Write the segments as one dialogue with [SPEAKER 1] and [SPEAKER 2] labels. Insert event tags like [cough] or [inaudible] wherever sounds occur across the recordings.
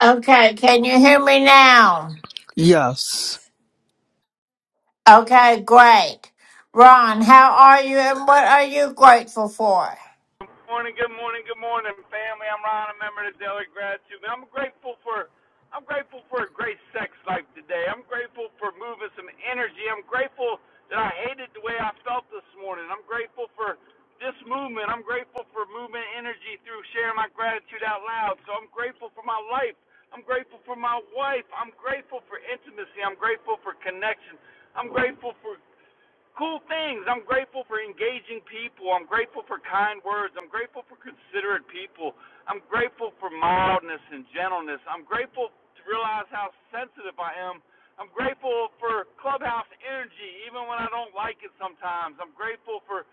[SPEAKER 1] Okay, can you hear me now?
[SPEAKER 2] Yes.
[SPEAKER 1] Okay, great. Ron, how are you and what are you grateful for?
[SPEAKER 3] Good morning, good morning, good morning, family. I'm Ron, a member of the Daily Gratitude. I'm grateful for I'm grateful for a great sex life today. I'm grateful for moving some energy. I'm grateful that I hated the way I felt this morning. I'm grateful for this movement. I'm grateful for moving energy through sharing my gratitude out loud. So I'm grateful for my life. I'm grateful for my wife. I'm grateful for intimacy. I'm grateful for connection. I'm grateful for cool things. I'm grateful for engaging people. I'm grateful for kind words. I'm grateful for considerate people. I'm grateful for mildness and gentleness. I'm grateful to realize how sensitive I am. I'm grateful for clubhouse energy, even when I don't like it sometimes. I'm grateful for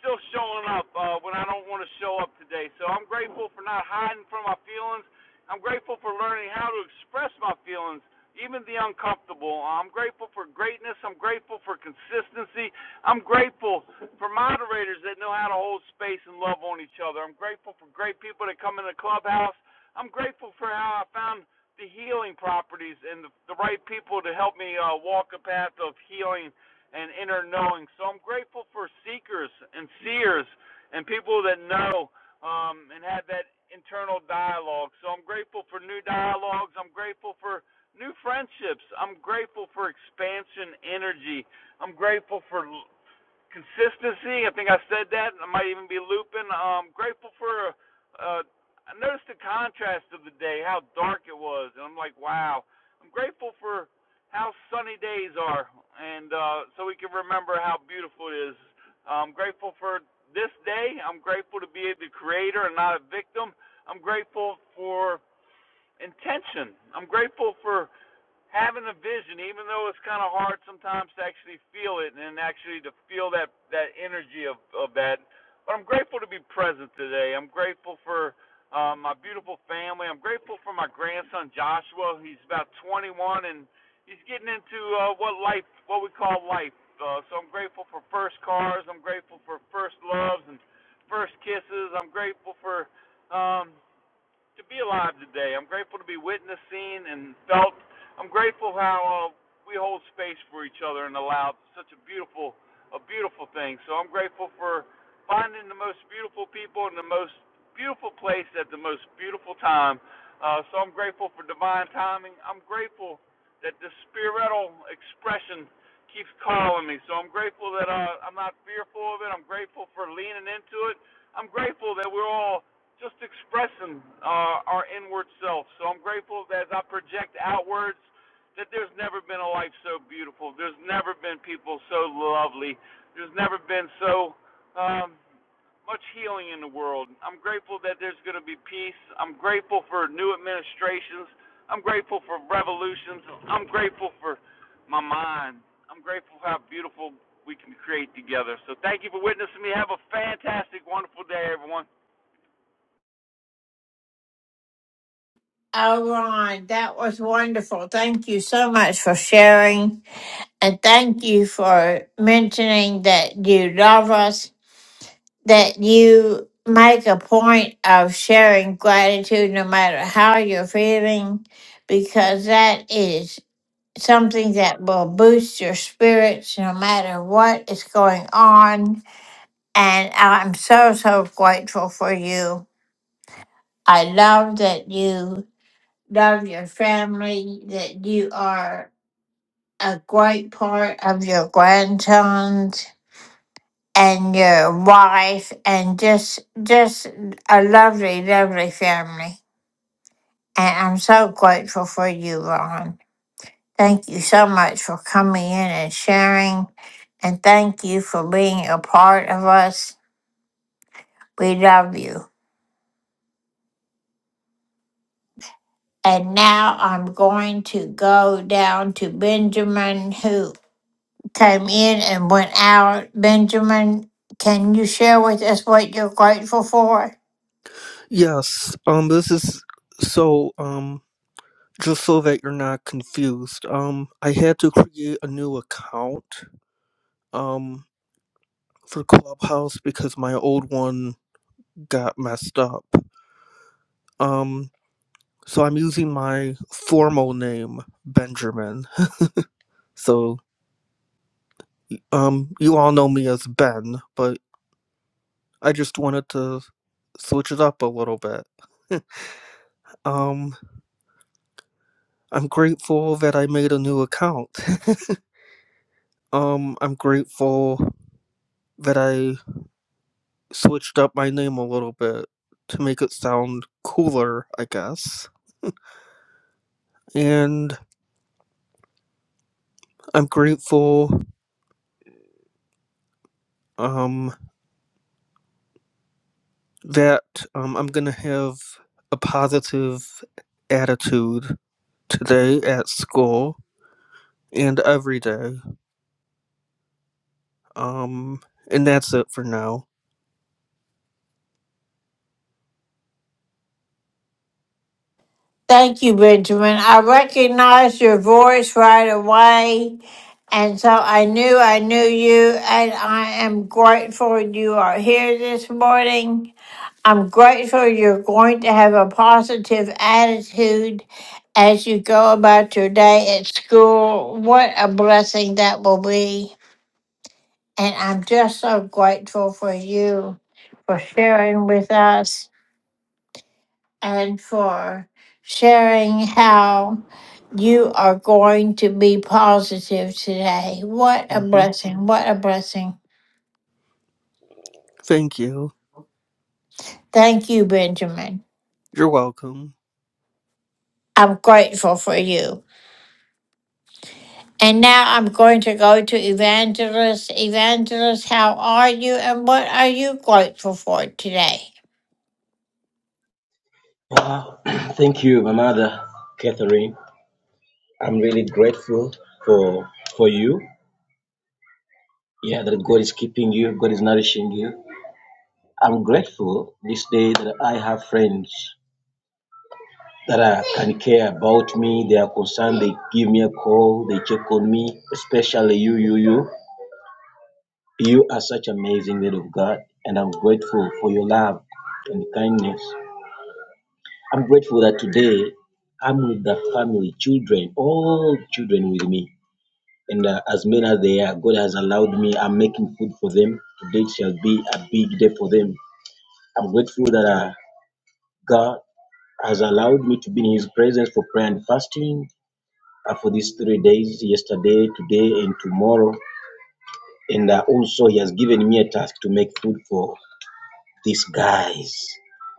[SPEAKER 3] still showing up uh, when I don't want to show up today. So I'm grateful for not hiding from my feelings. I'm grateful for learning how to express my feelings even the uncomfortable. I'm grateful for greatness. I'm grateful for consistency. I'm grateful for moderators that know how to hold space and love on each other. I'm grateful for great people that come in the clubhouse. I'm grateful for how I found the healing properties and the, the right people to help me uh, walk a path of healing and inner knowing. So I'm grateful for seekers and seers and people that know um, and have that internal dialogue. So I'm grateful for new dialogues. I'm grateful for new friendships. I'm grateful for expansion energy. I'm grateful for consistency. I think I said that. I might even be looping. I'm grateful for. Uh, I noticed the contrast of the day, how dark it was, and I'm like, wow. I'm grateful for how sunny days are, and uh, so we can remember how beautiful it is. I'm grateful for this day. I'm grateful to be the creator and not a victim. I'm grateful for intention. I'm grateful for having a vision, even though it's kind of hard sometimes to actually feel it and actually to feel that that energy of of that. But I'm grateful to be present today. I'm grateful for um, my beautiful family. I'm grateful for my grandson Joshua. He's about 21 and he's getting into uh, what life, what we call life. Uh, so I'm grateful for first cars. I'm grateful for first loves and first kisses. I'm grateful for. Um, to be alive today. I'm grateful to be witnessing and felt. I'm grateful how uh, we hold space for each other and allow such a beautiful, a beautiful thing. So I'm grateful for finding the most beautiful people in the most beautiful place at the most beautiful time. Uh, so I'm grateful for divine timing. I'm grateful that the spiritual expression keeps calling me. So I'm grateful that uh, I'm not fearful of it. I'm grateful for leaning into it. I'm grateful that we're all just expressing uh, our inward self. So I'm grateful that as I project outwards, that there's never been a life so beautiful. There's never been people so lovely. There's never been so um, much healing in the world. I'm grateful that there's going to be peace. I'm grateful for new administrations. I'm grateful for revolutions. I'm grateful for my mind. I'm grateful for how beautiful we can create together. So thank you for witnessing me. Have a fantastic, wonderful day, everyone.
[SPEAKER 1] Oh, Ron, that was wonderful. Thank you so much for sharing. And thank you for mentioning that you love us, that you make a point of sharing gratitude no matter how you're feeling, because that is something that will boost your spirits no matter what is going on And I'm so, so grateful for you. I love that you love your family, that you are a great part of your grandsons and your wife and just just a lovely, lovely family. And I'm so grateful for you, Ron. Thank you so much for coming in and sharing. And thank you for being a part of us. We love you. And now I'm going to go down to Benjamin, who came in and went out. Benjamin, can you share with us what you're grateful for?
[SPEAKER 2] Yes. Um this is so um just so that you're not confused. Um I had to create a new account um for Clubhouse because my old one got messed up. Um so I'm using my formal name Benjamin. So um you all know me as Ben, but I just wanted to switch it up a little bit. [laughs] um I'm grateful that I made a new account. [laughs] Um, I'm grateful that I switched up my name a little bit to make it sound cooler, I guess. And I'm grateful um that um I'm gonna have a positive attitude today at school and every day. Um, and that's it for now.
[SPEAKER 1] Thank you, Benjamin. I recognized your voice right away, and so I knew I knew you, and I am grateful you are here this morning. I'm grateful you're going to have a positive attitude as you go about your day at school. What a blessing that will be. And I'm just so grateful for you for sharing with us and for sharing how you are going to be positive today. What a
[SPEAKER 2] hmm
[SPEAKER 1] blessing. What a blessing.
[SPEAKER 2] Thank you.
[SPEAKER 1] Thank you, Benjamin.
[SPEAKER 2] You're welcome.
[SPEAKER 1] I'm grateful for you. And now I'm going to go to Evangelist. Evangelist, how are you and what are you grateful for today?
[SPEAKER 4] Uh, [clears throat] thank you, my mother, Catherine. I'm really grateful for for you. Yeah, that God is keeping you, God is nourishing you. I'm grateful this day that I have friends that are, can care about me. They are concerned. They give me a call. They check on me, especially you, you, you. You are such amazing lady of God, and I'm grateful for your love and kindness. I'm grateful that today I'm with the family, children, all children with me. and uh, as many as they are, God has allowed me. I'm making food for them. Today shall be a big day for them. I'm grateful that uh, God has allowed me to be in His presence for prayer and fasting uh, for these three days yesterday, today, and tomorrow. And uh, also, He has given me a task to make food for these guys.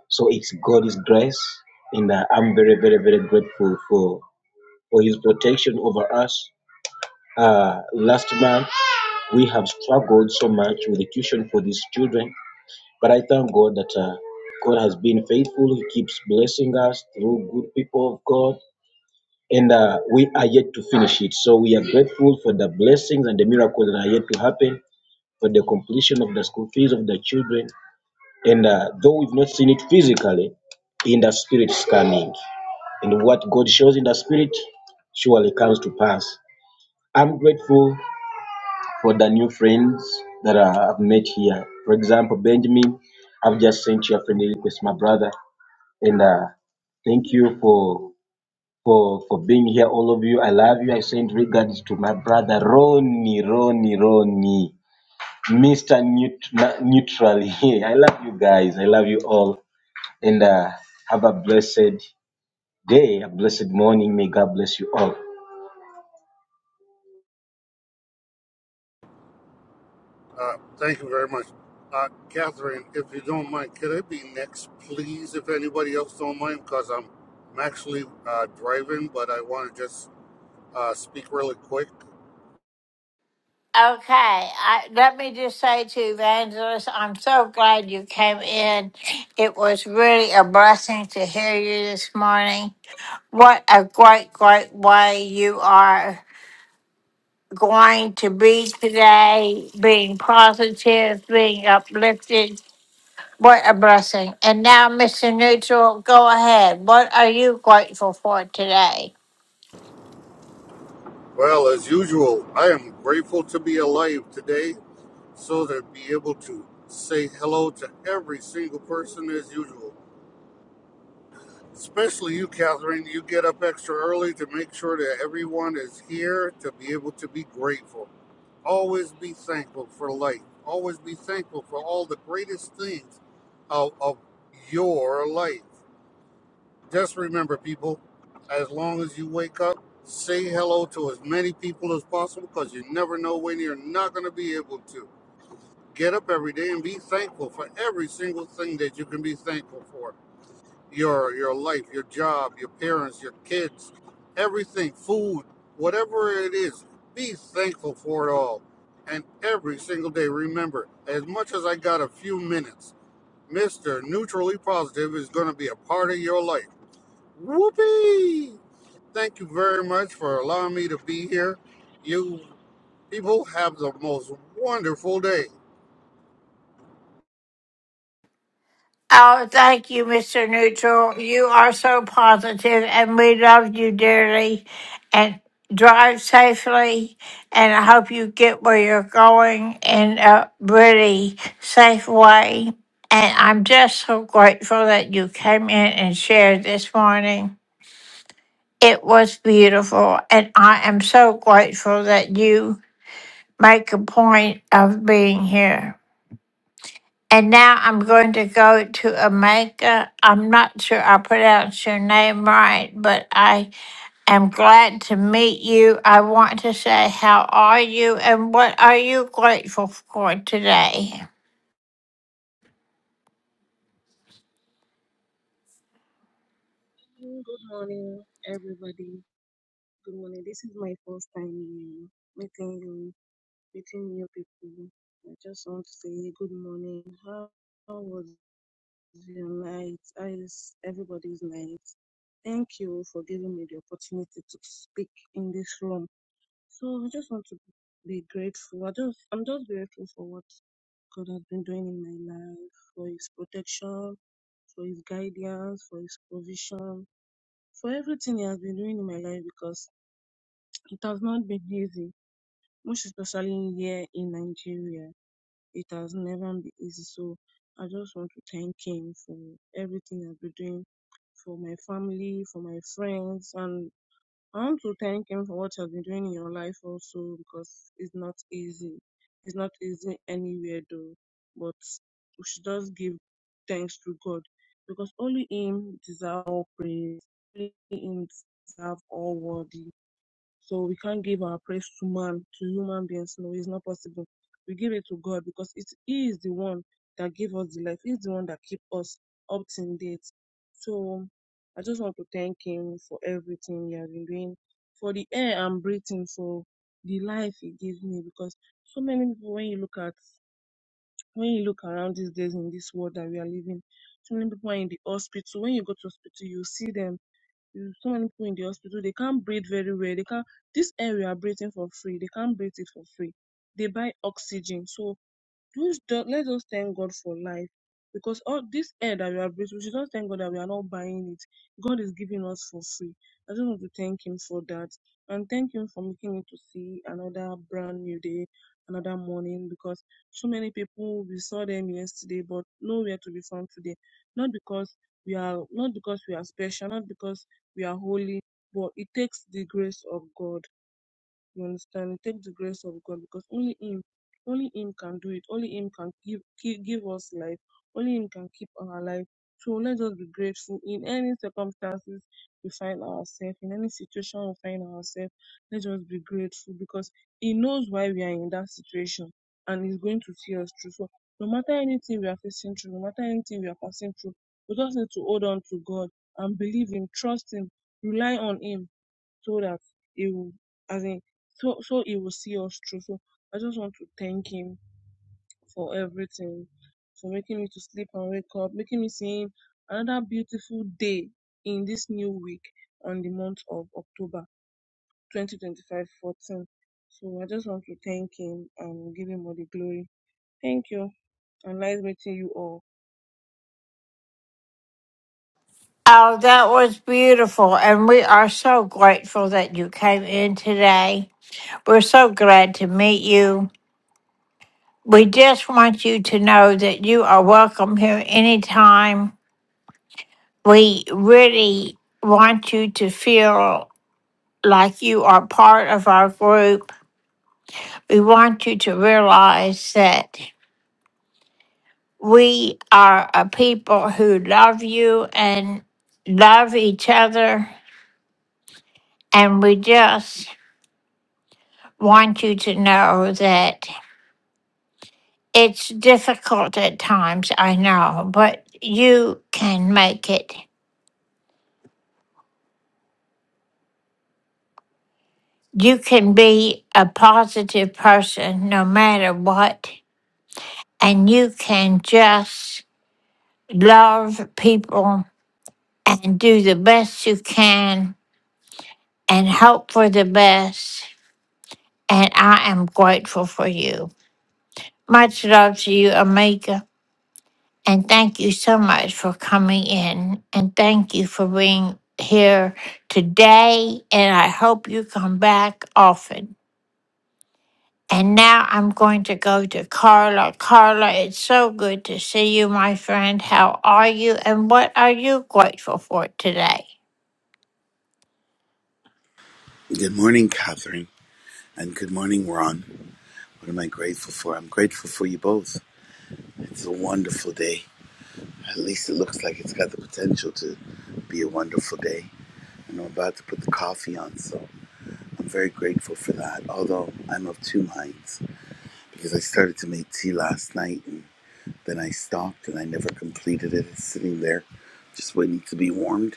[SPEAKER 4] So it's God's grace, and uh, I'm very, very, very grateful for, for His protection over us. Uh, last month, We have struggled so much with the tuition for these children, but I thank God that uh, God has been faithful. He keeps blessing us through good people of God, and uh, we are yet to finish it. So we are grateful for the blessings and the miracles that are yet to happen, for the completion of the school fees of the children. And uh, though we've not seen it physically, in the spirit is coming. And what God shows in the spirit surely comes to pass. I'm grateful for the new friends that I have met here. For example, Benjamin, I've just sent you a friendly request, my brother, and uh, thank you for for for being here, all of you. I love you. I send regards to my brother Ronnie, Ronnie, Ronnie, Mister Neut- Na- Neutral. [laughs] Yeah, I love you guys. I love you all, and uh, have a blessed day, a blessed morning. May God bless you all.
[SPEAKER 5] Uh, thank you very much. Uh, Catherine, if you don't mind, could I be next, please, if anybody else don't mind? Because I'm, I'm actually uh, driving, but I want to just uh, speak really quick.
[SPEAKER 1] Okay, I, let me just say to Evangelist, I'm so glad you came in. It was really a blessing to hear you this morning. What a great, great way you are going to be today, being positive, being uplifted, What a blessing. And now, Mr. Neutral, go ahead. What are you grateful for today?
[SPEAKER 5] Well, as usual, I am grateful to be alive today so to be able to say hello to every single person as usual. Especially you, Catherine. You get up extra early to make sure that everyone is here to be able to be grateful. Always be thankful for life. Always be thankful for all the greatest things of, of your life. Just remember, people, as long as you wake up, say hello to as many people as possible because you never know when you're not going to be able to. Get up every day and be thankful for every single thing that you can be thankful for your your life, your job, your parents, your kids, everything, food, whatever it is, be thankful for it all. And every single day, remember, as much as I got a few minutes, Mr. Neutrally Positive is going to be a part of your life. Whoopee! Thank you very much for allowing me to be here. You people have the most wonderful day.
[SPEAKER 1] Oh, thank you, Mr. Neutral. You are so positive, and we love you dearly. And drive safely, and I hope you get where you're going in a really safe way. And I'm just so grateful that you came in and shared this morning. It was beautiful, and I am so grateful that you make a point of being here. And now I'm going to go to Amaka. I'm not sure I pronounced your name right, but I am glad to meet you. I want to say, how are you and what are you grateful for today?
[SPEAKER 6] Mm, Good morning, everybody. Good morning. This is my first time um, meeting you, meeting new people. I just want to say good morning. How how was your night? How is everybody's night? Thank you for giving me the opportunity to speak in this room. So I just want to be grateful. I just, I'm just grateful for what God has been doing in my life, for His protection, for His guidance, for His provision for everything he has been doing in my life because it has not been easy, most especially here in Nigeria. It has never been easy. So I just want to thank him for everything I've been doing for my family, for my friends, and I want to thank him for what he has been doing in your life also because it's not easy. It's not easy anywhere though. But we should just give thanks to God because only him deserves all praise. Only him deserves all worthy. So we can't give our praise to man, to human beings. No, it's not possible. We give it to God because it, He is the one that gave us the life. He's the one that keep us up to date. So I just want to thank Him for everything He has been doing, for the air I'm breathing, for the life He gives me. Because so many people, when you look at, when you look around these days in this world that we are living, so many people are in the hospital. When you go to hospital, you see them you so many people in the hospital they can't breathe very well they can't this air we are breathing for free they can't breathe it for free they buy oxygen so those do- let us thank God for life because all this air that we are breathing, we should just thank God that we are not buying it. God is giving us for free. I just want to thank Him for that and thank Him for making me to see another brand new day, another morning because so many people we saw them yesterday but nowhere to be found today. Not because we are not because we are special, not because we are holy, but it takes the grace of God you understand? Take the grace of God because only Him, only Him can do it. Only Him can give give, give us life. Only Him can keep our life. So let us be grateful in any circumstances we find ourselves, in any situation we find ourselves. Let us be grateful because He knows why we are in that situation, and He's going to see us through. So no matter anything we are facing through, no matter anything we are passing through, we just need to hold on to God and believe Him, trust Him, rely on Him so that he will as in so so he will see us through. So I just want to thank him for everything, for making me to sleep and wake up, making me see another beautiful day in this new week on the month of October 2025 14. So I just want to thank him and give him all the glory. Thank you. And nice meeting you all.
[SPEAKER 1] Oh, that was beautiful. And we are so grateful that you came in today. We're so glad to meet you. We just want you to know that you are welcome here anytime. we really want you to feel like you are part of our group. We want you to realize that we are a people who love you and love each other. And we just want you to know that it's difficult at times, I know, but you can make it. You can be a positive person no matter what and you can just love people and do the best you can and hope for the best. And I am grateful for you. Much love to you, Amika. And thank you so much for coming in. And thank you for being here today. And I hope you come back often. And now I'm going to go to Carla. Carla, it's so good to see you, my friend. How are you and what are you grateful for today?
[SPEAKER 7] Good morning, Catherine, and good morning, Ron. What am I grateful for? I'm grateful for you both. It's a wonderful day. At least it looks like it's got the potential to be a wonderful day. And I'm about to put the coffee on, so I'm very grateful for that. Although I'm of two minds because I started to make tea last night and then I stopped and I never completed it. It's sitting there just waiting to be warmed.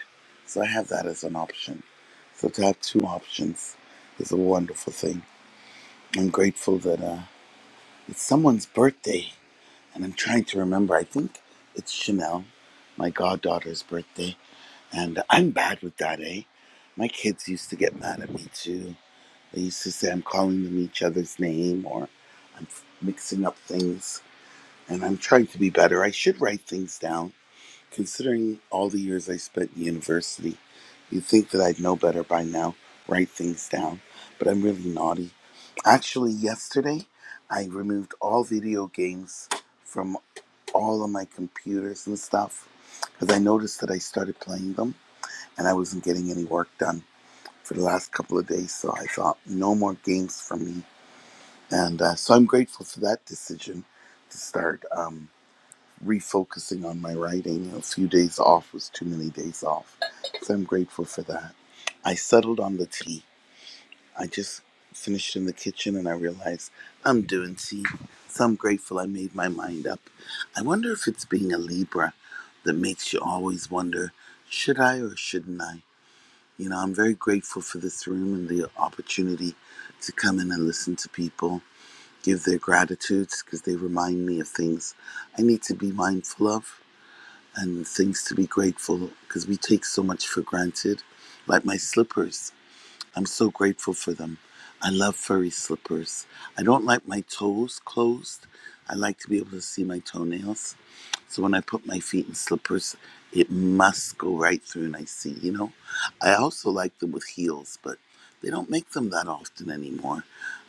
[SPEAKER 7] So I have that as an option. So to have two options is a wonderful thing. I'm grateful that. Uh, It's someone's birthday, and I'm trying to remember. I think it's Chanel, my goddaughter's birthday, and I'm bad with that, eh? My kids used to get mad at me too. They used to say I'm calling them each other's name or I'm mixing up things, and I'm trying to be better. I should write things down Considering all the years I spent in university, you'd think that I'd know better by now, write things down, but I'm really naughty. Actually, yesterday, I removed all video games from all of my computers and stuff because I noticed that I started playing them and I wasn't getting any work done for the last couple of days. So I thought, no more games for me. And uh, so I'm grateful for that decision to start. Um, refocusing on my writing. A few days off was too many days off. So I'm grateful for that. I settled on the tea. I just finished in the kitchen and I realized I'm doing tea. So I'm grateful I made my mind up. I wonder if it's being a Libra that makes you always wonder should I or shouldn't I? You know, I'm very grateful for this room and the opportunity to come in and listen to people give their gratitudes because they remind me of things I need to be mindful of and things to be grateful because we take so much for granted. Like my slippers, I'm so grateful for them. I love furry slippers. I don't like my toes closed. I like to be able to see my toenails. So when I put my feet in slippers, it must go right through and I see, you know? I also like them with heels, but they don't make them that often anymore.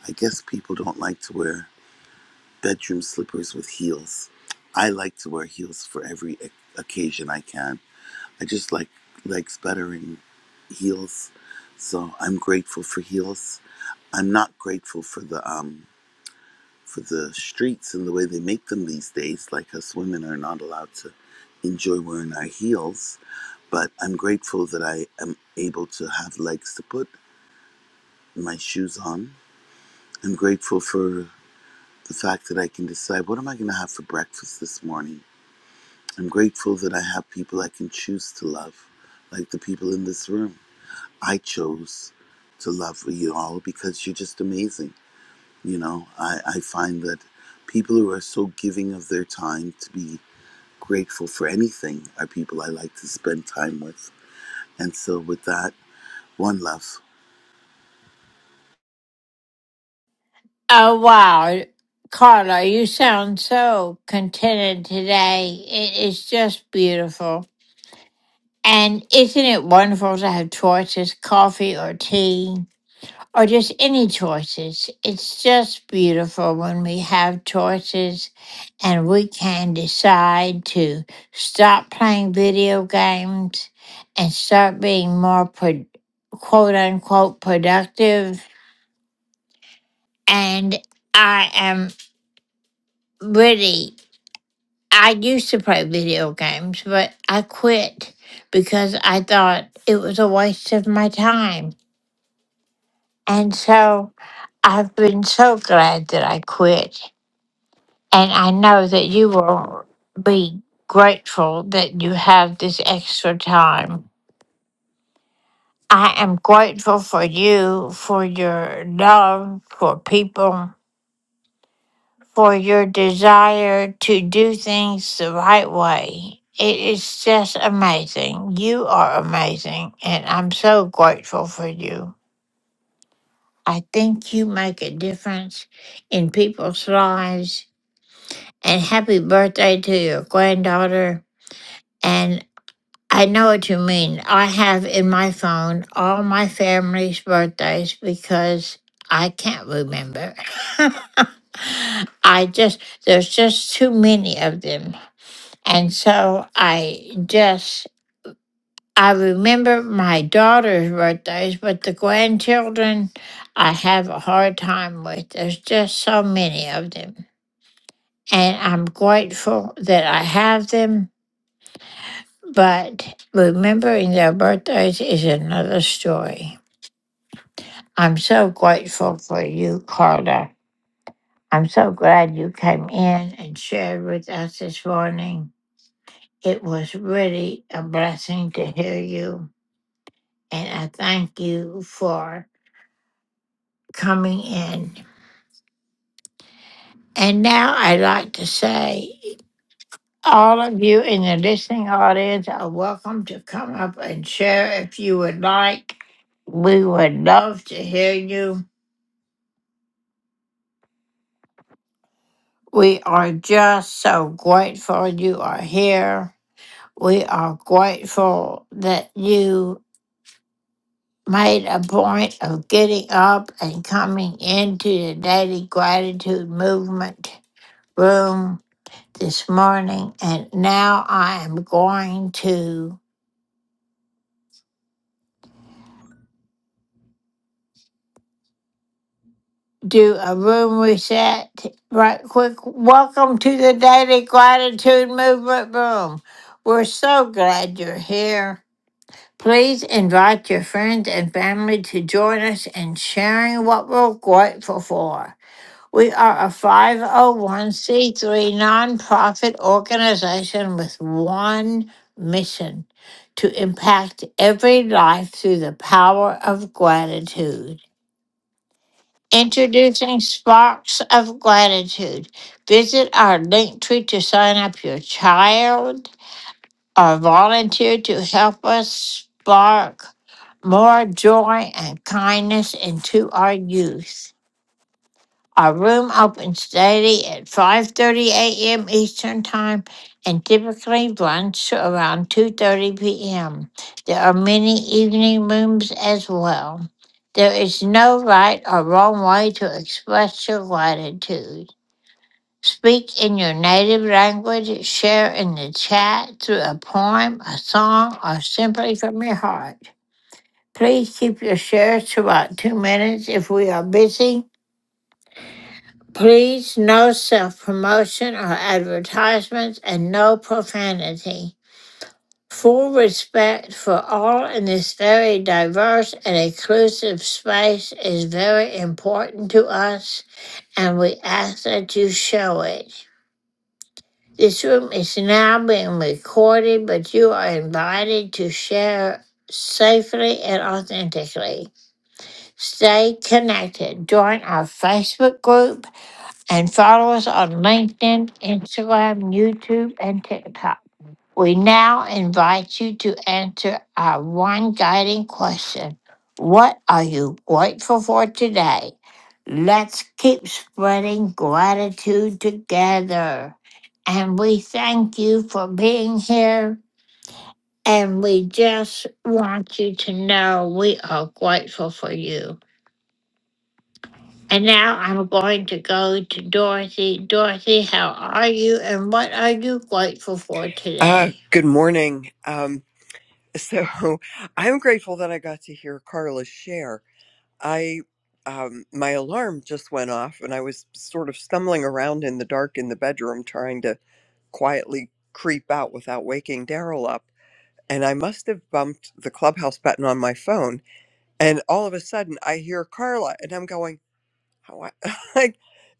[SPEAKER 7] I guess people don't like to wear bedroom slippers with heels. I like to wear heels for every e-, occasion I can. I just like legs better in heels, so I'm grateful for heels. I'm not grateful for the um for the streets and the way they make them these days. Like us women are not allowed to enjoy wearing our heels, but I'm grateful that I am able to have legs to put my shoes on. I'm grateful for the fact that I can decide what am I going to have for breakfast this morning. I'm grateful that I have people I can choose to love, like the people in this room. I chose to love you all because you're just amazing. You know, I, I find that people who are so giving of their time to be grateful for anything are people I like to spend time with. And so, with that, one love.
[SPEAKER 1] Oh, wow. Carla, you sound so contented today. It is just beautiful. And isn't it wonderful to have choices, coffee or tea? or just any choices. It's just beautiful when we have choices and we can decide to stop playing video games and start being more pro- quote unquote productive. And I am really, I used to play video games, but I quit because I thought it was a waste of my time. And so I've been so glad that I quit And I know that you will be grateful that you have this extra time. I am grateful for you, for your love for people, for your desire to do things the right way. It is just amazing. You are amazing, and I'm so grateful for you. I think you make a difference in people's lives. And happy birthday to your granddaughter. and. I know what you mean. I have in my phone all my family's birthdays because I can't remember. [laughs] I just, there's just too many of them. And so I just, I remember my daughter's birthdays, but the grandchildren, I have a hard time with. There's just so many of them. And I'm grateful that I have them But remembering their birthdays is another story. I'm so grateful for you, Carter. I'm so glad you came in and shared with us this morning. It was really a blessing to hear you, and I thank you for coming in. And now I'd like to say, all of you in the listening audience are welcome to come up and share if you would like. We would love to hear you. We are just so grateful you are here. We are grateful that you made a point of getting up and coming into the Daily Gratitude Movement room this morning. And now I am going to do a room reset right quick. Welcome to the Daily Gratitude Movement room. We're so glad you're here. Please invite your friends and family to join us in sharing what we're grateful for. We are a 501c3 nonprofit organization with one mission to impact every life through the power of gratitude. Introducing Sparks of Gratitude. Visit our link tree to sign up your child, uh, volunteer to help us spark more joy and kindness into our youth. Our room opens daily at 5:30 a.m. Eastern Time and typically runs to around 2:30 p.m. There are many evening rooms as well. There is no right or wrong way to express your gratitude. Speak in your native language, share in the chat through a poem, a song, or simply from your heart. Please keep your shares to about two minutes if we are busy. Please, no self promotion or advertisements and no profanity. Full respect for all in this very diverse and inclusive space is very important to us, and we ask that you show it. This room is now being recorded, but you are invited to share safely and authentically. Stay connected. Join our Facebook group and follow us on LinkedIn, Instagram, YouTube, and TikTok. We now invite you to answer our one guiding question What are you grateful for today? Let's keep spreading gratitude together. And we thank you for being here. And we just want you to know we are grateful for you. And now I'm going to go to Dorothy. Dorothy, how are you? And what are you grateful for
[SPEAKER 8] Ah,
[SPEAKER 1] today?
[SPEAKER 8] good morning. Um, so [laughs] I'm grateful that I got to hear Carla share. I, um, my alarm just went off and I was sort of stumbling around in the dark in the bedroom trying to quietly creep out without waking Daryl up. And I must have bumped the clubhouse button on my phone. And all of a sudden I hear Carla and I'm going, how I [laughs] like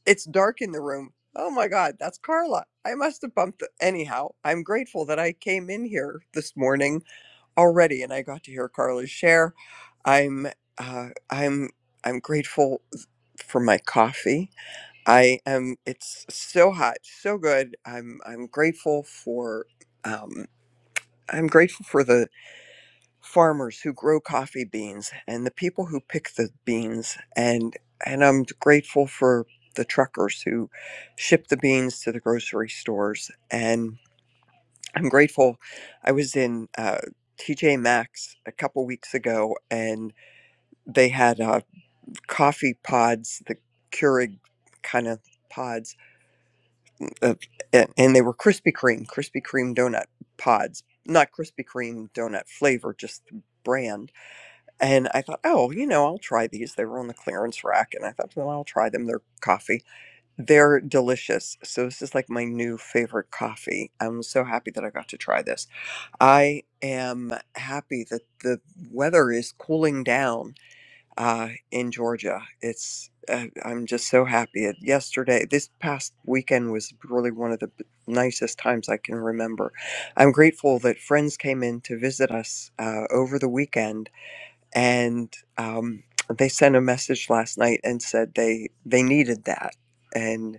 [SPEAKER 8] it's dark in the room. Oh my god, that's Carla. I must have bumped the, anyhow. I'm grateful that I came in here this morning already and I got to hear Carla's share. I'm uh I'm I'm grateful for my coffee. I am it's so hot, so good. I'm I'm grateful for um I'm grateful for the farmers who grow coffee beans and the people who pick the beans and and I'm grateful for the truckers who ship the beans to the grocery stores and I'm grateful I was in uh TJ Maxx a couple weeks ago and they had uh coffee pods the Keurig kind of pods uh, and, and they were Krispy Kreme Krispy Kreme donut pods not Krispy Kreme donut flavor just brand And I thought, oh, you know, I'll try these. They were on the clearance rack, and I thought, well, I'll try them. They're coffee. They're delicious. So this is like my new favorite coffee. I'm so happy that I got to try this. I am happy that the weather is cooling down uh, in Georgia. It's uh, I'm just so happy. It, yesterday, this past weekend was really one of the b- nicest times I can remember. I'm grateful that friends came in to visit us uh, over the weekend and um, they sent a message last night and said they they needed that and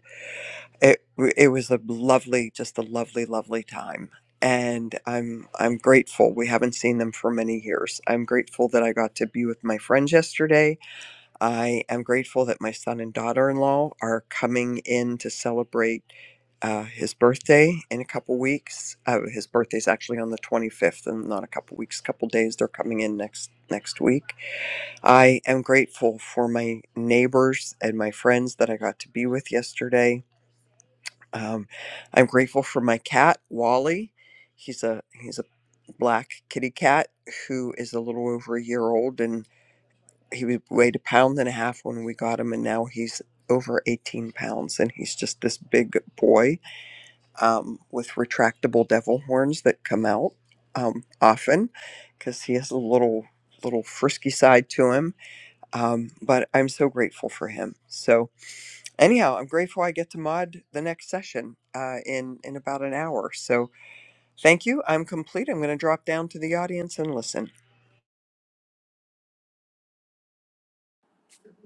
[SPEAKER 8] it it was a lovely just a lovely lovely time and i'm i'm grateful we haven't seen them for many years i'm grateful that i got to be with my friends yesterday i am grateful that my son and daughter-in-law are coming in to celebrate uh, his birthday in a couple weeks. Uh, his birthday's actually on the 25th, and not a couple weeks, couple days. They're coming in next next week I am grateful for my neighbors and my friends that I got to be with yesterday. Um, I'm grateful for my cat Wally. He's a he's a black kitty cat who is a little over a year old, and he wa- weighed a pound and a half when we got him, and now he's over 18 pounds, and he's just this big boy um, with retractable devil horns that come out um, often because he has a little little frisky side to him um, but I'm so grateful for him. So anyhow, I'm grateful I get to mod the next session uh, in in about an hour. So thank you. I'm complete. I'm going to drop down to the audience and listen.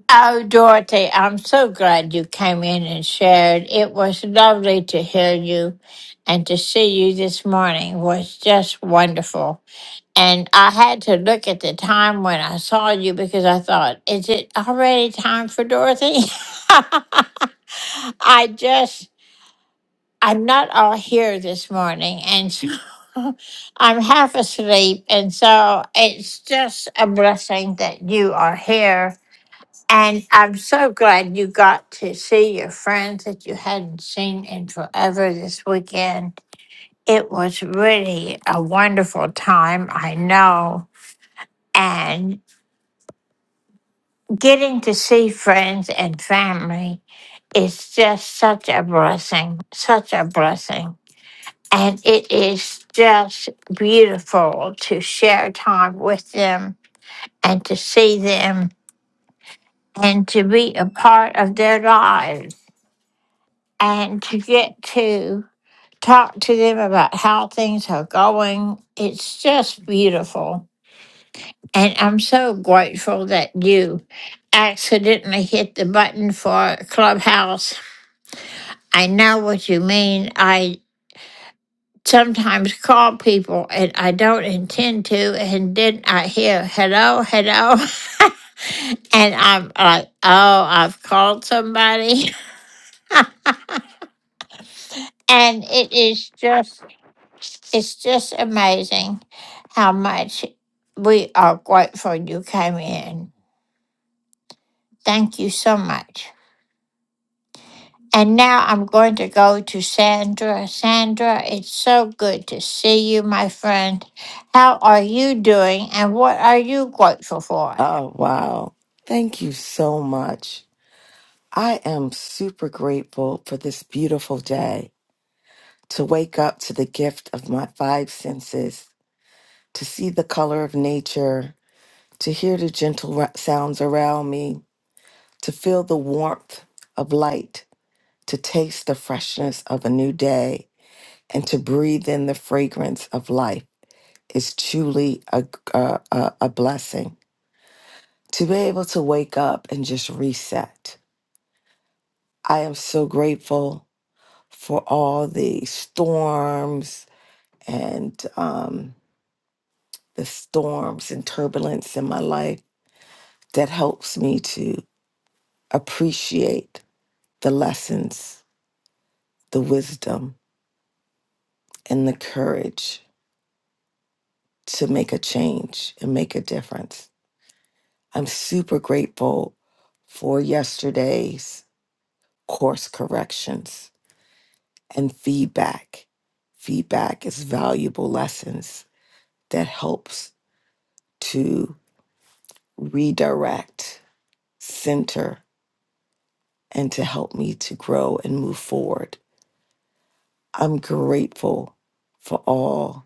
[SPEAKER 1] Oh, Dorothy, I'm so glad you came in and shared. It was lovely to hear you and to see you this morning was just wonderful. And I had to look at the time when I saw you because I thought, is it already time for Dorothy? [laughs] I just, I'm not all here this morning. And so [laughs] I'm half asleep. And so it's just a blessing that you are here and I'm so glad you got to see your friends that you hadn't seen in forever this weekend. It was really a wonderful time, I know. And getting to see friends and family is just such a blessing, such a blessing. And it is just beautiful to share time with them and to see them and to be a part of their lives. and to get to talk to them about how things are going. It's just beautiful. And I'm so grateful that you accidentally hit the button for Clubhouse. I know what you mean. I sometimes call people and I don't intend to, and then I hear, hello, hello. [laughs] and I'm like, oh, I've called somebody. [laughs] And it is just It's just amazing how much we are grateful you came in. Thank you so much. And now I'm going to go to Sandra. Sandra, it's so good to see you, my friend. How are you doing and what are you grateful for?
[SPEAKER 9] Oh, wow. Thank you so much. I am super grateful for this beautiful day, to wake up to the gift of my five senses, to see the color of nature, to hear the gentle ra- sounds around me, to feel the warmth of light, to taste the freshness of a new day, and to breathe in the fragrance of life is truly a, a, a a blessing. To be able to wake up and just reset I am so grateful for all the storms and um, the storms and turbulence in my life that helps me to appreciate the lessons, the wisdom, and the courage to make a change and make a difference. I'm super grateful for yesterday's course corrections and feedback. Feedback is valuable lessons that helps to redirect, center, and to help me to grow and move forward. I'm grateful for all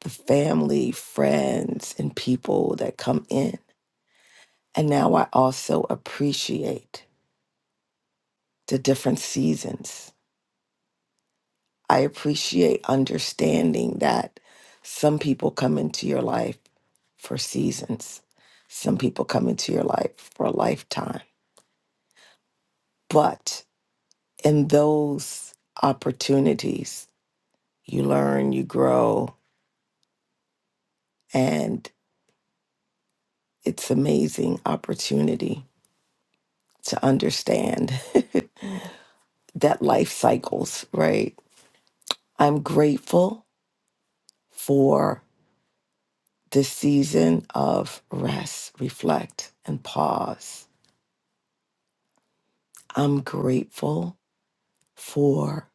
[SPEAKER 9] the family, friends, and people that come in. And now I also appreciate the different seasons. I appreciate understanding that some people come into your life for seasons, some people come into your life for a lifetime. But in those opportunities, you learn, you grow, and it's amazing opportunity to understand [laughs] that life cycles, right? I'm grateful for this season of rest, reflect, and pause. I'm grateful for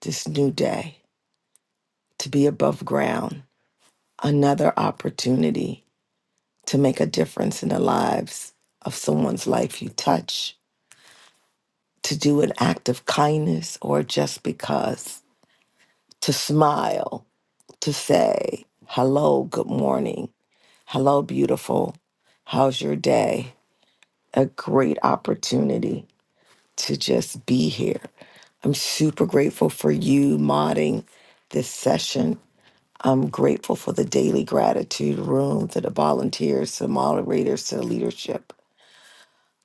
[SPEAKER 9] this new day to be above ground, another opportunity to make a difference in the lives of someone's life you touch to do an act of kindness or just because to smile, to say, hello, good morning, hello, beautiful, how's your day? A great opportunity to just be here. I'm super grateful for you modding this session. I'm grateful for the daily gratitude room, to the volunteers, to the moderators, to the leadership.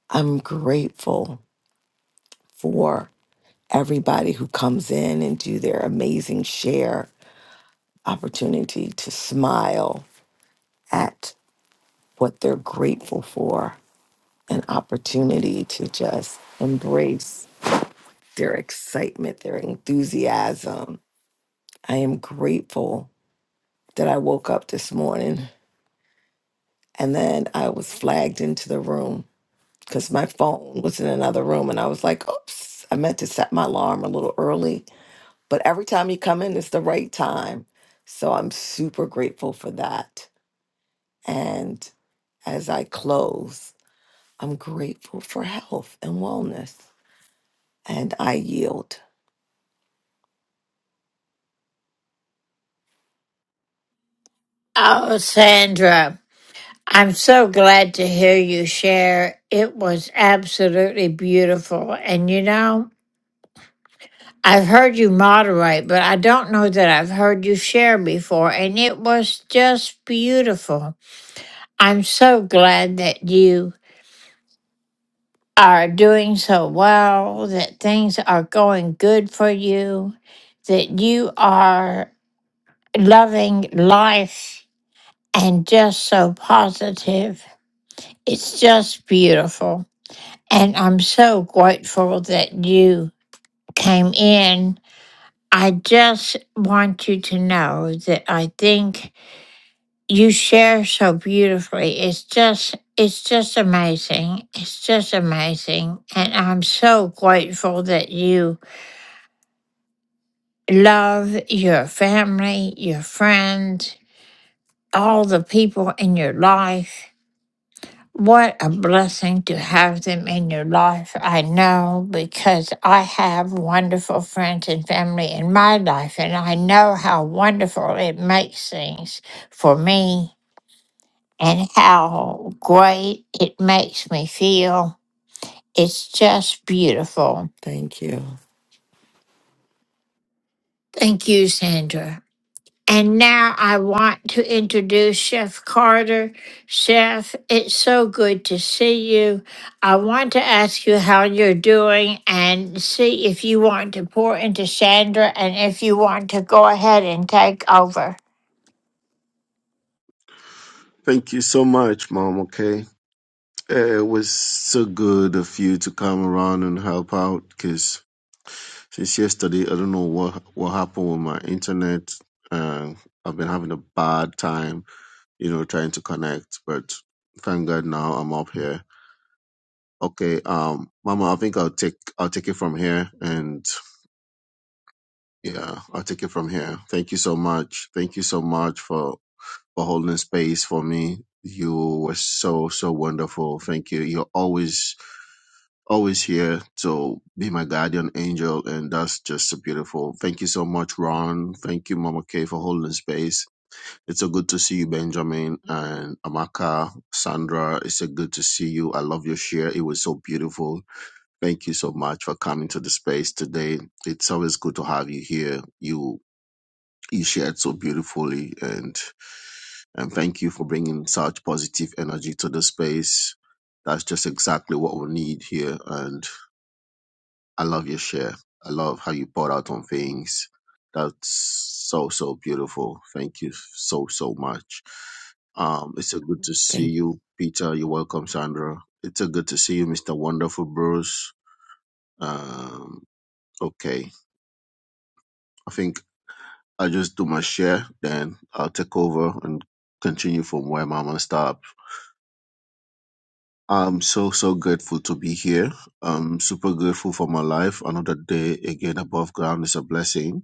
[SPEAKER 9] I'm grateful for. everybody who comes in and do their amazing share opportunity to smile at what they're grateful for an opportunity to just embrace their excitement their enthusiasm i am grateful that i woke up this morning and then i was flagged into the room because my phone was in another room and i was like oops i meant to set my alarm a little early But every time you come in, it's the right time. So I'm super grateful for that. And as I close, I'm grateful for health and wellness. And I yield.
[SPEAKER 1] Oh, Sandra, I'm so glad to hear you share. It was absolutely beautiful. And you know, I've heard you moderate, but I don't know that I've heard you share before, and it was just beautiful. I'm so glad that you are doing so well, that things are going good for you, that you are loving life and just so positive. It's just beautiful. And I'm so grateful that you came in. I just want you to know that I think you share so beautifully. It's just it's just amazing. It's just amazing. And I'm so grateful that you love your family, your friends, all the people in your life. What a blessing to have them in your life. I know because I have wonderful friends and family in my life, and I know how wonderful it makes things for me and how great it makes me feel. It's just beautiful.
[SPEAKER 9] Thank you.
[SPEAKER 1] Thank you, Sandra. And now I want to introduce Chef Carter. Chef, it's so good to see you. I want to ask you how you're doing and see if you want to pour into Sandra and if you want to go ahead and take over.
[SPEAKER 10] Thank you so much, Mom. Okay. Eh, It was so good of you to come around and help out because since yesterday, I don't know what what happened with my internet. Uh, I've been having a bad time, you know, trying to connect, but thank God now I'm up here. Okay, um, Mama, I think I'll take I'll take it from here, and yeah, I'll take it from here. Thank you so much. Thank you so much for for holding space for me. You were so so wonderful. Thank you. You're always always here to be my guardian angel, and that's just so beautiful. Thank you so much, Ron. Thank you, Mama K, for holding space. It's so good to see you, Benjamin and Amaka, Sandra. It's so good to see you. I love your share. It was so beautiful. Thank you so much for coming to the space today. It's always good to have you here. You you shared so beautifully, and and thank you for bringing such positive energy to the space. That's just exactly what we need here, and I love your share. I love how you brought out on things. That's so so beautiful. Thank you so so much. Um, it's so good to see
[SPEAKER 9] Thank
[SPEAKER 10] you, Peter. You're welcome, Sandra. It's so good to see you, Mr. Wonderful Bruce. Um, okay, I think I'll just do my share, then I'll take over and continue from where Mama stopped. I'm so so grateful to be here. I'm super grateful for my life. Another day again above ground is a blessing.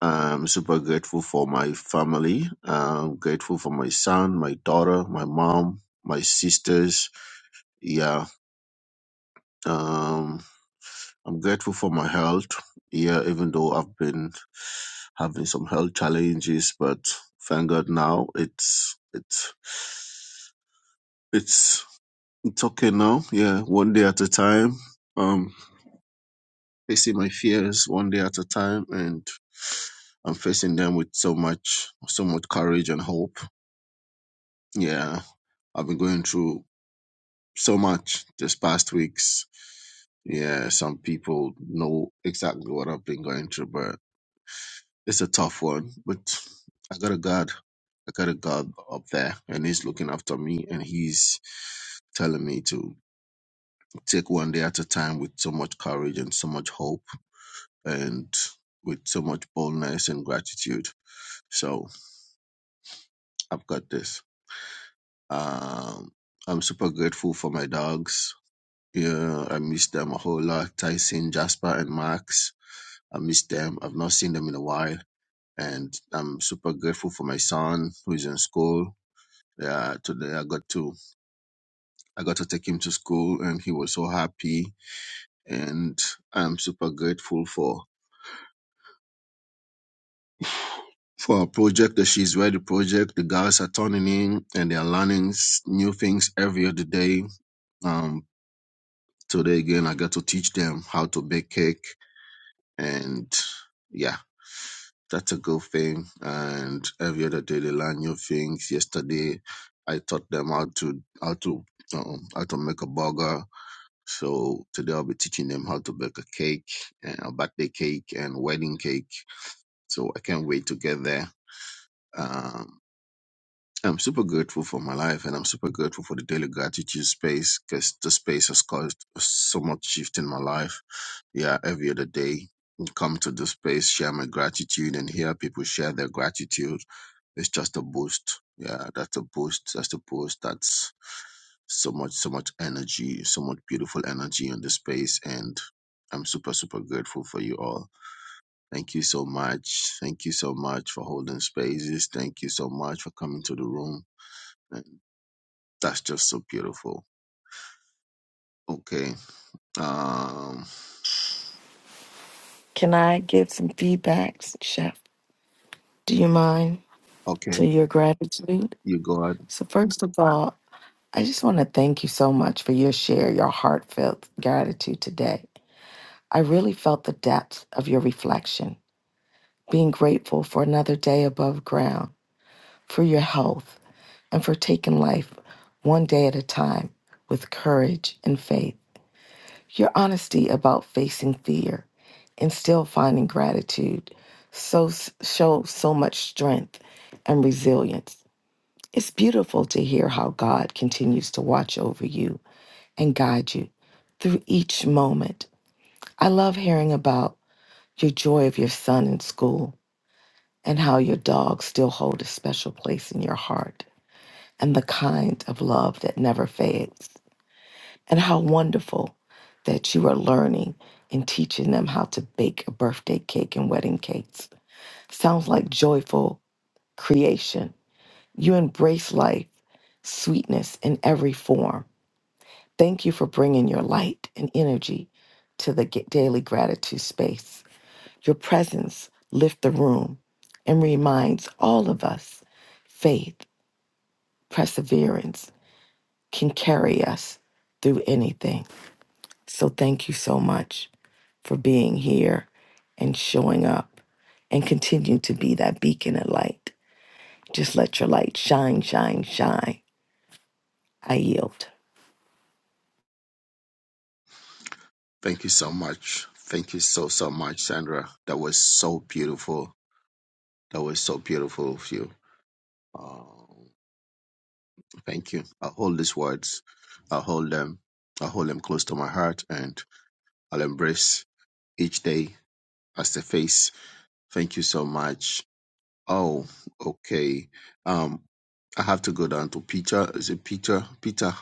[SPEAKER 10] I'm super grateful for my family. I'm grateful for my son, my daughter, my mom, my sisters. Yeah. Um, I'm grateful for my health. Yeah, even though I've been having some health challenges, but thank God now it's it's it's it's okay now. Yeah, one day at a time. Um, facing my fears one day at a time, and I'm facing them with so much so much courage and hope. Yeah, I've been going through so much this past weeks. Yeah, some people know exactly what I've been going through, but it's a tough one. But I got a God. I got a God up there, and He's looking after me, and He's telling me to take one day at a time with so much courage and so much hope and with so much boldness and gratitude. So I've got this. Um, I'm super grateful for my dogs. Yeah, I miss them a whole lot. Tyson, Jasper, and Max. I miss them. I've not seen them in a while. And I'm super grateful for my son who is in school. Yeah, today I got to I got to take him to school and he was so happy. And I'm super grateful for for our project, the She's Ready project. The girls are turning in and they are learning s- new things every other day. Um, today again, I got to teach them how to bake cake and yeah That's a good thing. And every other day they learn new things. Yesterday, I taught them how to how to um, how to make a burger. So today I'll be teaching them how to bake a cake, and a birthday cake and wedding cake. So I can't wait to get there. Um, I'm super grateful for my life, and I'm super grateful for the daily gratitude space because the space has caused so much shift in my life. Yeah, every other day, come to the space, share my gratitude, and hear people share their gratitude it's just a boost. Yeah, that's a boost. That's a boost. That's so much, so much energy, so much beautiful energy in the space. And I'm super, super grateful for you all. Thank you so much. Thank you so much for holding spaces. Thank you so much for coming to the room. And that's just so beautiful. Okay. Um,
[SPEAKER 9] Can I get some feedbacks, Chef? Do you mind
[SPEAKER 10] okay.
[SPEAKER 9] to your gratitude?
[SPEAKER 10] You go ahead.
[SPEAKER 9] So first of all, I just want to thank you so much for your share, your heartfelt gratitude today. I really felt the depth of your reflection, being grateful for another day above ground for your health, and for taking life one day at a time with courage and faith. Your honesty about facing fear and still finding gratitude so shows so much strength and resilience. It's beautiful to hear how God continues to watch over you and guide you through each moment. I love hearing about your joy of your son in school and how your dogs still hold a special place in your heart. and the kind of love that never fades. And how wonderful that you are learning and teaching them how to bake a birthday cake and wedding cakes. Sounds like joyful creation. You embrace life, sweetness in every form. Thank you for bringing your light and energy to the Ga- daily gratitude space. Your presence lifts the room and reminds all of us faith, perseverance, can carry us through anything. So thank you so much for being here and showing up and continue to be that beacon of light. Just let your light shine, shine, shine. I yield.
[SPEAKER 10] Thank you so much. Thank you so, so much, Sandra. That was so beautiful. That was so beautiful of you. Um, Thank you. I'll hold these words. I'll hold them. I'll hold them close to my heart and I'll embrace each day as a face. Thank you so much. Oh, okay. Um, I have to go down to Peter. Is it Peter? Peter,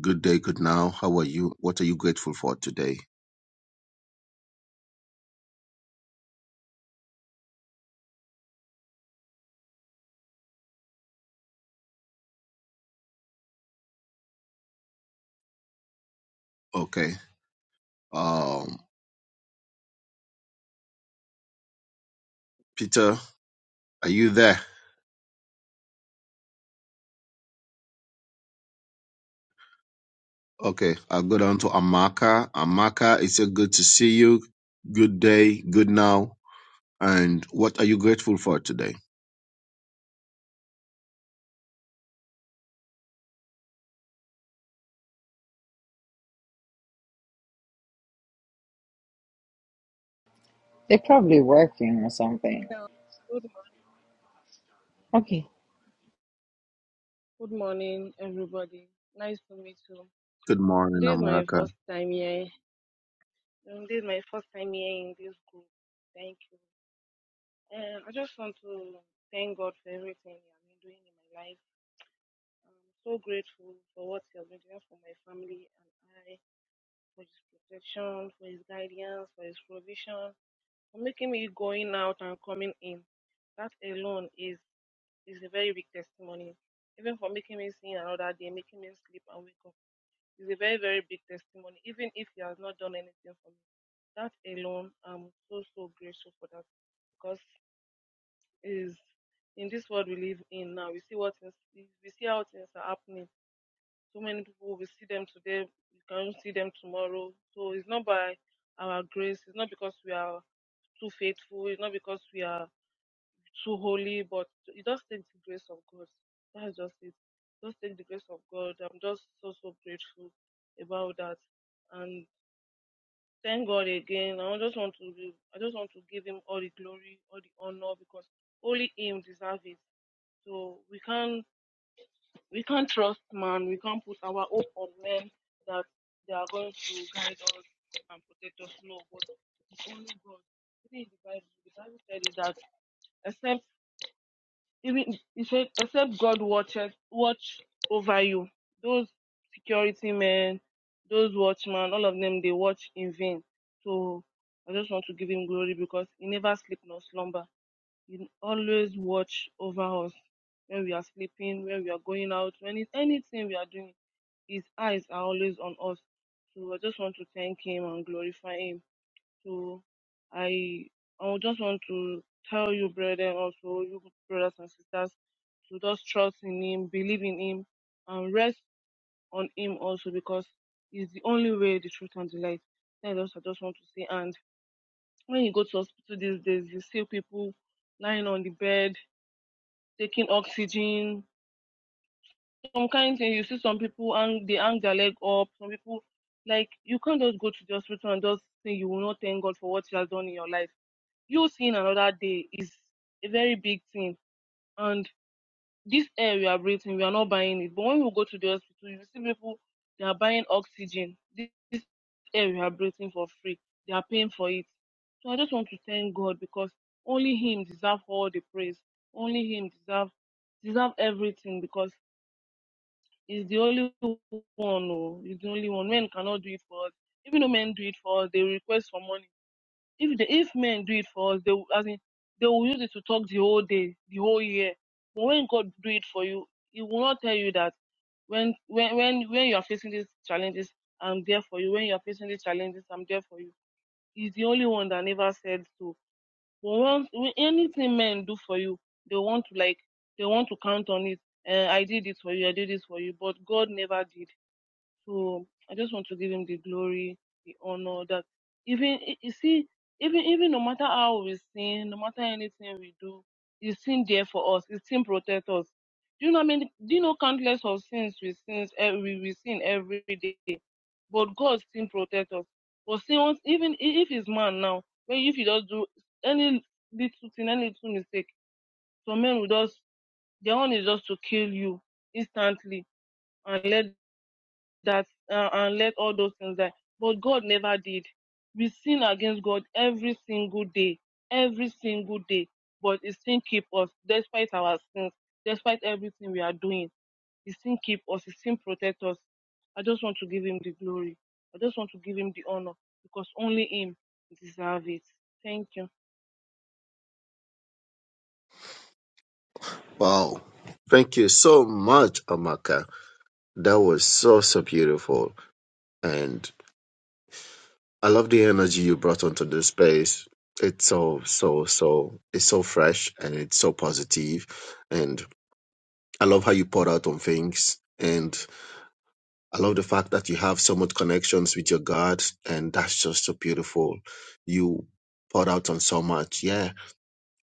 [SPEAKER 10] good day, good now. How are you? What are you grateful for today? Okay. Um, Peter, are you there? Okay. I'll go down to Amaka. Amaka, it's a good to see you. Good day, good now. And what are you grateful for today?
[SPEAKER 11] They're probably working or something.
[SPEAKER 6] Good,
[SPEAKER 11] Okay.
[SPEAKER 6] good morning.
[SPEAKER 10] Good morning, Amaka.
[SPEAKER 6] We are too holy, but you just take the grace of God. That's just it. Just take the grace of God. I'm just so so grateful about that. And thank God again. I just want to give- I just want to give him all the glory, all the honor because only him deserves it. So we can't we can't trust man, we can't put our hope on men. They are going to guide us. It's only God. Even in the Bible, the Bible said that except even he said, except God watches watch over you. Those security men, those watchmen, all of them they watch in vain. So I just want to give him glory because he never sleep nor slumber. He always watch over us when we are sleeping, when we are going out, when it's anything we are doing. His eyes are always on us. So I just want to thank him and glorify him. So I I would just want to tell you, brethren, also you brothers and sisters, to just trust in Him, believe in Him, and rest on Him also because He's the only way, the truth, and the light. That is what I just want to say. And when you go to hospital these days, you see people lying on the bed, taking oxygen, some kind thing. You see some people hang they hang their leg up. Some people like you can't just go to the hospital and just say you will not thank God for what He has done in your life you seeing another day is a very big thing. And this air we are breathing, we are not buying it. But when we go to the hospital, you see people they are buying oxygen. This, this air we are breathing for free. They are paying for it. So I just want to thank God because only Him deserve all the praise. Only Him deserve deserve everything because He's the only one. Oh, he's the only one. Men cannot do it for us. Even though men do it for us, they request for money if the, if men do it for us, they will- as in, they will use it to talk the whole day, the whole year. But when God do it for you, He will not tell you that when when when when you are facing these challenges, I'm there for you. When you are facing these challenges, I'm there for you. He's the only one that never said so. But once when anything men do for you, they want to like they want to count on it. Uh, I did this for you. I did this for you. But God never did. So I just want to give him the glory, the honor that even e, you see, even even no matter how we sin, no matter anything we do, he's still there for us. He's still protect us. Do you know? I mean, do you know countless of sins we sins eh, we, we sin every day, but God still protect us. But see, once, even i- if he's man now, when if you just do any little thing, any little mistake, some men will just their own is just to kill you instantly and let that uh, and let all those things die. But God never did. We sin against God every single day, every single day. But He still keep us despite our sins, despite everything we are doing. He still keep us. He still protect us. I just want to give Him the glory. I just want to give Him the honor because only Him deserves it. Thank you.
[SPEAKER 10] Wow. Thank you so much, Amaka. That was so, so beautiful. And I love the energy you brought onto this space. It's so, so, so, it's so fresh and it's so positive. And I love how you poured out on things. And I love the fact that you have so much connections with your God. And that's just so beautiful. You poured out on so much. Yeah,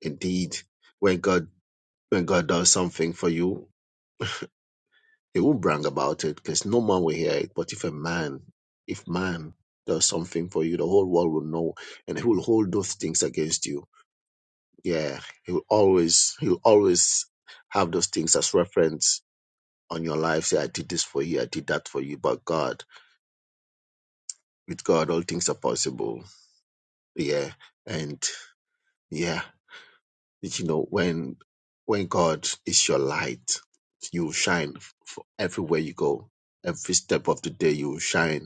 [SPEAKER 10] indeed. When God, when God does something for you, They will brag about it because no man will hear it. But if a man, if man does something for you, the whole world will know and he will hold those things against you. Yeah. He will always he'll always have those things as reference on your life. Say, I did this for you, I did that for you. But God, with God all things are possible. Yeah. And yeah, you know, when when God is your light, you will shine f- everywhere you go. Every step of the day you will shine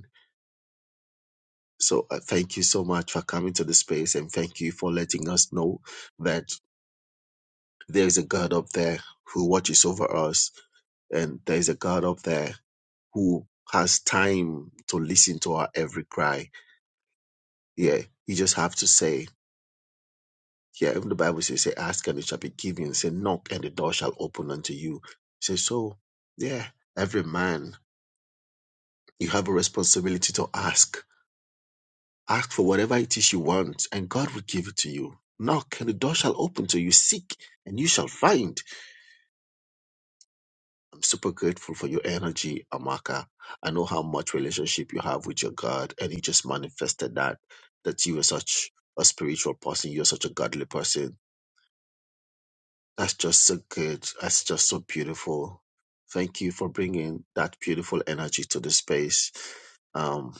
[SPEAKER 10] So uh, thank you so much for coming to the space and thank you for letting us know that there is a God up there who watches over us and there is a God up there who has time to listen to our every cry. Yeah, you just have to say, yeah, even the Bible says, say, ask and it shall be given, say, knock and the door shall open unto you. Say, so, yeah, every man, you have a responsibility to ask Ask for whatever it is you want, and God will give it to you. Knock, and the door shall open to you. Seek, and you shall find. I'm super grateful for your energy, Amaka. I know how much relationship you have with your God, and you just manifested that, that you are such a spiritual person. You're such a godly person. That's just so good. That's just so beautiful. Thank you for bringing that beautiful energy to the space. Um,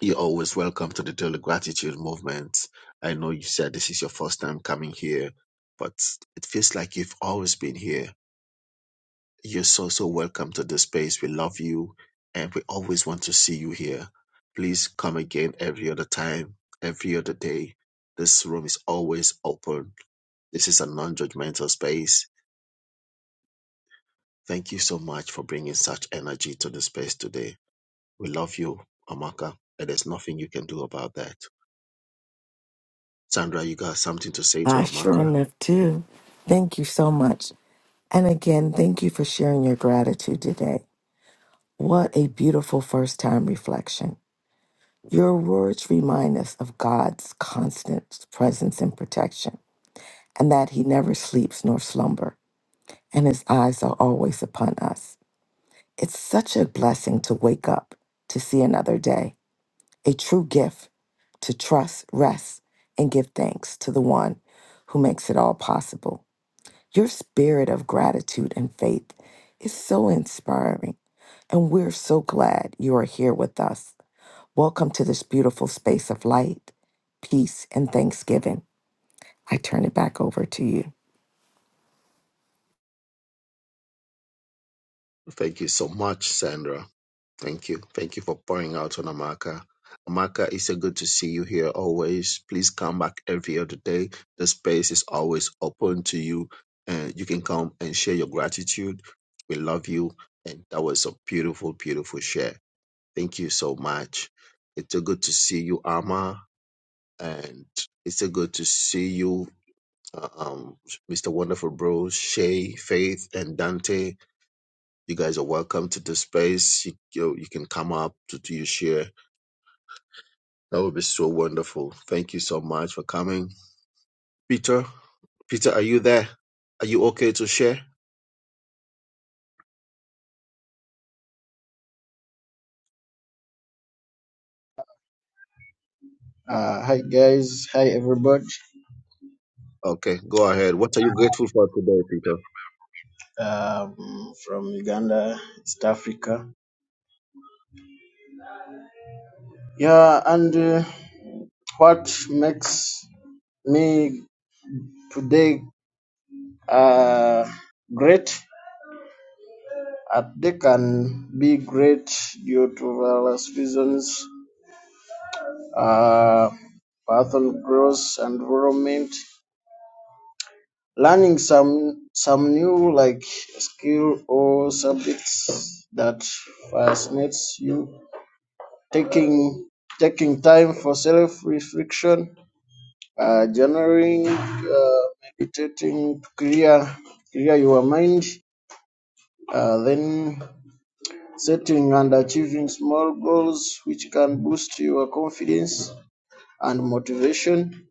[SPEAKER 10] You're always welcome to the Daily Gratitude Movement. I know you said this is your first time coming here, but it feels like you've always been here. You're so, so welcome to this space. We love you and we always want to see you here. Please come again every other time, every other day. This room is always open. This is a non judgmental space. Thank you so much for bringing such energy to the space today. We love you, Amaka, and there's nothing you can do about that. Sandra, you got something to say to
[SPEAKER 9] Ah, sure
[SPEAKER 10] Amaka?
[SPEAKER 9] enough, too. Thank you so much. And again, thank you for sharing your gratitude today. What a beautiful first time reflection. Your words remind us of God's constant presence and protection, and that He never sleeps nor slumber. and his eyes are always upon us. It's such a blessing to wake up to see another day, a true gift to trust, rest, and give thanks to the one who makes it all possible. Your spirit of gratitude and faith is so inspiring, and we're so glad you are here with us. Welcome to this beautiful space of light, peace, and thanksgiving. I turn it back over to you.
[SPEAKER 10] Thank you so much, Sandra. Thank you. Thank you for pouring out on Amaka. Amaka, it's so good to see you here always. Please come back every other day. The space is always open to you. And you can come and share your gratitude. We love you. And that was a beautiful, beautiful share. Thank you so much. It's so good to see you, Ama. And it's so good to see you, uh, um, Mr. Wonderful Bros, Shay, Faith, and Dante you guys are welcome to this space. You, you, you can come up to do your share. That would be so wonderful. Thank you so much for coming. Peter, Peter, are you there? Are you okay to share?
[SPEAKER 12] Uh, hi guys, hi everybody
[SPEAKER 10] Okay, go ahead. What are you grateful for today, Peter?
[SPEAKER 12] um, from Uganda, East Africa. Yeah, and uh, what makes me today uh, great? Uh, they can be great due to various reasons, uh, personal growth, environment, learning some some new like skill or subjects that fascinates you taking taking time for self reflection, uh, journaling, uh, meditating to clear clear your mind, uh, then setting and achieving small goals which can boost your confidence and motivation.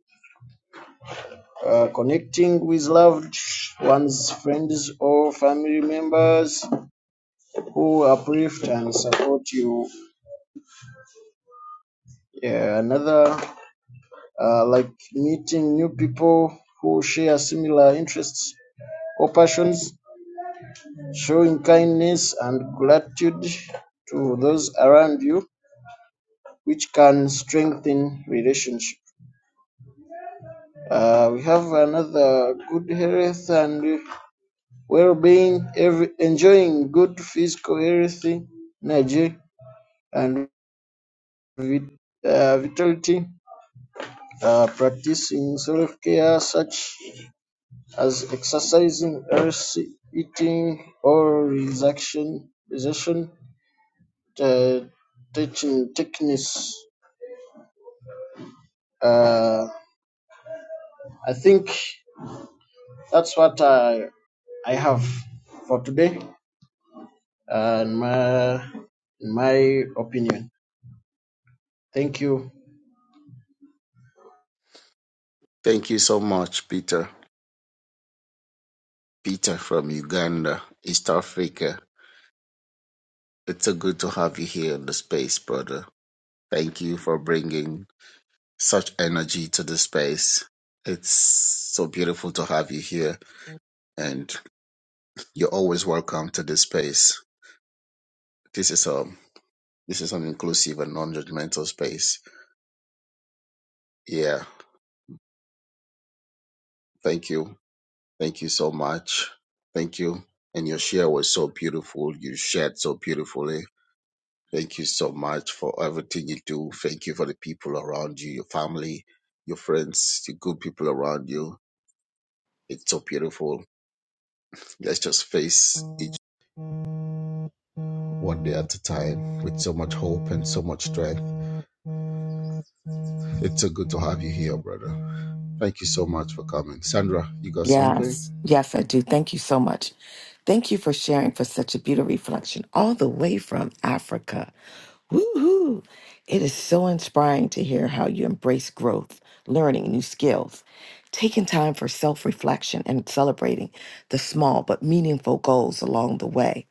[SPEAKER 12] Uh, connecting with loved ones, friends, or family members who uplift and support you. Yeah, another uh, like meeting new people who share similar interests or passions, showing kindness and gratitude to those around you, which can strengthen relationship. Uh, we have another good health and well-being, every, enjoying good physical health, energy, and vit, uh, vitality, uh, practicing self-care such as exercising, earth eating, or relaxation, relaxation uh, teaching techniques. Uh, I think that's what I, I have for today, uh, in, my, in my opinion. Thank you.
[SPEAKER 10] Thank you so much, Peter. Peter from Uganda, East Africa. It's so good to have you here in the space, brother. Thank you for bringing such energy to this space. It's so beautiful to have you here, and you're always welcome to this space. This is a this is an inclusive and non-judgmental space. Yeah, thank you, thank you so much, thank you. And your share was so beautiful. You shared so beautifully. Thank you so much for everything you do. Thank you for the people around you, your family, your friends, the good people around you. It's so beautiful. Let's just face each. one day at a time with so much hope and so much strength. It's so good to have you here, brother. Thank you so much for coming. Sandra, you got
[SPEAKER 9] Yes,
[SPEAKER 10] something?
[SPEAKER 9] yes, I do. Thank you so much. Thank you for sharing for such a beautiful reflection all the way from Africa. Woohoo! It is so inspiring to hear how you embrace growth, learning new skills, taking time for self reflection, and celebrating the small but meaningful goals along the way.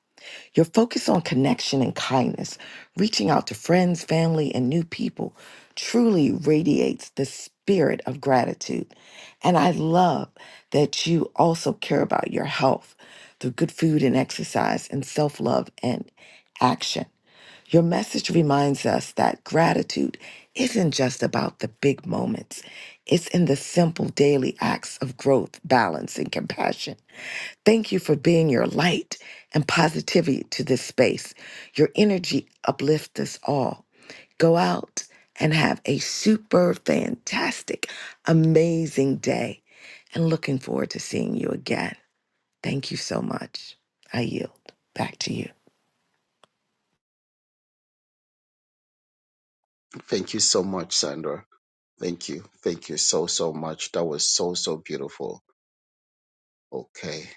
[SPEAKER 9] Your focus on connection and kindness, reaching out to friends, family, and new people, truly radiates the spirit of gratitude. And I love that you also care about your health through good food and exercise and self love and action. Your message reminds us that gratitude isn't just about the big moments, it's in the simple daily acts of growth, balance, and compassion. Thank you for being your light and positivity to this space. Your energy uplifts us all. Go out and have a super fantastic, amazing day. And looking forward to seeing you again. Thank you so much. I yield back to you.
[SPEAKER 10] Thank you so much, Sandra. Thank you. Thank you so, so much. That was so, so beautiful. Okay.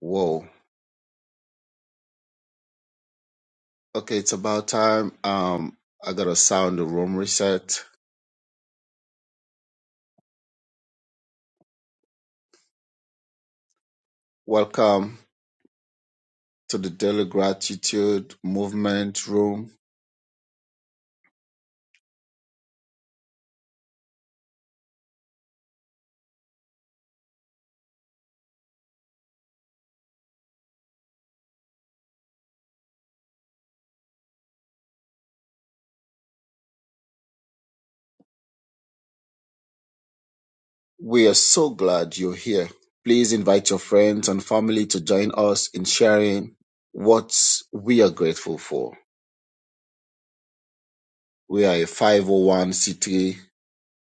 [SPEAKER 10] Whoa. Okay, it's about time. Um, I gotta sound the room reset. Welcome to the Daily Gratitude Movement Room We are so glad you're here. Please invite your friends and family to join us in sharing what we are grateful for. We are a 501c3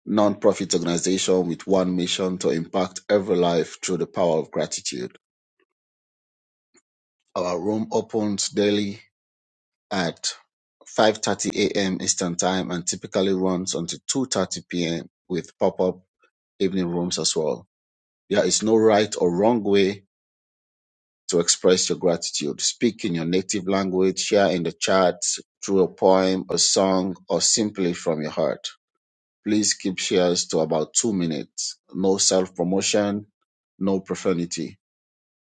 [SPEAKER 10] nonprofit organization with one mission to impact every life through the power of gratitude. Our room opens daily at 5:30 a.m. Eastern Time and typically runs until 2:30 p.m. with pop-up evening rooms as well. There is no right or wrong way to express your gratitude. Speak in your native language, share in the chat through a poem, a song, or simply from your heart. Please keep shares to about two minutes. No self promotion, no profanity.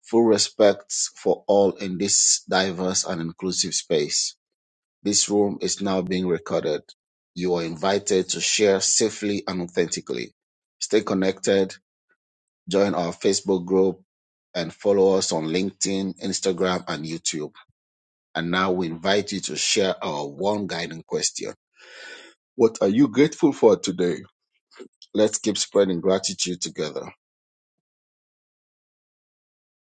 [SPEAKER 10] Full respect for all in this diverse and inclusive space. This room is now being recorded. You are invited to share safely and authentically. Stay connected, join our Facebook group, and follow us on LinkedIn, Instagram, and YouTube and now we invite you to share our one guiding question. What are you grateful for today? Let's keep spreading gratitude together.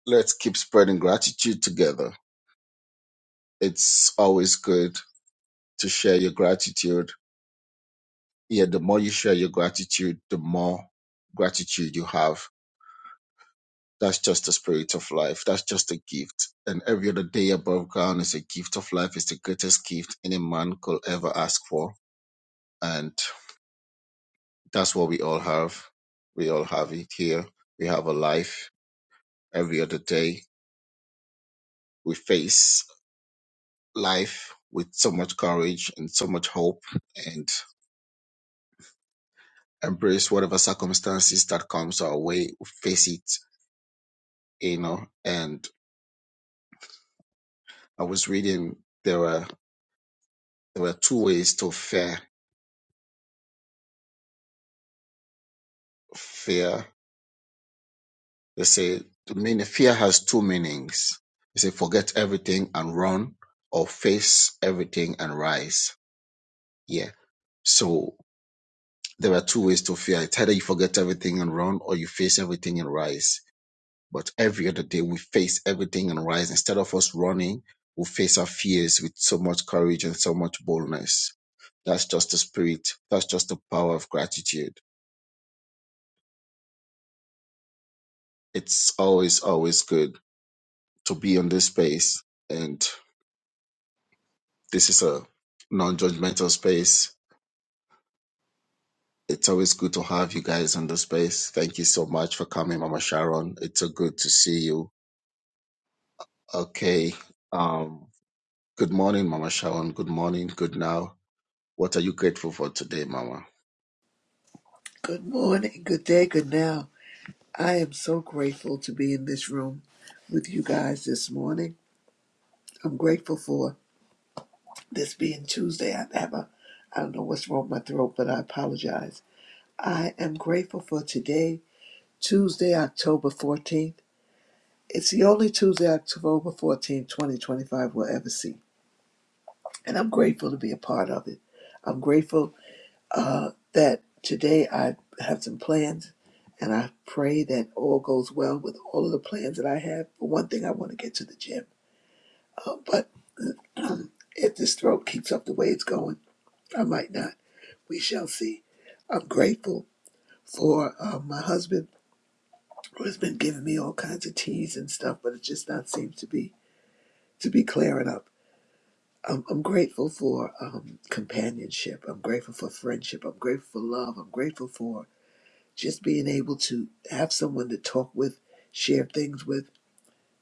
[SPEAKER 10] Let's keep spreading gratitude together. It's always good to share your gratitude. Yeah, the more you share your gratitude, the more gratitude you have. That's just the spirit of life. That's just a gift. And every other day above ground is a gift of life. It's the greatest gift any man could ever ask for. And That's what we all have. We all have it here. We have a life every other day. We face life with so much courage and so much hope and embrace whatever circumstances that comes our way. We face it, you know. And I was reading there were there were two ways to fear fear. They say the meaning fear has two meanings. They say forget everything and run or face everything and rise. Yeah. So There are two ways to fear. It's either you forget everything and run or you face everything and rise. But every other day we face everything and rise. Instead of us running, we face our fears with so much courage and so much boldness. That's just the spirit. That's just the power of gratitude. It's always, always good to be on this space. And this is a non judgmental space. It's always good to have you guys on the space. Thank you so much for coming, Mama Sharon. It's so good to see you. Okay. Um. Good morning, Mama Sharon. Good morning. Good now. What are you grateful for today, Mama?
[SPEAKER 13] Good morning, good day, good now. I am so grateful to be in this room with you guys this morning. I'm grateful for this being Tuesday. I have a, I don't know what's wrong with my throat, but I apologize. I am grateful for today, Tuesday, October 14th. It's the only Tuesday, October 14th, 2025 we'll ever see. And I'm grateful to be a part of it. I'm grateful uh, that today I have some plans, and I pray that all goes well with all of the plans that I have. For one thing, I want to get to the gym, uh, but [clears throat] if this throat keeps up the way it's going, I might not. We shall see. I'm grateful for uh, my husband who has been giving me all kinds of teas and stuff, but it just not seems to be to be clearing up. I'm, I'm grateful for um, companionship. I'm grateful for friendship. I'm grateful for love. I'm grateful for just being able to have someone to talk with, share things with,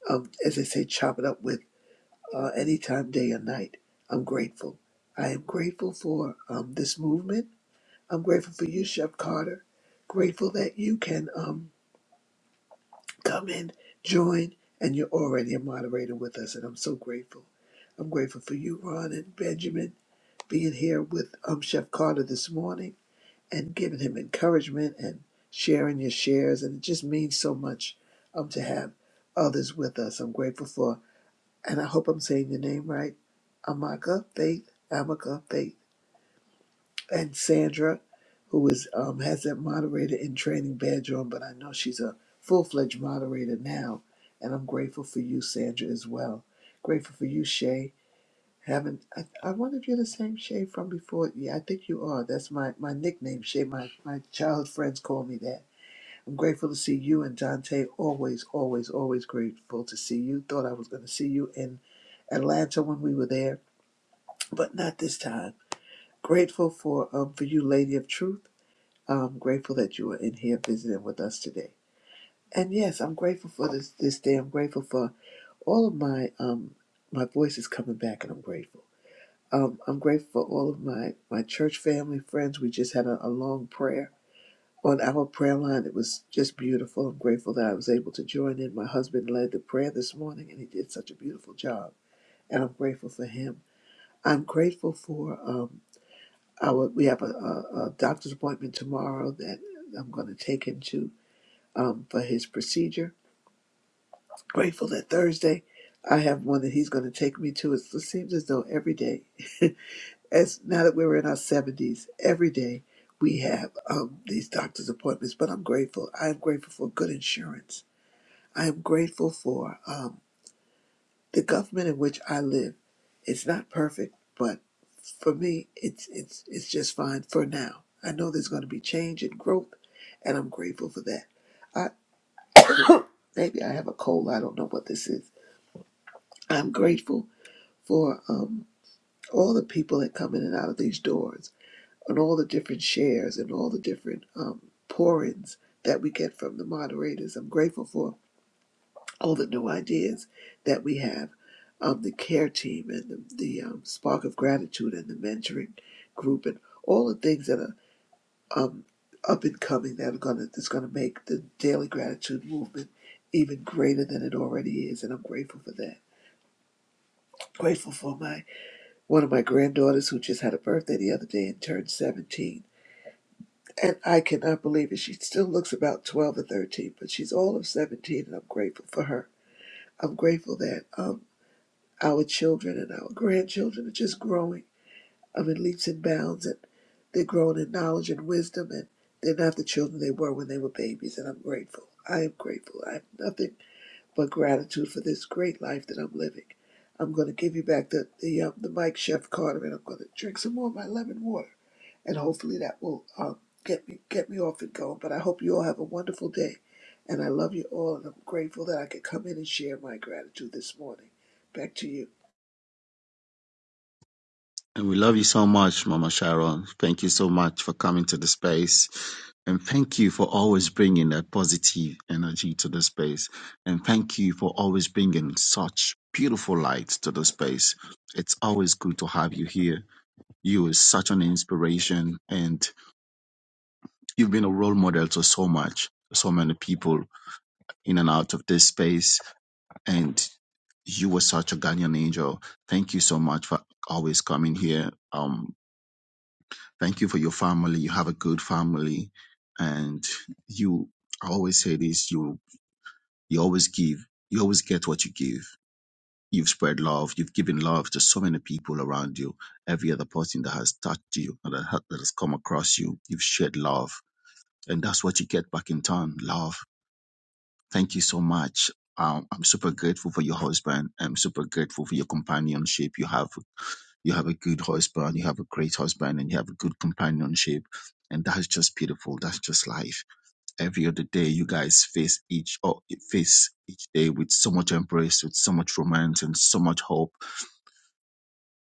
[SPEAKER 13] um, as I say, chop it up with uh, anytime, day or night. I'm grateful. I am grateful for um, this movement. I'm grateful for you, Chef Carter. Grateful that you can um, come in, join, and you're already a moderator with us, and I'm so grateful. I'm grateful for you, Ron and Benjamin, being here with um, Chef Carter this morning. and giving him encouragement and sharing your shares. And it just means so much um, to have others with us. I'm grateful for, and I hope I'm saying your name right, Amaka Faith, Amaka Faith, and Sandra, who is um, has that moderator in training bedroom, but I know she's a full fledged moderator now. And I'm grateful for you, Sandra, as well. Grateful for you, Shay haven't I, I wonder if you're the same Shay from before. Yeah, I think you are. That's my, my nickname, Shay. My my child friends call me that. I'm grateful to see you and Dante. Always, always, always grateful to see you. Thought I was gonna see you in Atlanta when we were there, but not this time. Grateful for um for you, Lady of Truth. I'm grateful that you are in here visiting with us today. And yes, I'm grateful for this this day. I'm grateful for all of my um my voice is coming back and I'm grateful. Um, I'm grateful for all of my, my church family, friends. We just had a, a long prayer on our prayer line. It was just beautiful. I'm grateful that I was able to join in. My husband led the prayer this morning, and he did such a beautiful job. And I'm grateful for him. I'm grateful for um, our. We have a, a, a doctor's appointment tomorrow that I'm going to take him to um, for his procedure. Grateful that Thursday I have one that he's going to take me to. It seems as though every day [laughs] as now that we're in our 70s, every day we have um, these doctor's appointments. But I'm grateful. I am grateful for good insurance. I am grateful for um, the government in which I live. It's not perfect, but for me, it's it's it's just fine for now. I know there's going to be change and growth, and I'm grateful for that. I [coughs] maybe I have a cold. I don't know what this is. I'm grateful for um, all the people that come in and out of these doors. on all the different shares and all the different um, pour-ins that we get from the moderators. I'm grateful for all the new ideas that we have, um, the care team and the, the um, spark of gratitude and the mentoring group and all the things that are um, up and coming that are gonna that's gonna make the daily gratitude movement even greater than it already is, and I'm grateful for that. Grateful for my one of my granddaughters who just had a birthday the other day and turned 17 And I cannot believe it. She still looks about 12 or 13, but she's all of 17, and I'm grateful for her. I'm grateful that um, our children and our grandchildren are just growing. I in leaps and bounds, and they're growing in knowledge and wisdom, and they're not the children they were when they were babies, and I'm grateful. I am grateful. I have nothing but gratitude for this great life that I'm living. I'm going to give you back the the, um, the mic, Chef Carter, and I'm going to drink some more of my lemon water and hopefully that will uh, get me get me off and going. But I hope you all have a wonderful day, and I love you all, and I'm grateful that I could come in and share my gratitude this morning. Back to you.
[SPEAKER 10] And we love you so much, Mama Sharon. Thank you so much for coming to the space. And thank you for always bringing that positive energy to the space. And thank you for always bringing such beautiful light to the space. It's always good to have you here. You are such an inspiration and you've been a role model to so much, so many people in and out of this space. And you were such a guardian angel. Thank you so much for always coming here. Um, thank you for your family. You have a good family, and you. I always say this: you you always give. You always get what you give. You've spread love. You've given love to so many people around you. Every other person that has touched you and that ha- that has come across you, you've shared love, and that's what you get back in turn. Love. Thank you so much. Um, I'm super grateful for your husband. I'm super grateful for your companionship you have you have a good husband, you have a great husband, and you have a good companionship. And that's just beautiful. That's just life. Every other day, you guys face each or face each day with so much embrace, with so much romance, and so much hope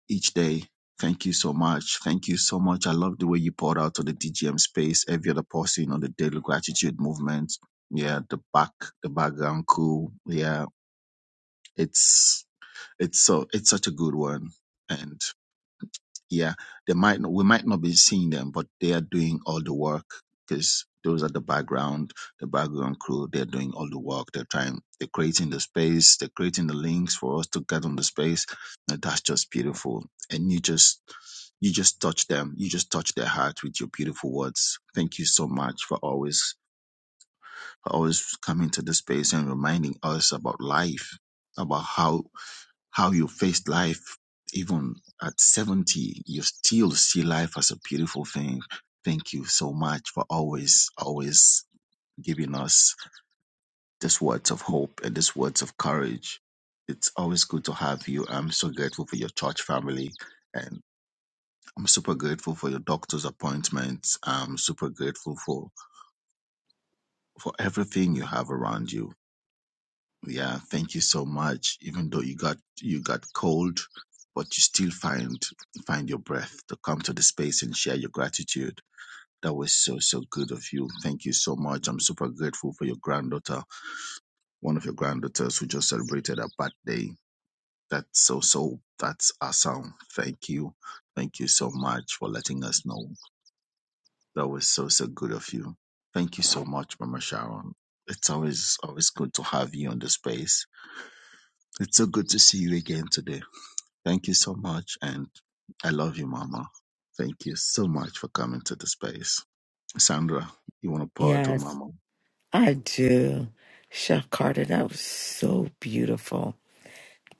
[SPEAKER 10] each day. Thank you so much. Thank you so much. I love the way you poured out on the DGM space. Every other person on the daily gratitude movement. Yeah, the back, the background cool. Yeah, it's it's so it's such a good one. and. Yeah, they might not, we might not be seeing them, but they are doing all the work because those are the background, the background crew. They're doing all the work. They're trying, they're creating the space, they're creating the links for us to get on the space. And that's just beautiful. And you just, you just touch them. You just touch their heart with your beautiful words. Thank you so much for always, for always coming to the space and reminding us about life, about how how you faced life even at 70 you still see life as a beautiful thing thank you so much for always always giving us these words of hope and these words of courage it's always good to have you i'm so grateful for your church family and i'm super grateful for your doctor's appointments i'm super grateful for for everything you have around you Yeah, thank you so much. Even though you got you got cold, but you still find find your breath to come to the space and share your gratitude. That was so so good of you. Thank you so much. I'm super grateful for your granddaughter, one of your granddaughters who just celebrated her birthday. That's so so that's awesome. Thank you. Thank you so much for letting us know. That was so so good of you. Thank you so much, Mama Sharon. It's always always good to have you on the space. It's so good to see you again today. Thank you so much. And I love you, Mama. Thank you so much for coming to the space. Sandra, you want to pour out on
[SPEAKER 9] Yes,
[SPEAKER 10] Mama?
[SPEAKER 9] I do. Chef Carter, that was so beautiful.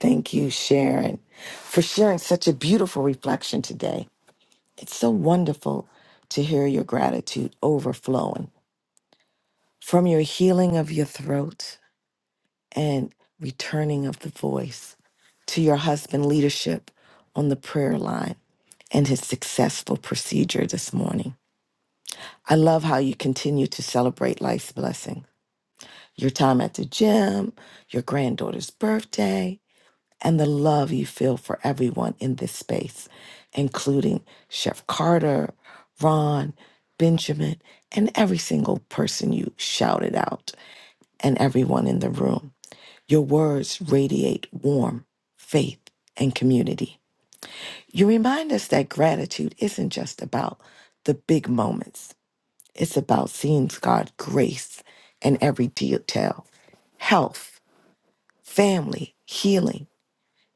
[SPEAKER 9] Thank you, Sharon, for sharing such a beautiful reflection today. It's so wonderful to hear your gratitude overflowing from your healing of your throat and returning of the voice to your husband leadership on the prayer line and his successful procedure this morning. I love how you continue to celebrate life's blessing. Your time at the gym, your granddaughter's birthday, and the love you feel for everyone in this space, including Chef Carter, Ron, Benjamin, and every single person you shouted out and everyone in the room. Your words radiate warmth, faith, and community. You remind us that gratitude isn't just about the big moments, it's about seeing God's grace in every detail health, family, healing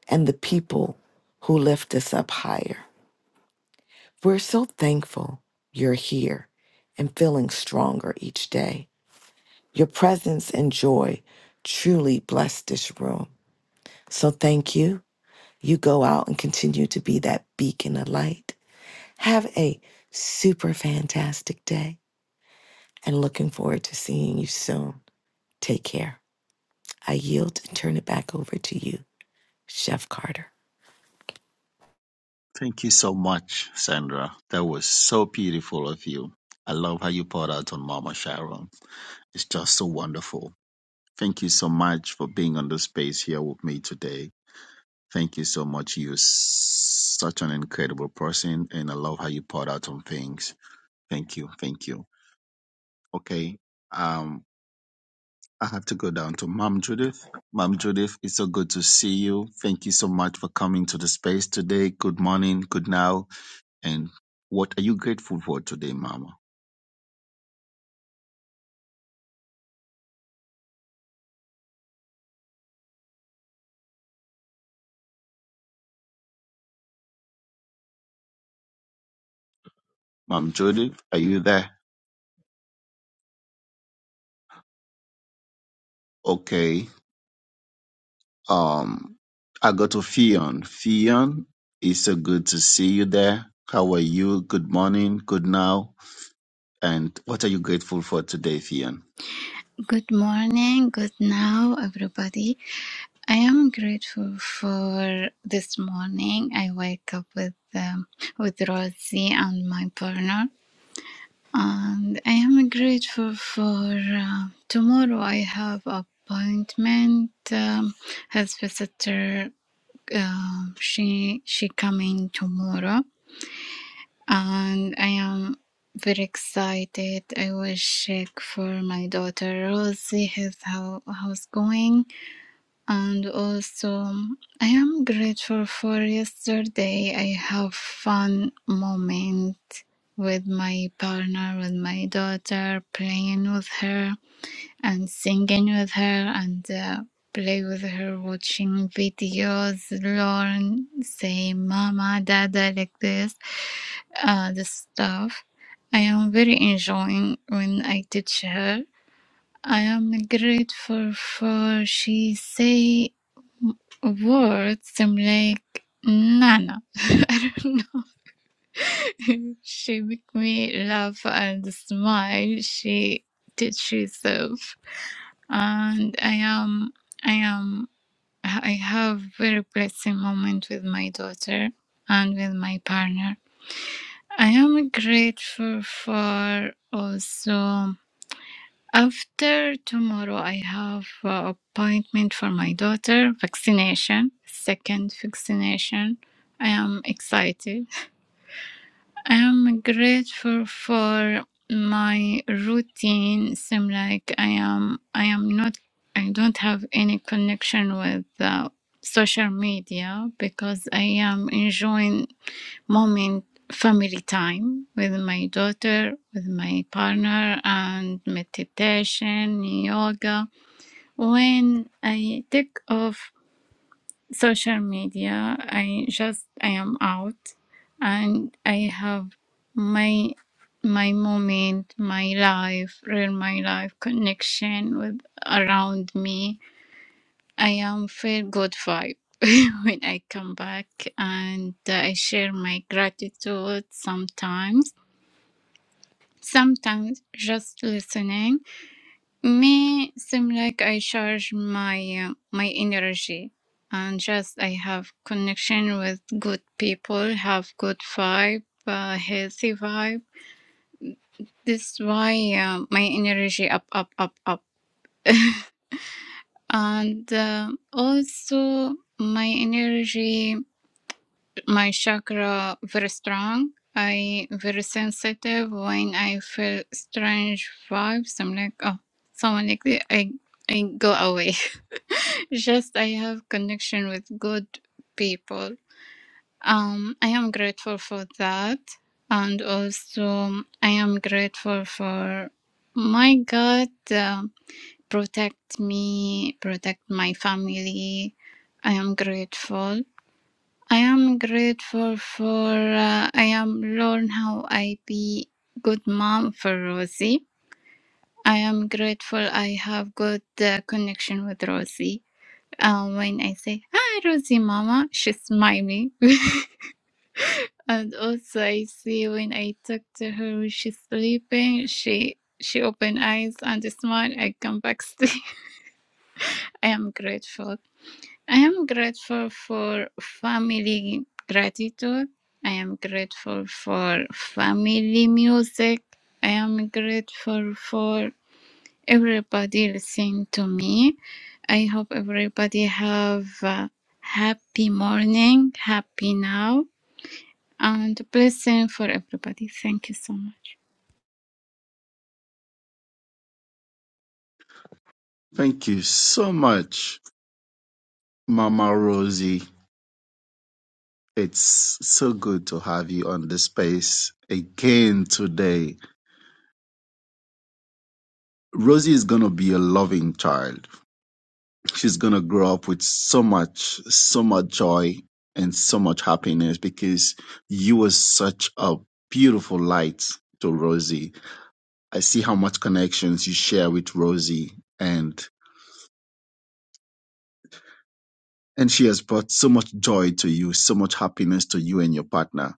[SPEAKER 9] and the people who lift us up higher. We're so thankful you're here and feeling stronger each day. Your presence and joy truly bless this room. So thank you. You go out and continue to be that beacon of light. Have a super fantastic day and looking forward to seeing you soon. Take care. I yield and turn it back over to you, Chef Carter.
[SPEAKER 10] Thank you so much, Sandra. That was so beautiful of you. I love how you poured out on Mama Sharon. It's just so wonderful. Thank you so much for being on the space here with me today. Thank you so much. You're s- such an incredible person, and I love how you poured out on things. Thank you. Thank you. Okay. Um. I have to go down to Mom Judith. Mom Judith, it's so good to see you. Thank you so much for coming to the space today. Good morning, good now. And what are you grateful for today, Mama? Mom Judith, are you there? Okay. Um, I go to Fion. Fion, it's so good to see you there. How are you? Good morning, good now. And what are you grateful for today, Fion?
[SPEAKER 14] Good morning, good now, everybody. I am grateful for this morning. I wake up with um, with Rosie and my partner, and I am grateful for uh, tomorrow. I have appointment. Um, his visitor, um, she she coming tomorrow, and I am very excited. I will check for my daughter Rosie, his how how's going, and also I am grateful for yesterday. I have fun moment with my partner, with my daughter, playing with her and singing with her and. Uh, play with her watching videos learn say mama dada like this uh, the stuff. I am very enjoying when I teach her. I am grateful for she say words I'm like Nana. [laughs] I don't know. she make me laugh and smile. She teach herself, and I am I am I have very blessing moment with my daughter and with my partner. I am grateful for also. After tomorrow, I have uh, appointment for my daughter vaccination, second vaccination. I am excited. I am grateful for my routine. Seem like I am. I am not. I don't have any connection with uh, social media because I am enjoying moment family time with my daughter with my partner and meditation yoga when i take off social media i just i am out and i have my my moment my life real my life connection with around me I am feel good vibe [laughs] when I come back and I share my gratitude sometimes. Sometimes just listening may seem like I charge my uh, my energy and just I have connection with good people, have good vibe, uh, healthy vibe. This why uh, my energy up up up up and uh, also my energy my chakra very strong. I very sensitive when I feel strange vibes. I'm like, oh, someone like that. I I go away. [laughs] Just I have connection with good people. Um, I am grateful for that, and also I am grateful for my God um protect me, protect my family. I am grateful. I am grateful for uh, I am learn how I be good mom for Rosie. I am grateful I have good uh, connection with Rosie. Uh, when I say hi Rosie mama, she's smiling. [laughs] and also I see when I talk to her when she's sleeping, she she open eyes and smile. I come back [laughs] sleep. I am grateful. I am grateful for family gratitude. I am grateful for family music. I am grateful for everybody listening to me. I hope everybody have a happy morning, happy now, and blessing for everybody. Thank you so much.
[SPEAKER 10] Thank you so much, Mama Rosie. It's so good to have you on the space again today. Rosie is going to be a loving child. She's going to grow up with so much, so much joy and so much happiness because you were such a beautiful light to Rosie. I see how much connections you share with Rosie and and she has brought so much joy to you, so much happiness to you and your partner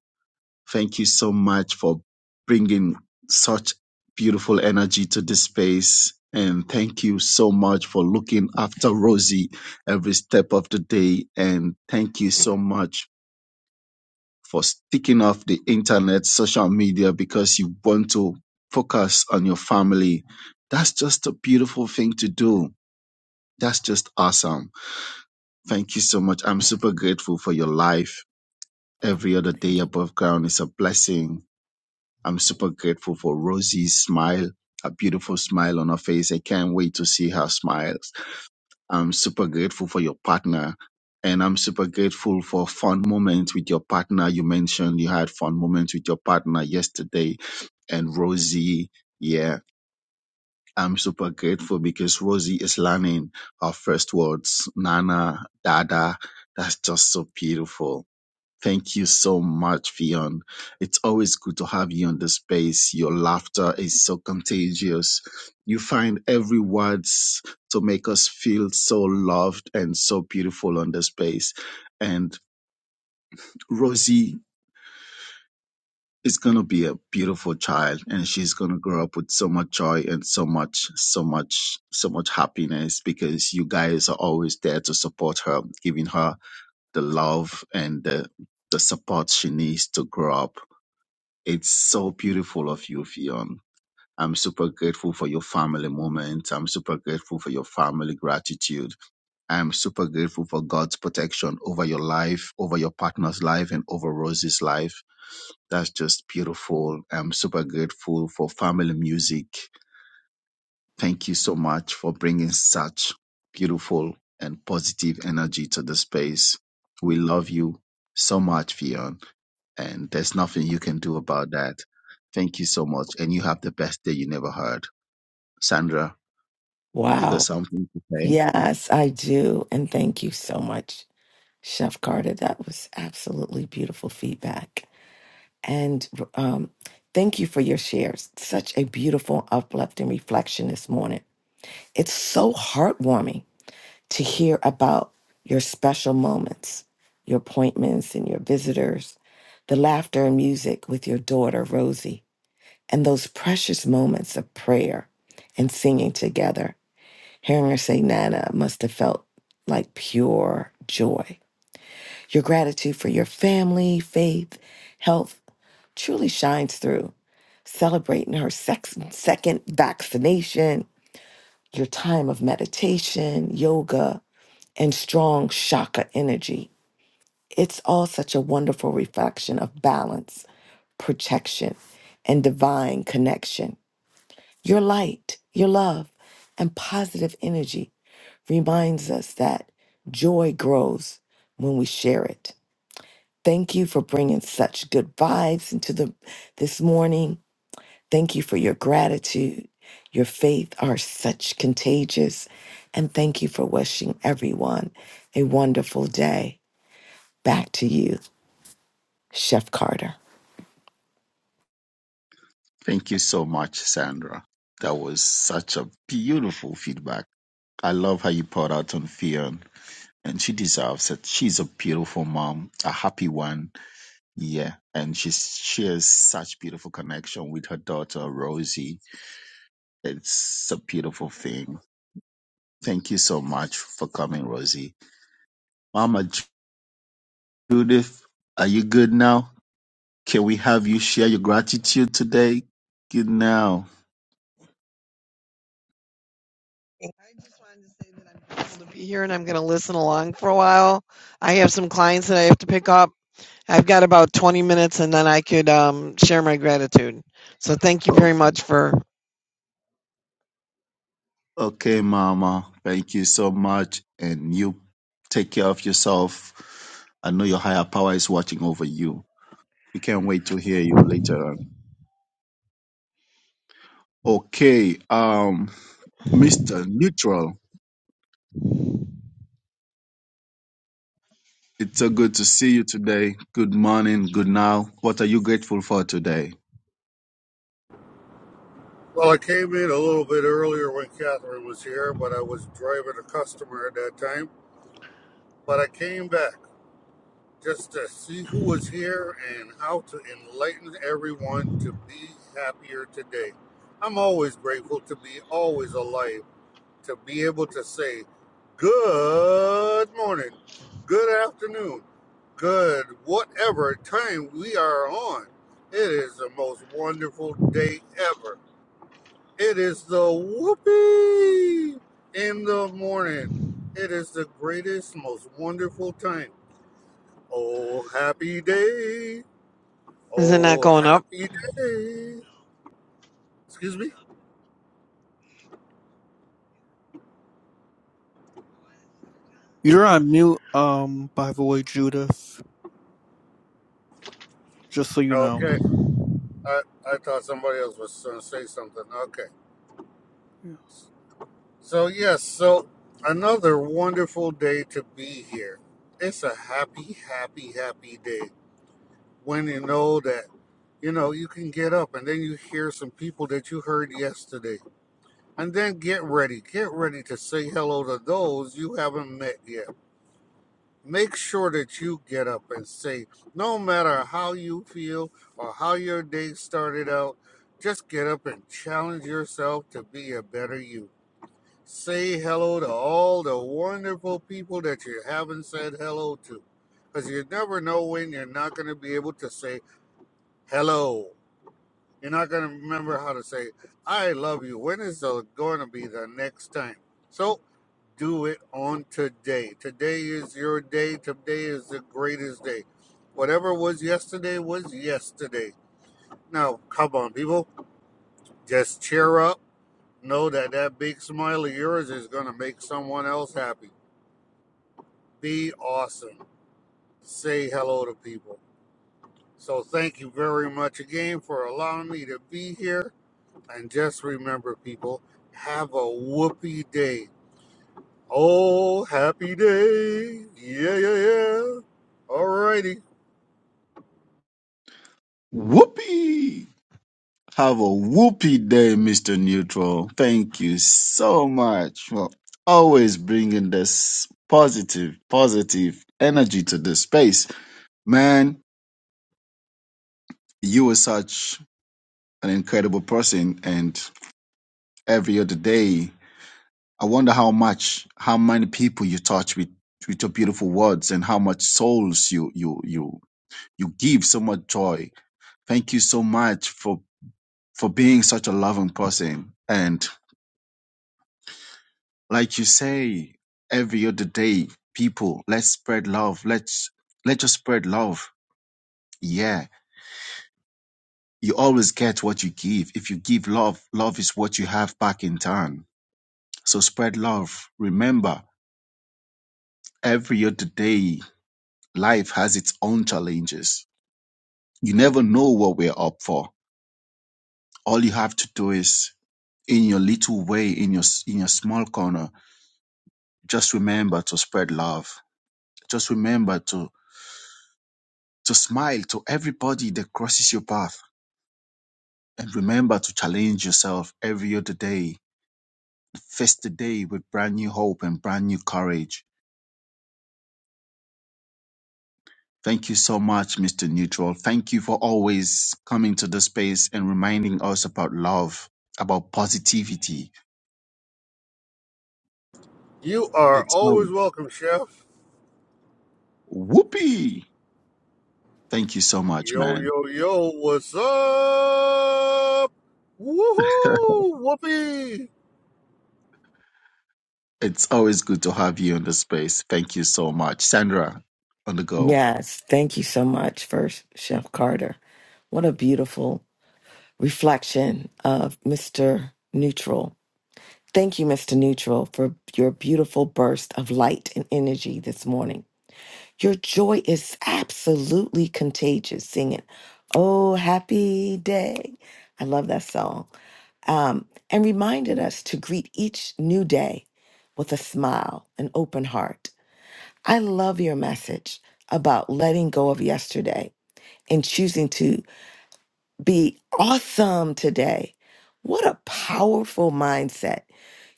[SPEAKER 10] Thank you so much for bringing such beautiful energy to this space. And thank you so much for looking after Rosie every step of the day. And thank you so much for sticking off the internet, social media, because you want to focus on your family. That's just a beautiful thing to do. That's just awesome. Thank you so much. I'm super grateful for your life. Every other day above ground is a blessing I'm super grateful for Rosie's smile, a beautiful smile on her face. I can't wait to see her smiles. I'm super grateful for your partner. And I'm super grateful for fun moments with your partner. You mentioned you had fun moments with your partner yesterday and Rosie. Yeah. I'm super grateful because Rosie is learning her first words. Nana, Dada. That's just so beautiful. Thank you so much, Fion. It's always good to have you on the space. Your laughter is so contagious. You find every words to make us feel so loved and so beautiful on the space. And Rosie is going to be a beautiful child and she's going to grow up with so much joy and so much, so much, so much happiness because you guys are always there to support her, giving her the love and the, the support she needs to grow up It's so beautiful of you, Fionn. I'm super grateful for your family moment. I'm super grateful for your family gratitude. I'm super grateful for God's protection over your life, over your partner's life, and over Rosie's life. That's just beautiful. I'm super grateful for family music. Thank you so much for bringing such beautiful and positive energy to the space. We love you so much, Fionn and there's nothing you can do about that. Thank you so much, and you have the best day you never heard. Sandra, you got
[SPEAKER 9] Wow.
[SPEAKER 10] something to say?
[SPEAKER 9] Yes, I do. And thank you so much. Chef Carter, that was absolutely beautiful feedback. And um, thank you for your shares. Such a beautiful, uplifting reflection this morning. It's so heartwarming to hear about your special moments, your appointments, and your visitors, the laughter and music with your daughter, Rosie, and those precious moments of prayer and singing together. Hearing her say, Nana must have felt like pure joy your gratitude for your family, faith, health truly shines through. Celebrating her sex- second vaccination, your time of meditation, yoga, and strong chakra energy. It's all such a wonderful reflection of balance, protection, and divine connection. Your light, your love, and positive energy reminds us that joy grows when we share it. Thank you for bringing such good vibes into the this morning. Thank you for your gratitude. Your faith are such contagious. And thank you for wishing everyone a wonderful day. Back to you, Chef Carter.
[SPEAKER 10] Thank you so much, Sandra. That was such a beautiful feedback. I love how you poured out on Fionn, and she deserves it. She's a beautiful mom, a happy one, yeah, and she's, she has such beautiful connection with her daughter Rosie. It's a beautiful thing. Thank you so much for coming, Rosie. Mama Judith, are you good now? Can we have you share your gratitude today? Good now.
[SPEAKER 15] I just wanted to say that I'm grateful to be here and I'm going to listen along for a while. I have some clients that I have to pick up. I've got about 20 minutes and then I could um, share my gratitude. So thank you
[SPEAKER 10] Oh,
[SPEAKER 15] very much for.
[SPEAKER 10] okay, Mama. Thank you so much. And you take care of yourself. I know your higher power is watching over you. We can't wait to hear you later on. Okay, um, Mr. Neutral, it's so good to see you today. Good morning, good now. What are you grateful for today?
[SPEAKER 5] Well, I came in a little bit earlier when Catherine was here, but I was driving a customer at that time. But I came back just to see who was here and how to enlighten everyone to be happier today. I'm always grateful to be always alive, to be able to say good morning, good afternoon, good whatever time we are on. It is the most wonderful day ever. It is the whoopee in the morning. It is the greatest, most wonderful time. Oh, happy day.
[SPEAKER 15] Is it not
[SPEAKER 5] Oh,
[SPEAKER 15] going up?
[SPEAKER 5] happy day. Excuse me?
[SPEAKER 2] You're on mute, um, by the way, Judith, just so you know.
[SPEAKER 5] Okay. I, I thought somebody else was going to say something. Okay. So, yes, so another wonderful day to be here. It's a happy, happy, happy day when you know that, you know, you can get up and then you hear some people that you heard yesterday. And then get ready. Get ready to say hello to those you haven't met yet make sure that you get up and say, no matter how you feel or how your day started out, just get up and challenge yourself to be a better you. Say hello to all the wonderful people that you haven't said hello to. Because you never know when you're not going to be able to say hello. You're not going to remember how to say, I love you. When is it going to be the next time? So do it on today. Today is your day. Today is the greatest day. Whatever was yesterday was yesterday. Now, come on, people. Just cheer up. Know that that big smile of yours is going to make someone else happy. Be awesome. Say hello to people. So, thank you very much again for allowing me to be here. And just remember, people, have a whoopee day. Oh, happy day. Yeah, yeah, yeah. Alrighty.
[SPEAKER 10] Whoopee! Have a whoopee day, Mr. Neutral. Thank you so much for always bringing this positive, positive energy to this space. Man, you are such an incredible person. And every other day, I wonder how much, how many people you touch with, with your beautiful words and how much souls you, you, you, you give so much joy. Thank you so much for, for being such a loving person. And like you say every other day people let's spread love let's let's just spread love yeah you always get what you give if you give love love is what you have back in turn so spread love remember every other day life has its own challenges you never know what we're up for all you have to do is in your little way in your s- in your small corner just remember to spread love just remember to to smile to everybody that crosses your path And remember to challenge yourself every other day. Face the day with brand new hope and brand new courage. Thank you so much, Mr. Neutral. Thank you for always coming to the space and reminding us about love, about positivity.
[SPEAKER 5] You are
[SPEAKER 10] It's
[SPEAKER 5] always
[SPEAKER 10] always
[SPEAKER 5] welcome, Chef.
[SPEAKER 10] whoopee. Thank you so much,
[SPEAKER 5] Yo,
[SPEAKER 10] man.
[SPEAKER 5] yo, yo, what's up? Woohoo! Whoopee!
[SPEAKER 10] [laughs] it's always good to have you in the space. Thank you so much. Sandra, on the go.
[SPEAKER 9] Yes, thank you so much for Chef Carter. What a beautiful reflection of Mr. Neutral. Thank you, Mr. Neutral, for your beautiful burst of light and energy this morning. Your joy is absolutely contagious. Singing, Oh, happy day. I love that song. Um, and reminded us to greet each new day with a smile, an open heart. I love your message about letting go of yesterday and choosing to be awesome today. What a powerful mindset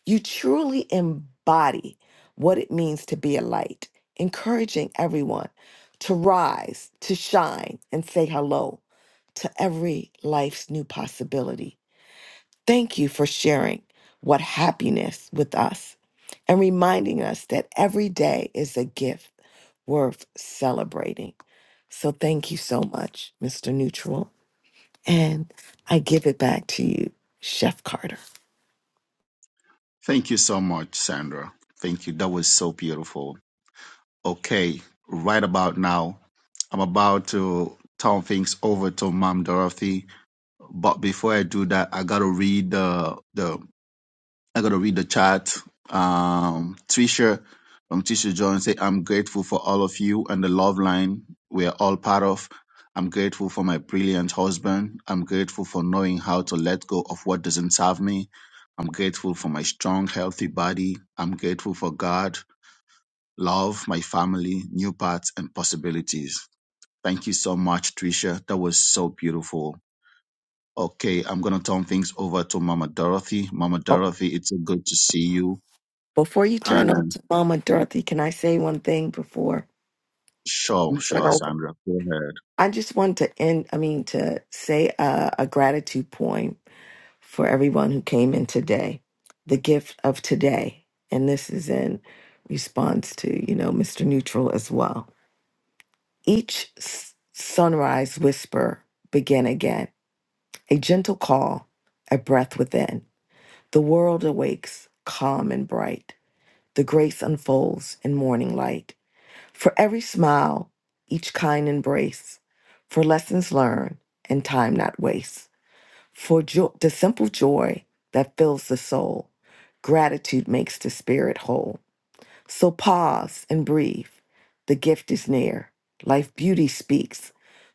[SPEAKER 9] you truly embody what it means to be a light, encouraging everyone to rise, to shine, and say hello to every life's new possibility. Thank you for sharing what happiness with us and reminding us that every day is a gift worth celebrating. So thank you so much, Mr. Neutral. And I give it back to you, Chef Carter.
[SPEAKER 10] Thank you so much, Sandra. Thank you. That was so beautiful. Okay, right about now, I'm about to turn things over to Mom Dorothy. But before I do that, I gotta read the the I gotta read the chat. Um, Trisha from Trisha Jones say, "I'm grateful for all of you and the love line we are all part of. I'm grateful for my brilliant husband. I'm grateful for knowing how to let go of what doesn't serve me. I'm grateful for my strong, healthy body. I'm grateful for God love, my family, new paths, and possibilities. Thank you so much, Tricia. That was so beautiful. Okay, I'm going to turn things over to Mama Dorothy. Mama
[SPEAKER 9] Oh.
[SPEAKER 10] Dorothy, it's so good to see you.
[SPEAKER 9] Before you turn over
[SPEAKER 10] And
[SPEAKER 9] to Mama Dorothy, can I say one thing before
[SPEAKER 10] sure,
[SPEAKER 9] you turn
[SPEAKER 10] sure,
[SPEAKER 9] over?
[SPEAKER 10] Sandra, go ahead.
[SPEAKER 9] I just want to end, I mean, to say a, a gratitude poem for everyone who came in today, the gift of today. And this is in response to, you know, Mr. Neutral as well. Each s- sunrise whisper begin again, a gentle call, a breath within. The world awakes, calm and bright. The grace unfolds in morning light For every smile, each kind embrace, for lessons learned and time not waste, for jo- the simple joy that fills the soul, gratitude makes the spirit whole. So pause and breathe. The gift is near. Life beauty speaks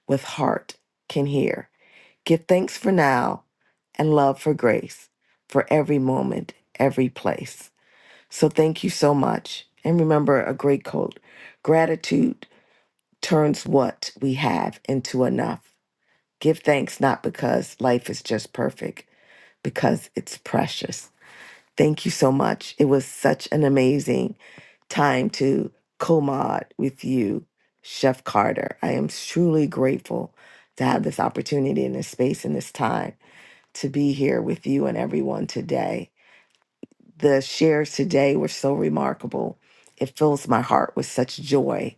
[SPEAKER 9] with heart can hear. Give thanks for now and love for grace for every moment, every place. So thank you so much. And remember a great quote gratitude turns what we have into enough. Give thanks not because life is just perfect, because it's precious. Thank you so much. It was such an amazing time to co mod with you, Chef Carter. I am truly grateful to have this opportunity and this space and this time to be here with you and everyone today. The shares today were so remarkable. It fills my heart with such joy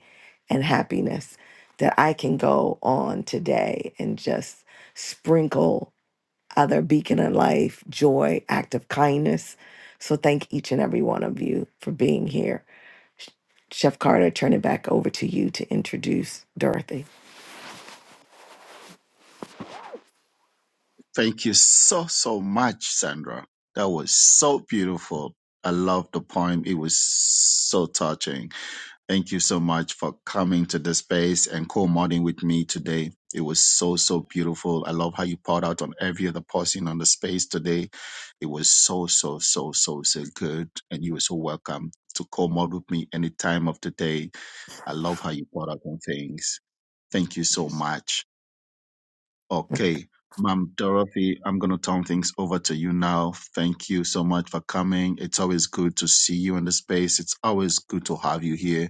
[SPEAKER 9] and happiness that I can go on today and just sprinkle other beacon of life, joy, act of kindness. So thank each and every one of you for being here. Chef Carter, turn it back over to you to introduce Dorothy.
[SPEAKER 10] Thank you so, so much, Sandra. That was so beautiful. I love the poem. It was so touching. Thank you so much for coming to the space and co-modding with me today. It was so, so beautiful. I love how you poured out on every other person on the space today. It was so, so, so, so, so good. And you were so welcome to co-mod with me any time of the day. I love how you poured out on things. Thank you so much. Okay. Mom Dorothy, I'm going to turn things over to you now. Thank you so much for coming. It's always good to see you in the space. It's always good to have you here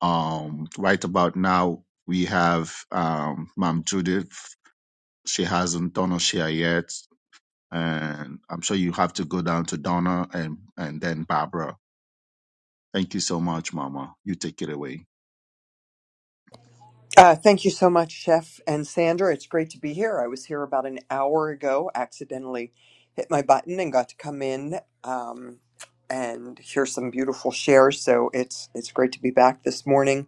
[SPEAKER 10] um, right about now, we have um, Ma'am Judith. She hasn't done her share yet, and I'm sure you have to go down to Donna and and then Barbara. Thank you so much, Mama. You take it away.
[SPEAKER 8] Uh, thank you so much, Chef and Sandra. It's great to be here. I was here about an hour ago, accidentally hit my button and got to come in um, and hear some beautiful shares. So it's it's great to be back this morning.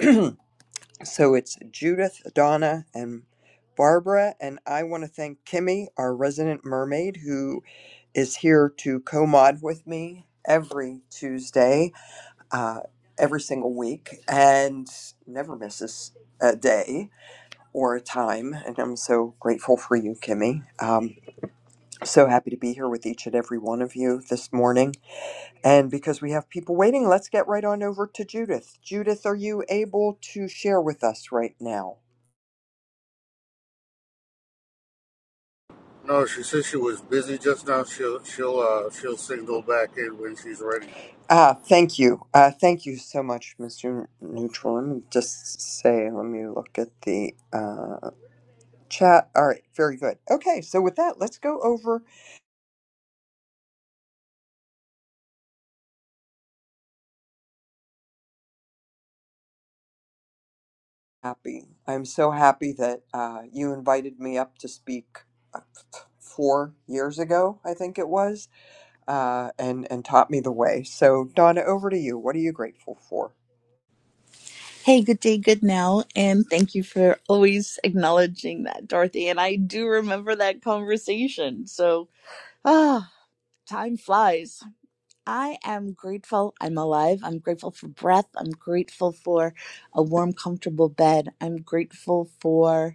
[SPEAKER 8] [clears throat] So it's Judith, Donna, and Barbara. And I want to thank Kimmy, our resident mermaid, who is here to co mod with me every Tuesday, uh, every single week, and never misses a day or a time. And I'm so grateful for you, Kimmy. Um, so happy to be here with each and every one of you this morning. And because we have people waiting, let's get right on over to Judith. Judith, are you able to share with us right now?
[SPEAKER 5] No, she says she was busy just now. She'll she'll uh she'll signal back in when she's ready.
[SPEAKER 8] Ah, thank you. Uh, thank you so much, Mr. Neutral. Let me just say, let me look at the uh, chat. All right, very good. Okay, so with that, let's go over. Happy. I'm so happy that uh, you invited me up to speak uh, four years ago, I think it was, uh, and, and taught me the way. So, Donna, over to you. What are you grateful for?
[SPEAKER 16] Hey, good day, good now, and thank you for always acknowledging that, Dorothy. And I do remember that conversation. So, ah, time flies. I am grateful I'm alive. I'm grateful for breath. I'm grateful for a warm, comfortable bed. I'm grateful for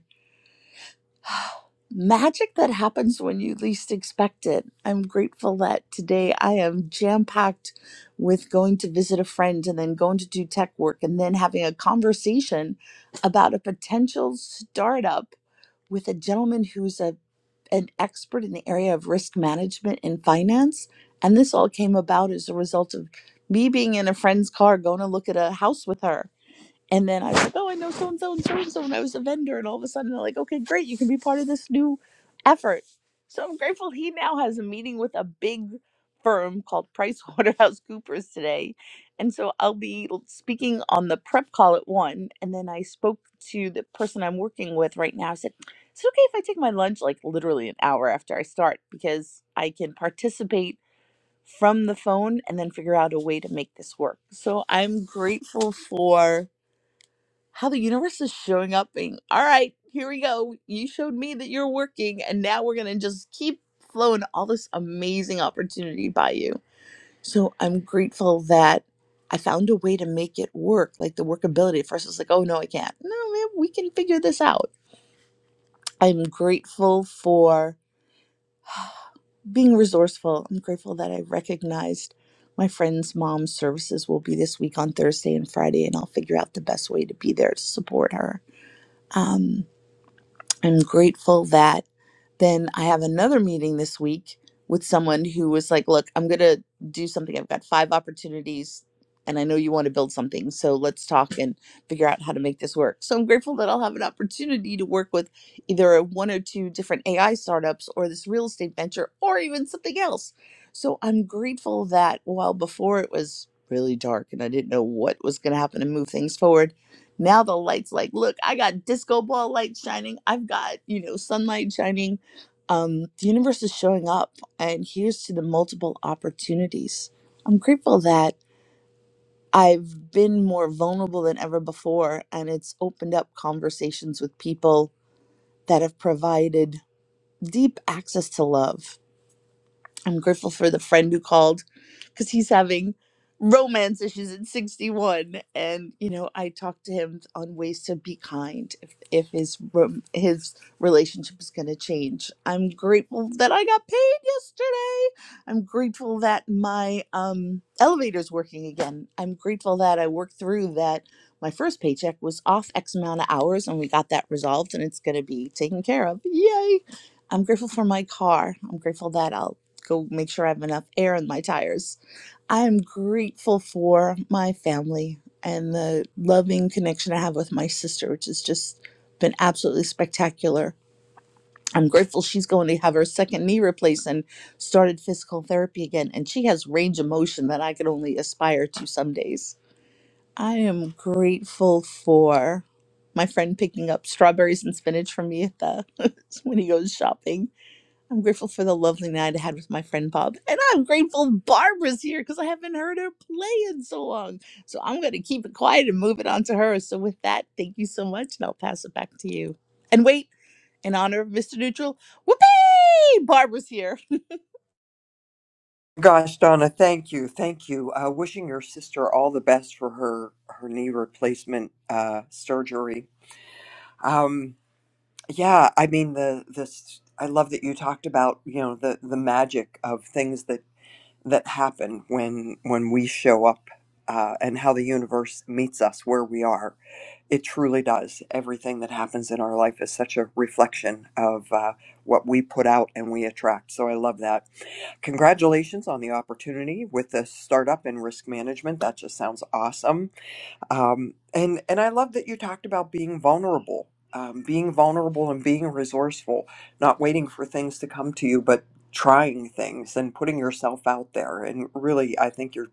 [SPEAKER 16] [sighs] Magic that happens when you least expect it. I'm grateful that today I am jam packed with going to visit a friend and then going to do tech work and then having a conversation about a potential startup with a gentleman who's a, an expert in the area of risk management and finance. And this all came about as a result of me being in a friend's car going to look at a house with her and then I was like, oh, I know so and so and so and so, and I was a vendor. And all of a sudden, they're like, okay, great, you can be part of this new effort. So I'm grateful he now has a meeting with a big firm called PricewaterhouseCoopers today. And so I'll be speaking on the prep call at one. And then I spoke to the person I'm working with right now. I said, is it okay if I take my lunch like literally an hour after I start? Because I can participate from the phone and then figure out a way to make this work. So I'm grateful for how the universe is showing up being all right here we go you showed me that you're working and now we're gonna just keep flowing all this amazing opportunity by you so i'm grateful that i found a way to make it work like the workability at first I was like oh no i can't no man we can figure this out i'm grateful for being resourceful i'm grateful that i recognized my friend's mom's services will be this week on thursday and friday and i'll figure out the best way to be there to support her Um. I'm grateful that then I have another meeting this week with someone who was like, Look, I'm going to do something. I've got five opportunities and I know you want to build something. So let's talk and figure out how to make this work. So I'm grateful that I'll have an opportunity to work with either a one or two different AI startups or this real estate venture or even something else. So I'm grateful that while before it was really dark and I didn't know what was going to happen to move things forward now the lights like, look, I got disco ball light shining. I've got, you know, sunlight shining. Um, the universe is showing up and here's to the multiple opportunities. I'm grateful that I've been more vulnerable than ever before and it's opened up conversations with people that have provided deep access to love. I'm grateful for the friend who called because he's having romance issues at 61 and you know i talked to him on ways to be kind if, if his rom- his relationship is going to change i'm grateful that i got paid yesterday i'm grateful that my um elevator's working again i'm grateful that i worked through that my first paycheck was off x amount of hours and we got that resolved and it's going to be taken care of yay i'm grateful for my car i'm grateful that i'll go make sure i have enough air in my tires I am grateful for my family and the loving connection I have with my sister, which has just been absolutely spectacular. I'm grateful she's going to have her second knee replaced and started physical therapy again. And she has range of motion that I could only aspire to some days. I am grateful for my friend picking up strawberries and spinach for me at the [laughs] when he goes shopping I'm grateful for the lovely night I had with my friend Bob. And I'm grateful Barbara's here because I haven't heard her play in so long. So I'm going to keep it quiet and move it on to her. So, with that, thank you so much. And I'll pass it back to you. And wait, in honor of Mr. Neutral, whoopee! Barbara's here.
[SPEAKER 8] Gosh, Donna, thank you, thank you. Uh, wishing your sister all the best for her her knee replacement uh, surgery. Um, yeah, I mean the this I love that you talked about, you know, the the magic of things that that happen when when we show up uh, and how the universe meets us where we are. It truly does. Everything that happens in our life is such a reflection of uh, what we put out and we attract. So I love that. Congratulations on the opportunity with the startup in risk management. That just sounds awesome um, and and I love that you talked about being vulnerable, um, being vulnerable and being resourceful, not waiting for things to come to you, but trying things and putting yourself out there. And really, I think you're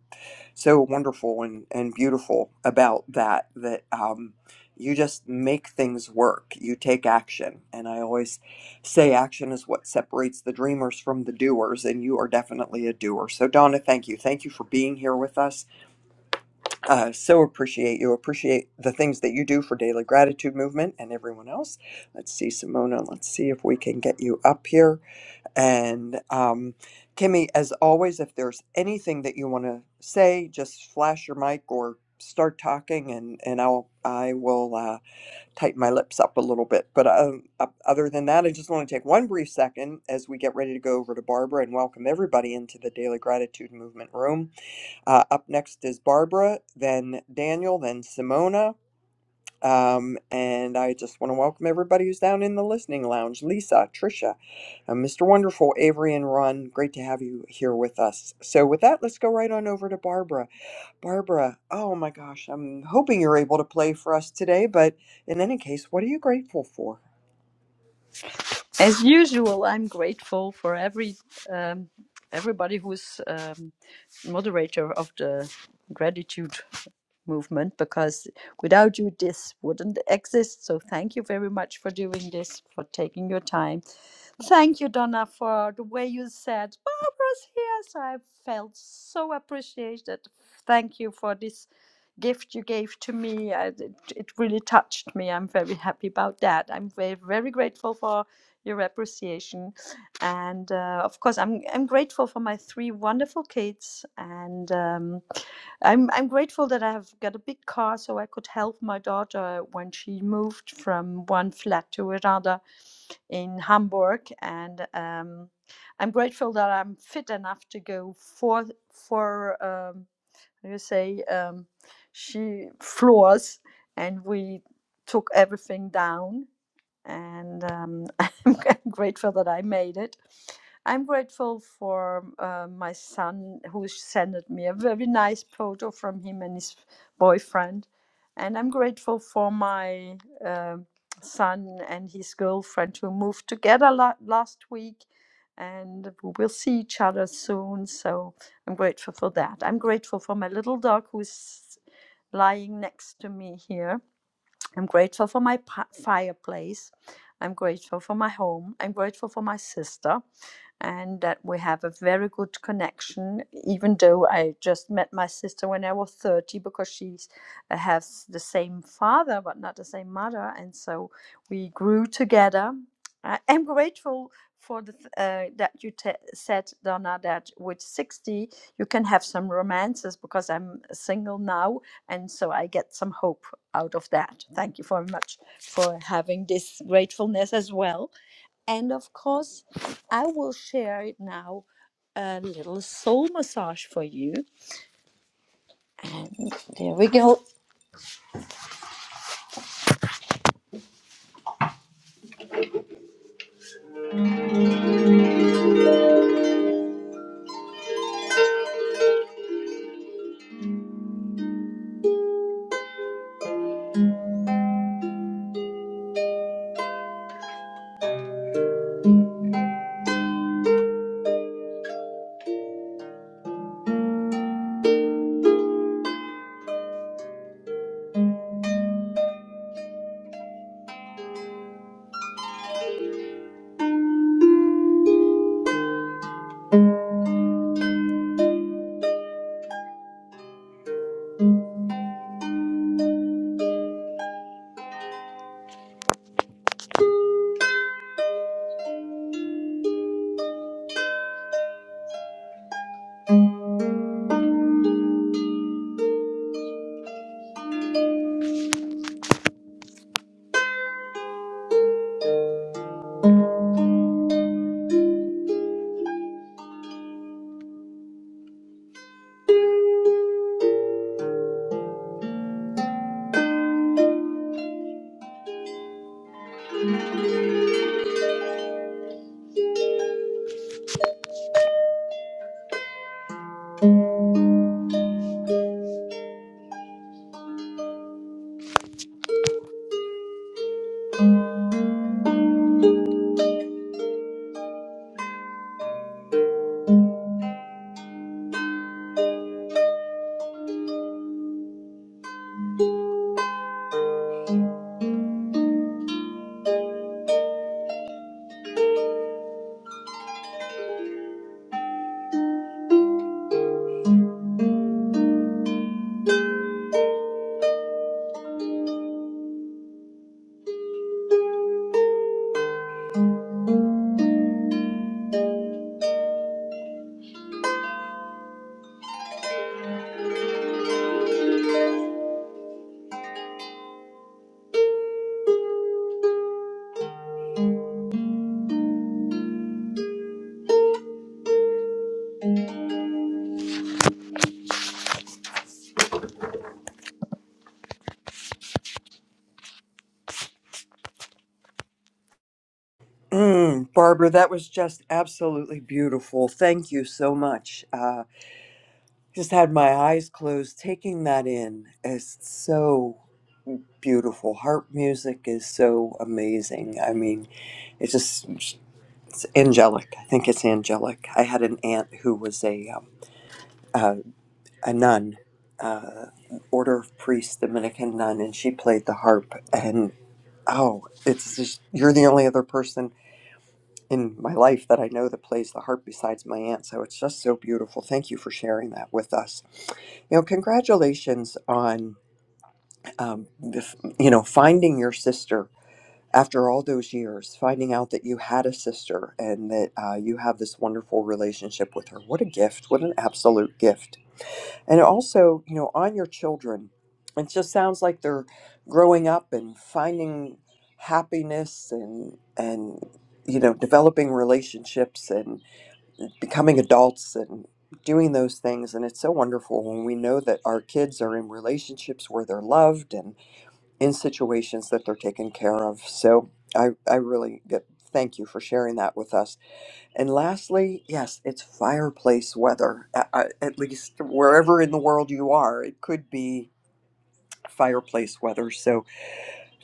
[SPEAKER 8] so wonderful and and beautiful about that. That um, you just make things work. You take action, and I always say action is what separates the dreamers from the doers. And you are definitely a doer. So Donna, thank you, thank you for being here with us uh, so appreciate you. Appreciate the things that you do for Daily Gratitude Movement and everyone else. Let's see, Simona. Let's see if we can get you up here. And um, Kimmy, as always, if there's anything that you want to say, just flash your mic or start talking, and and I'll I will uh, tighten my lips up a little bit. But um, o- other than that, I just want to take one brief second as we get ready to go over to Barbara and welcome everybody into the Daily Gratitude Movement room. Uh, up next is Barbara, then Daniel, then Simona. Um, and I just want to welcome everybody who's down in the listening lounge Lisa, Trisha, uh, Mr. Wonderful, Avery, and Ron. Great to have you here with us. So, with that, let's go right on over to Barbara. Barbara, oh my gosh, I'm hoping you're able to play for us today, but in any case, what are you grateful for?
[SPEAKER 17] As usual, I'm grateful for every um, everybody who's um, moderator of the gratitude movement because without you, this wouldn't exist. So thank you very much for doing this, for taking your time, Thank you, Donna, for the way you said Barbara's here. So I felt so appreciated. Thank you for this gift you gave to me. I, it, it really touched me. I'm very happy about that. I'm very, very grateful for your appreciation. And uh, of course, I'm, I'm grateful for my three wonderful kids. And um, I'm, I'm grateful that I have got a big car so I could help my daughter when she moved from one flat to another in Hamburg, and um, I'm grateful that I'm fit enough to go for for um, how do you say um, she floors, and we took everything down, and um, [laughs] I'm grateful that I made it. I'm grateful for uh, my son who sent me a very nice photo from him and his boyfriend, and I'm grateful for my um son and his girlfriend who moved together la- last week. And we will see each other soon, so I'm grateful for that. I'm grateful for my little dog who's lying next to me here I'm grateful for my pa- fireplace. I'm grateful for my home. I'm grateful for my sister and that we have a very good connection, even though I just met my sister when I was 30 because she has the same father but not the same mother. And so we grew together. I am grateful for the, th- uh, that you t- said, Donna, that with 60 you can have some romances because I'm single now. And so I get some hope out of that. Thank you very much for having this gratefulness as well. And of course, I will share it now a little soul massage for you. And there we go.
[SPEAKER 8] Mm, Barbara, that was just absolutely beautiful. Thank you so much. Uh, just had my eyes closed taking that in. It's so beautiful. Harp music is so amazing. I mean, it's just it's angelic. I think it's angelic. I had an aunt who was a um, uh, a nun, uh, order of priests, Dominican nun, and she played the harp. And oh, it's just you're the only other person in my life that I know that plays the harp besides my aunt. So it's just so beautiful. Thank you for sharing that with us. You know, congratulations on um, the you know finding your sister after all those years, finding out that you had a sister and that uh, you have this wonderful relationship with her. What a gift! What an absolute gift! And also, you know, on your children, it just sounds like they're growing up and finding happiness and and you know, developing relationships and becoming adults and doing those things and it's so wonderful when we know that our kids are in relationships where they're loved and in situations that they're taken care of. So I I really get thank you for sharing that with us and lastly, yes, it's fireplace weather. At, at least wherever in the world you are, it could be fireplace weather. So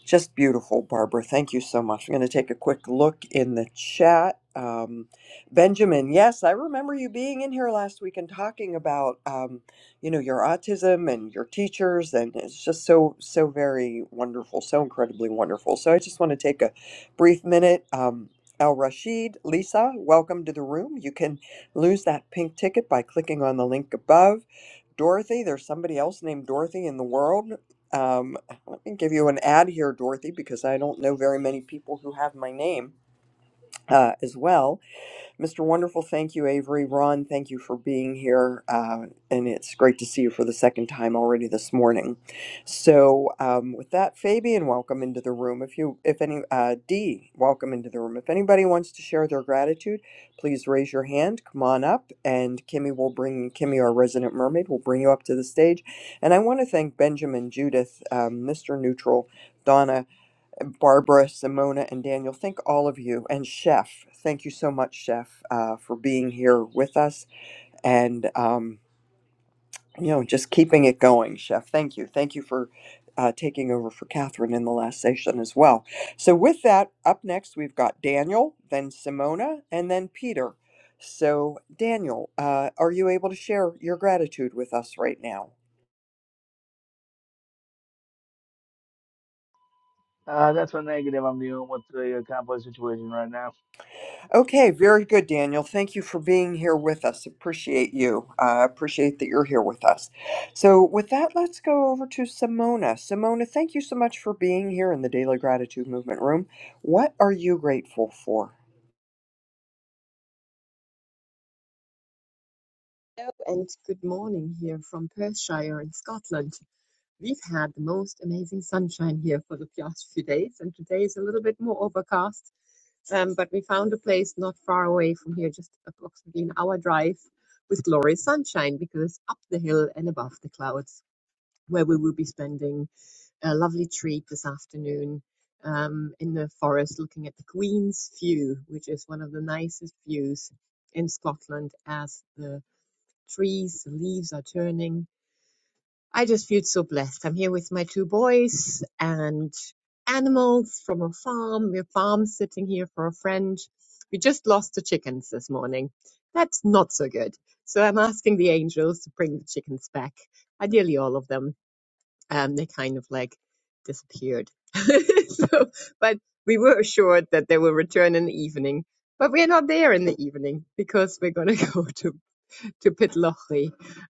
[SPEAKER 8] just beautiful, Barbara. Thank you so much. I'm going to take a quick look in the chat. Um, Benjamin, yes, I remember you being in here last week and talking about, um, you know, your autism and your teachers, and it's just so, so very wonderful, so incredibly wonderful. So I just want to take a brief minute. Um, Al Rashid, Lisa, welcome to the room. You can lose that pink ticket by clicking on the link above. Dorothy, there's somebody else named Dorothy in the world. Um, let me give you an ad here, Dorothy, because I don't know very many people who have my name uh, as well. Mr. Wonderful, thank you, Avery. Ron, thank you for being here. Uh, and it's great to see you for the second time already this morning. So, um, with that, Fabian, welcome into the room. If you, if any, uh, Dee, welcome into the room. If anybody wants to share their gratitude, please raise your hand. Come on up, and Kimmy will bring Kimmy, our resident mermaid, will bring you up to the stage. And I want to thank Benjamin, Judith, um, Mr. Neutral. Donna Barbara, Simona, and Daniel. Thank all of you. And Chef, thank you so much, Chef, uh, for being here with us and, um, you know, just keeping it going, Chef. Thank you. Thank you for uh, taking over for Catherine in the last session as well. So, with that, up next, we've got Daniel, then Simona, and then Peter. So, Daniel, uh, are you able to share your gratitude with us right now?
[SPEAKER 18] Uh, that's a negative I'm dealing with the uh, complex situation right now.
[SPEAKER 8] Okay, very good, Daniel. Thank you for being here with us. Appreciate you. Uh, appreciate that you're here with us. So, with that, let's go over to Simona. Simona, thank you so much for being here in the Daily Gratitude Movement Room. What are you grateful for?
[SPEAKER 19] Hello and good morning here from Perthshire in Scotland. We've had the most amazing sunshine here for the past few days, and today is a little bit more overcast. Um, but we found a place not far away from here, just approximately an hour drive, with glorious sunshine because up the hill and above the clouds, where we will be spending a lovely treat this afternoon um, in the forest looking at the Queen's View, which is one of the nicest views in Scotland as the trees, the leaves are turning. I just feel so blessed. I'm here with my two boys and animals from a farm. We're farm sitting here for a friend. We just lost the chickens this morning. That's not so good. So I'm asking the angels to bring the chickens back, ideally all of them. Um, they kind of like disappeared. [laughs] so, but we were assured that they will return in the evening, but we're not there in the evening because we're going to [laughs] go to to Pitlochry.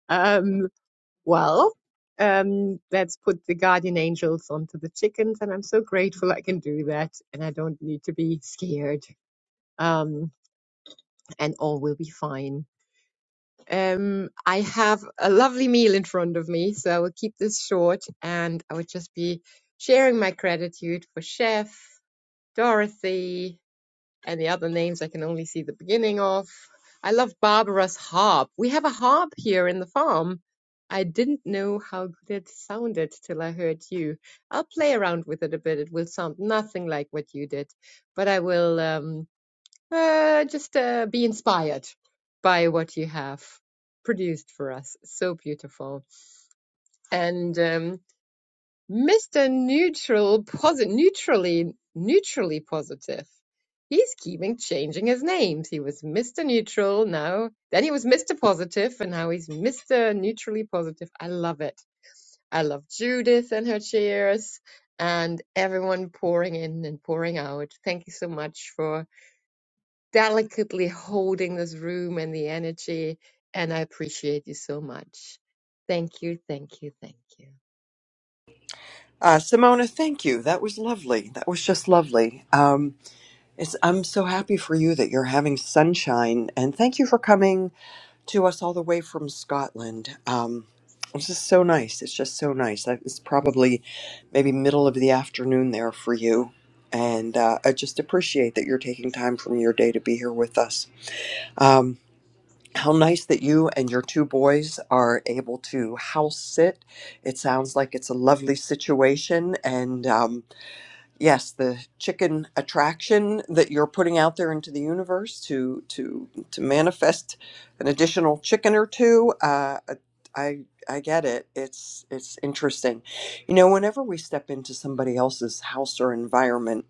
[SPEAKER 19] Um, well, um, let's put the guardian angels onto the chickens, and I'm so grateful I can do that, and I don't need to be scared. Um, and all will be fine. Um, I have a lovely meal in front of me, so I will keep this short, and I would just be sharing my gratitude for Chef Dorothy. and the other names I can only see the beginning of. I love Barbara's harp. We have a harp here in the farm. I didn't know how good it sounded till I heard you. I'll play around with it a bit. It will sound nothing like what you did, but I will um, uh, just uh, be inspired by what you have produced for us. So beautiful. And um, Mr. Neutral, posi- neutrally, neutrally positive. He's keeping changing his names. He was Mr. Neutral, now then he was Mr. Positive, and now he's Mr. Neutrally Positive. I love it. I love Judith and her cheers, and everyone pouring in and pouring out. Thank you so much for delicately holding this room and the energy, and I appreciate you so much. Thank you, thank you, thank you.
[SPEAKER 8] Uh, Simona, thank you. That was lovely. That was just lovely. Um, it's, I'm so happy for you that you're having sunshine, and thank you for coming to us all the way from Scotland. Um, it's just so nice. It's just so nice. I- It's probably maybe middle of the afternoon there for you. And uh, I just appreciate that you're taking time from your day to be here with us. Um, how nice that you and your two boys are able to house sit. It sounds like it's a lovely situation. And um, yes the chicken attraction that you're putting out there into the universe to to to manifest an additional chicken or two uh i i get it it's it's interesting you know whenever we step into somebody else's house or environment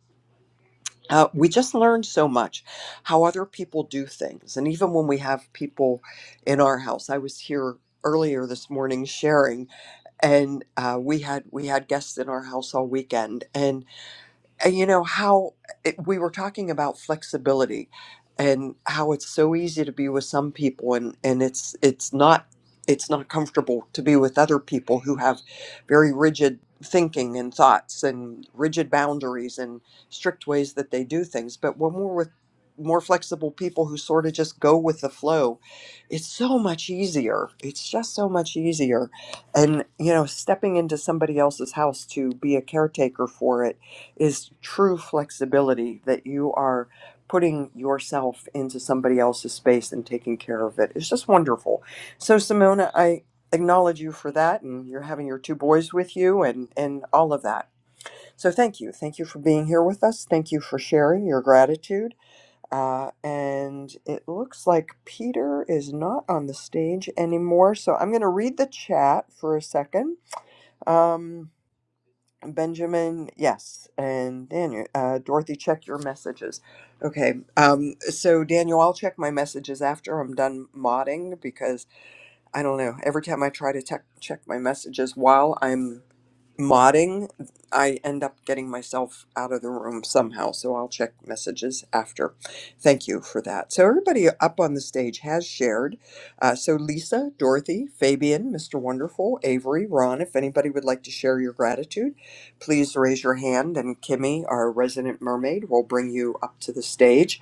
[SPEAKER 8] uh, we just learn so much how other people do things and even when we have people in our house i was here earlier this morning sharing and uh, we had we had guests in our house all weekend and and you know how it, we were talking about flexibility and how it's so easy to be with some people and and it's it's not it's not comfortable to be with other people who have very rigid thinking and thoughts and rigid boundaries and strict ways that they do things but when we're with more flexible people who sort of just go with the flow it's so much easier it's just so much easier and you know stepping into somebody else's house to be a caretaker for it is true flexibility that you are putting yourself into somebody else's space and taking care of it. It's just wonderful. So, Simona, I acknowledge you for that, and you're having your two boys with you and, and all of that. So, thank you. Thank you for being here with us. Thank you for sharing your gratitude. Uh, and it looks like Peter is not on the stage anymore. So, I'm going to read the chat for a second. Um, Benjamin, yes, and Daniel, uh, Dorothy, check your messages. Okay, um, so Daniel, I'll check my messages after I'm done modding because I don't know. Every time I try to tech check my messages while I'm modding, I end up getting myself out of the room somehow. So I'll check messages after. Thank you for that. So everybody up on the stage has shared. Uh, so Lisa, Dorothy, Fabian, Mr. Wonderful, Avery, Ron, if anybody would like to share your gratitude, please raise your hand. And Kimmy, our resident mermaid, will bring you up to the stage.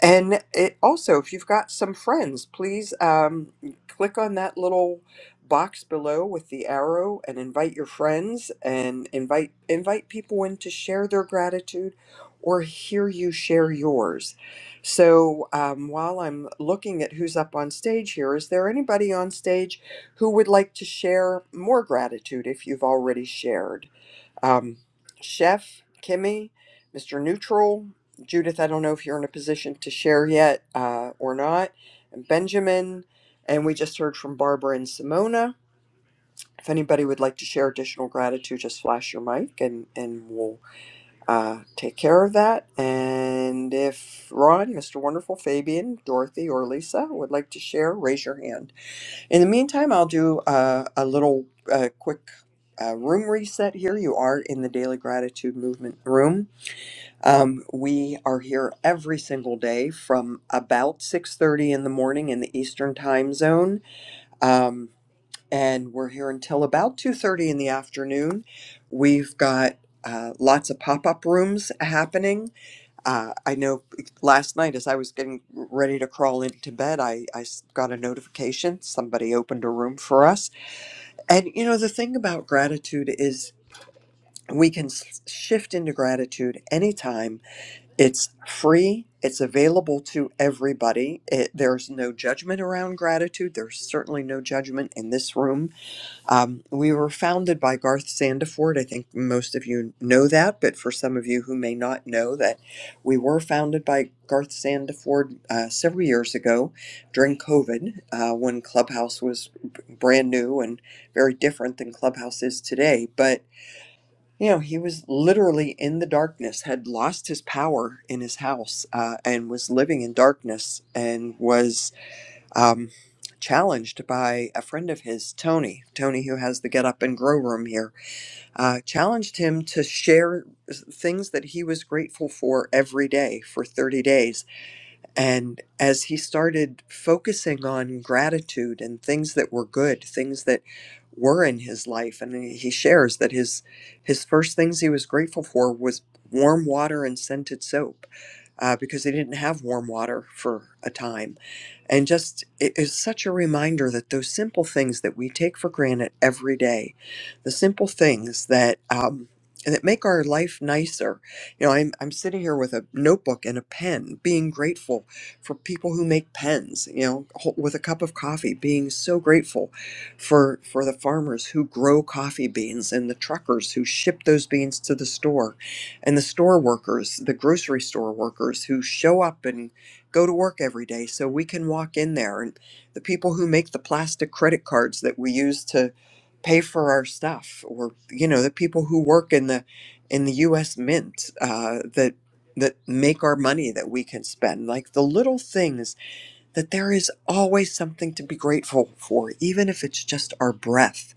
[SPEAKER 8] And it also, if you've got some friends, please um, click on that little box below with the arrow and invite your friends and invite invite people in to share their gratitude or hear you share yours so um, while i'm looking at who's up on stage here is there anybody on stage who would like to share more gratitude if you've already shared um, chef kimmy mr neutral judith i don't know if you're in a position to share yet uh, or not and benjamin and we just heard from barbara and simona if anybody would like to share additional gratitude, just flash your mic and, and we'll uh, take care of that. And if Ron, Mr. Wonderful, Fabian, Dorothy, or Lisa would like to share, raise your hand. In the meantime, I'll do uh, a little uh, quick uh, room reset here. You are in the Daily Gratitude Movement room. Um, we are here every single day from about 6.30 in the morning in the Eastern Time Zone. Um, and we're here until about 2.30 in the afternoon we've got uh, lots of pop-up rooms happening uh, i know last night as i was getting ready to crawl into bed I, I s- got a notification somebody opened a room for us and you know the thing about gratitude is we can s- shift into gratitude anytime it's free it's available to everybody it, there's no judgment around gratitude there's certainly no judgment in this room um, we were founded by Garth Sandiford. I think most of you know that, but for some of you who may not know that, we were founded by Garth Sandiford uh, several years ago during COVID uh, when Clubhouse was b- brand new and very different than Clubhouse is today. But you know, he was literally in the darkness, had lost his power in his house, uh, and was living in darkness, and was um, challenged by a friend of his, Tony. Tony, who has the Get Up and Grow Room here, uh, challenged him to share s- things that he was grateful for every day for 30 days and as he started focusing on gratitude and things that were good, things that were in his life, and he shares that his his first things he was grateful for was warm water and scented soap, uh, because he didn't have warm water for a time. And just it is such a reminder that those simple things that we take for granted every day, the simple things that um, that make our life nicer. You know, I'm I'm sitting here with a notebook and a pen, being grateful for people who make pens, you know, with a cup of coffee, being so grateful for for the farmers who grow coffee beans and the truckers who ship those beans to the store and the store workers, the grocery store workers who show up and go to work every day so we can walk in there and the people who make the plastic credit cards that we use to pay for our stuff or you know the people who work in the in the US mint uh, that that make our money that we can spend, like the little things that there is always something to be grateful for, even if it's just our breath,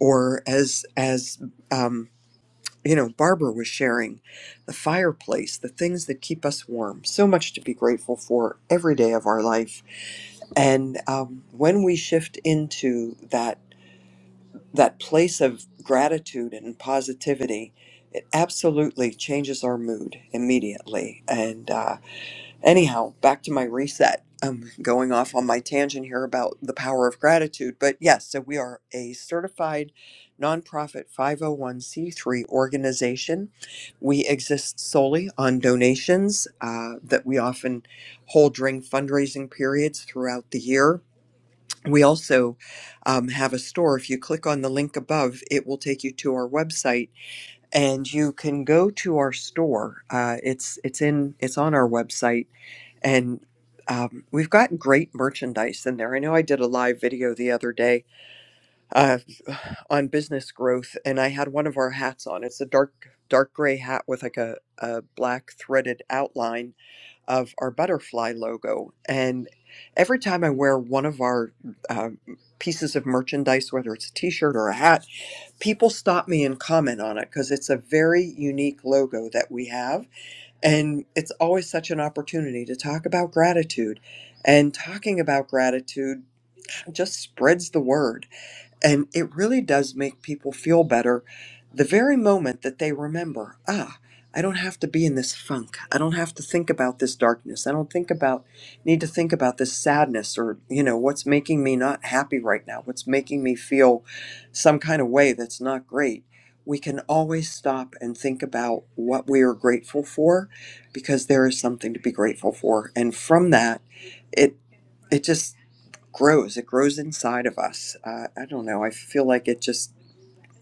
[SPEAKER 8] or as as um, you know, Barbara was sharing, the fireplace, the things that keep us warm. So much to be grateful for every day of our life, and um, when we shift into that that place of gratitude and positivity. It absolutely changes our mood immediately, and uh, Anyhow, back to my reset. I'm going off on my tangent here about the power of gratitude. But yes, so we are a certified nonprofit 501c3 organization. We exist solely on donations uh, that we often hold during fundraising periods throughout the year. We also um, have a store. If you click on the link above, it will take you to our website, and you can go to our store. Uh, it's it's in it's on our website and um, we've got great merchandise in there. I know I did a live video the other day uh, on business growth, and I had one of our hats on. It's a dark dark gray hat with like a, a black threaded outline of our butterfly logo. And every time I wear one of our uh, pieces of merchandise, whether it's a T-shirt or a hat, people stop me and comment on it because it's a very unique logo that we have and it's always such an opportunity to talk about gratitude. And talking about gratitude just spreads the word. And it really does make people feel better the very moment that they remember, ah, I don't have to be in this funk. I don't have to think about this darkness. I don't think about need to think about this sadness or, you know, what's making me not happy right now, what's making me feel some kind of way that's not great. We can always stop and think about what we are grateful for because there is something to be grateful for. And from that, it it just grows. It grows inside of us. Uh, I don't know. I feel like it just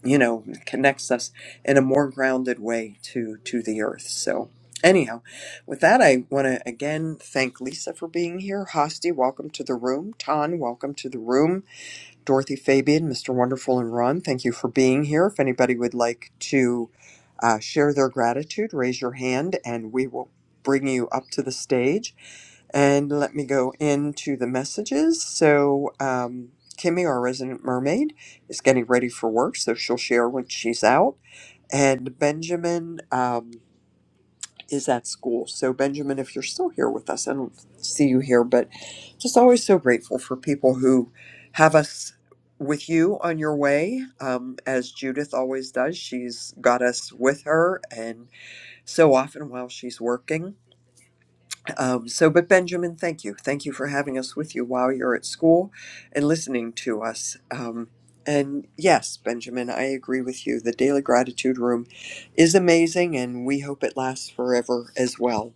[SPEAKER 8] you know connects us in a more grounded way to to the earth. So anyhow, with that, I want to again thank Lisa for being here. Hosti, welcome to the room. Tan, welcome to the room. Dorothy, Fabian, Mr. Wonderful, and Ron, thank you for being here. If anybody would like to uh, share their gratitude, raise your hand, and we will bring you up to the stage. And let me go into the messages. So, um, Kimmy, our resident mermaid, is getting ready for work, so she'll share when she's out. And Benjamin um, is at school. So, Benjamin, if you're still here with us, I don't see you here, but just always so grateful for people who have us with you on your way. Um, as Judith always does, she's got us with her, and so often while she's working. Um, so, but Benjamin, thank you. Thank you for having us with you while you're at school and listening to us. Um, and yes, Benjamin, I agree with you. The Daily Gratitude Room is amazing, and we hope it lasts forever as well.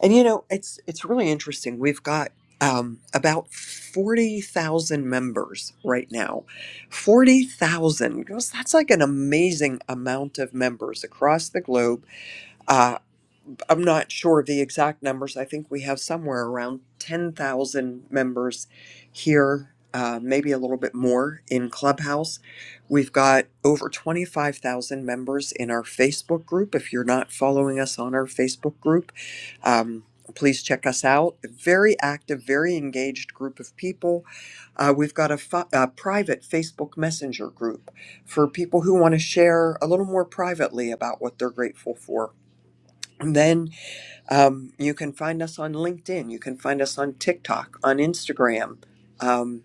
[SPEAKER 8] And you know, it's it's really interesting. We've got um, about forty thousand members right now. Forty thousand. That's like an amazing amount of members across the globe. Uh, I'm not sure of the exact numbers. I think we have somewhere around 10,000 members here, uh, maybe a little bit more in Clubhouse. We've got over 25,000 members in our Facebook group. If you're not following us on our Facebook group, um, please check us out. A very active, very engaged group of people. Uh, we've got a, fi- a private Facebook Messenger group for people who want to share a little more privately about what they're grateful for. And then um, you can find us on LinkedIn. You can find us on TikTok, on Instagram. Um,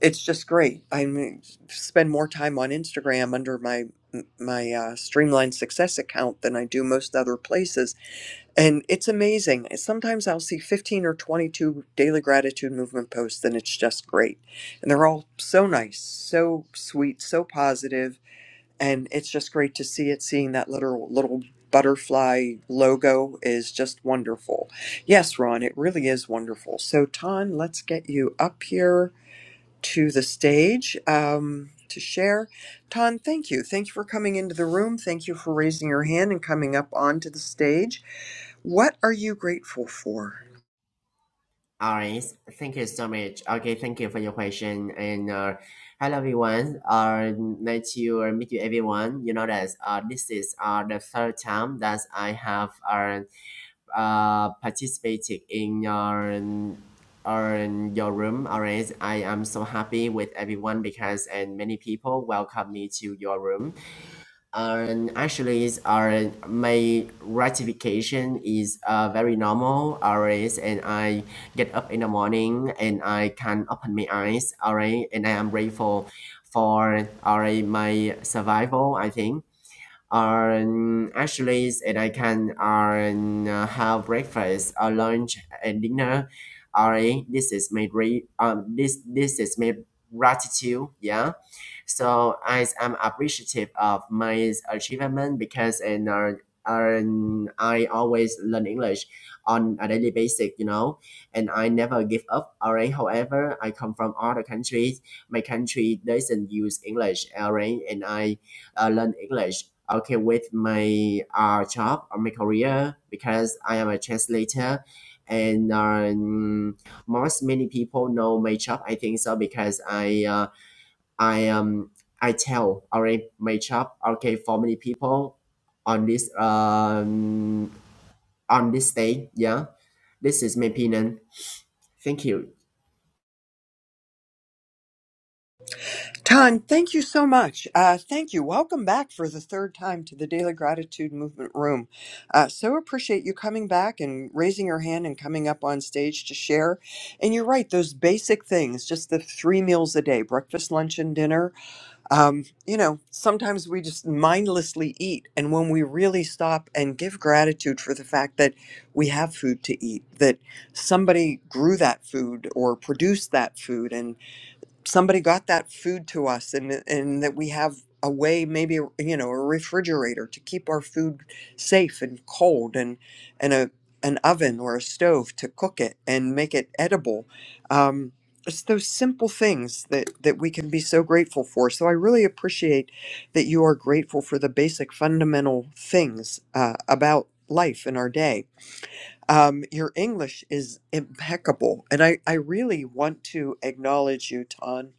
[SPEAKER 8] it's just great. I mean, spend more time on Instagram under my my uh, Streamline Success account than I do most other places, and it's amazing. Sometimes I'll see fifteen or twenty two daily gratitude movement posts, and it's just great. And they're all so nice, so sweet, so positive and it's just great to see it. Seeing that little little butterfly logo is just wonderful. Yes, Ron, it really is wonderful. So, Ton, let's get you up here to the stage um, to share. Ton, thank you. Thank you for coming into the room. Thank you for raising your hand and coming up onto the stage. What are you grateful for?
[SPEAKER 20] Alright, thank you so much. Okay, thank you for your question. And uh, hello everyone. Uh, nice to uh, meet you everyone. You know that uh, this is uh, the third time that I have uh, uh, participated in your or in your room. Alright, I am so happy with everyone because and many people welcome me to your room. And actually, is our my ratification is uh, very normal. Alright, and I get up in the morning and I can open my eyes. Alright, and I am grateful for alright my survival. I think. And actually, and I can uh, have breakfast, or lunch, and dinner. Alright, this is my re- um, this this is my gratitude. Yeah so I am appreciative of my achievement because and uh, and I always learn English on a daily basis, you know, and I never give up. Alright, however, I come from other countries. My country doesn't use English, alright, and I uh, learn English. Okay, with my uh, job or my career because I am a translator, and um, most many people know my job. I think so because I. Uh, I um I tell already my shop okay for many people on this um on this day yeah this is my opinion thank you
[SPEAKER 8] Ton, thank you so much. Uh, thank you. Welcome back for the third time to the Daily Gratitude Movement Room. Uh, so appreciate you coming back and raising your hand and coming up on stage to share. And you're right, those basic things, just the three meals a day breakfast, lunch, and dinner. Um, you know, sometimes we just mindlessly eat. And when we really stop and give gratitude for the fact that we have food to eat, that somebody grew that food or produced that food, and somebody got that food to us and and that we have a way maybe you know a refrigerator to keep our food safe and cold and and a an oven or a stove to cook it and make it edible um, it's those simple things that that we can be so grateful for so i really appreciate that you are grateful for the basic fundamental things uh, about life in our day um, your english is impeccable and I, I really want to acknowledge you ton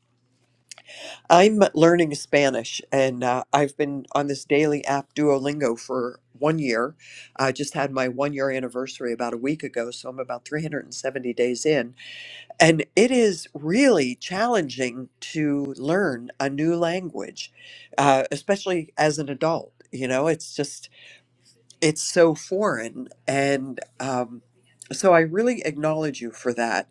[SPEAKER 8] I'm learning Spanish, and uh, I've been on this daily app Duolingo for one year. I just had my one year anniversary about a week ago, so I'm about 370 days in. And it is really challenging to learn a new language, uh, especially as an adult. You know, it's just, it's so foreign. And um, so I really acknowledge you for that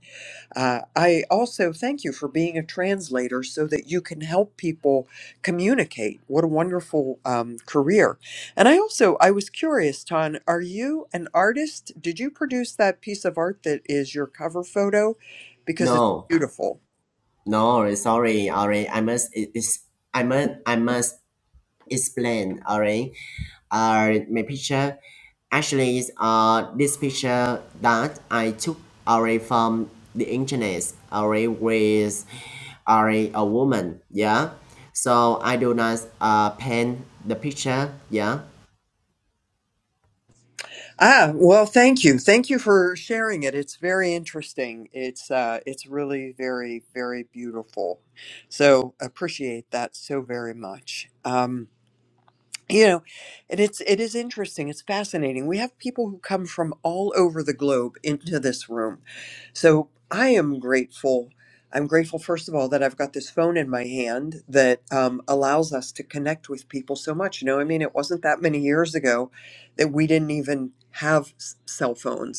[SPEAKER 8] uh, I also thank you for being a translator so that you can help people communicate. What a wonderful um, career. And I also, I was curious, Ton, are you an artist? Did you produce that piece of art that is your cover photo? Because it's
[SPEAKER 20] no
[SPEAKER 8] beautiful.
[SPEAKER 20] no sorry already I must it is I must I must explain, alright? Uh, my picture actually is uh this picture that I took already from the internet already with already a woman, yeah. So I do not uh paint the picture, yeah.
[SPEAKER 8] Ah, well, thank you. Thank you for sharing it. It's very interesting. It's uh, it's really very, very beautiful. So appreciate that so very much. Um, you know and it's it is interesting it's fascinating we have people who come from all over the globe into this room so i am grateful i'm grateful first of all that i've got this phone in my hand that um, allows us to connect with people so much you know i mean it wasn't that many years ago that we didn't even have s- cell phones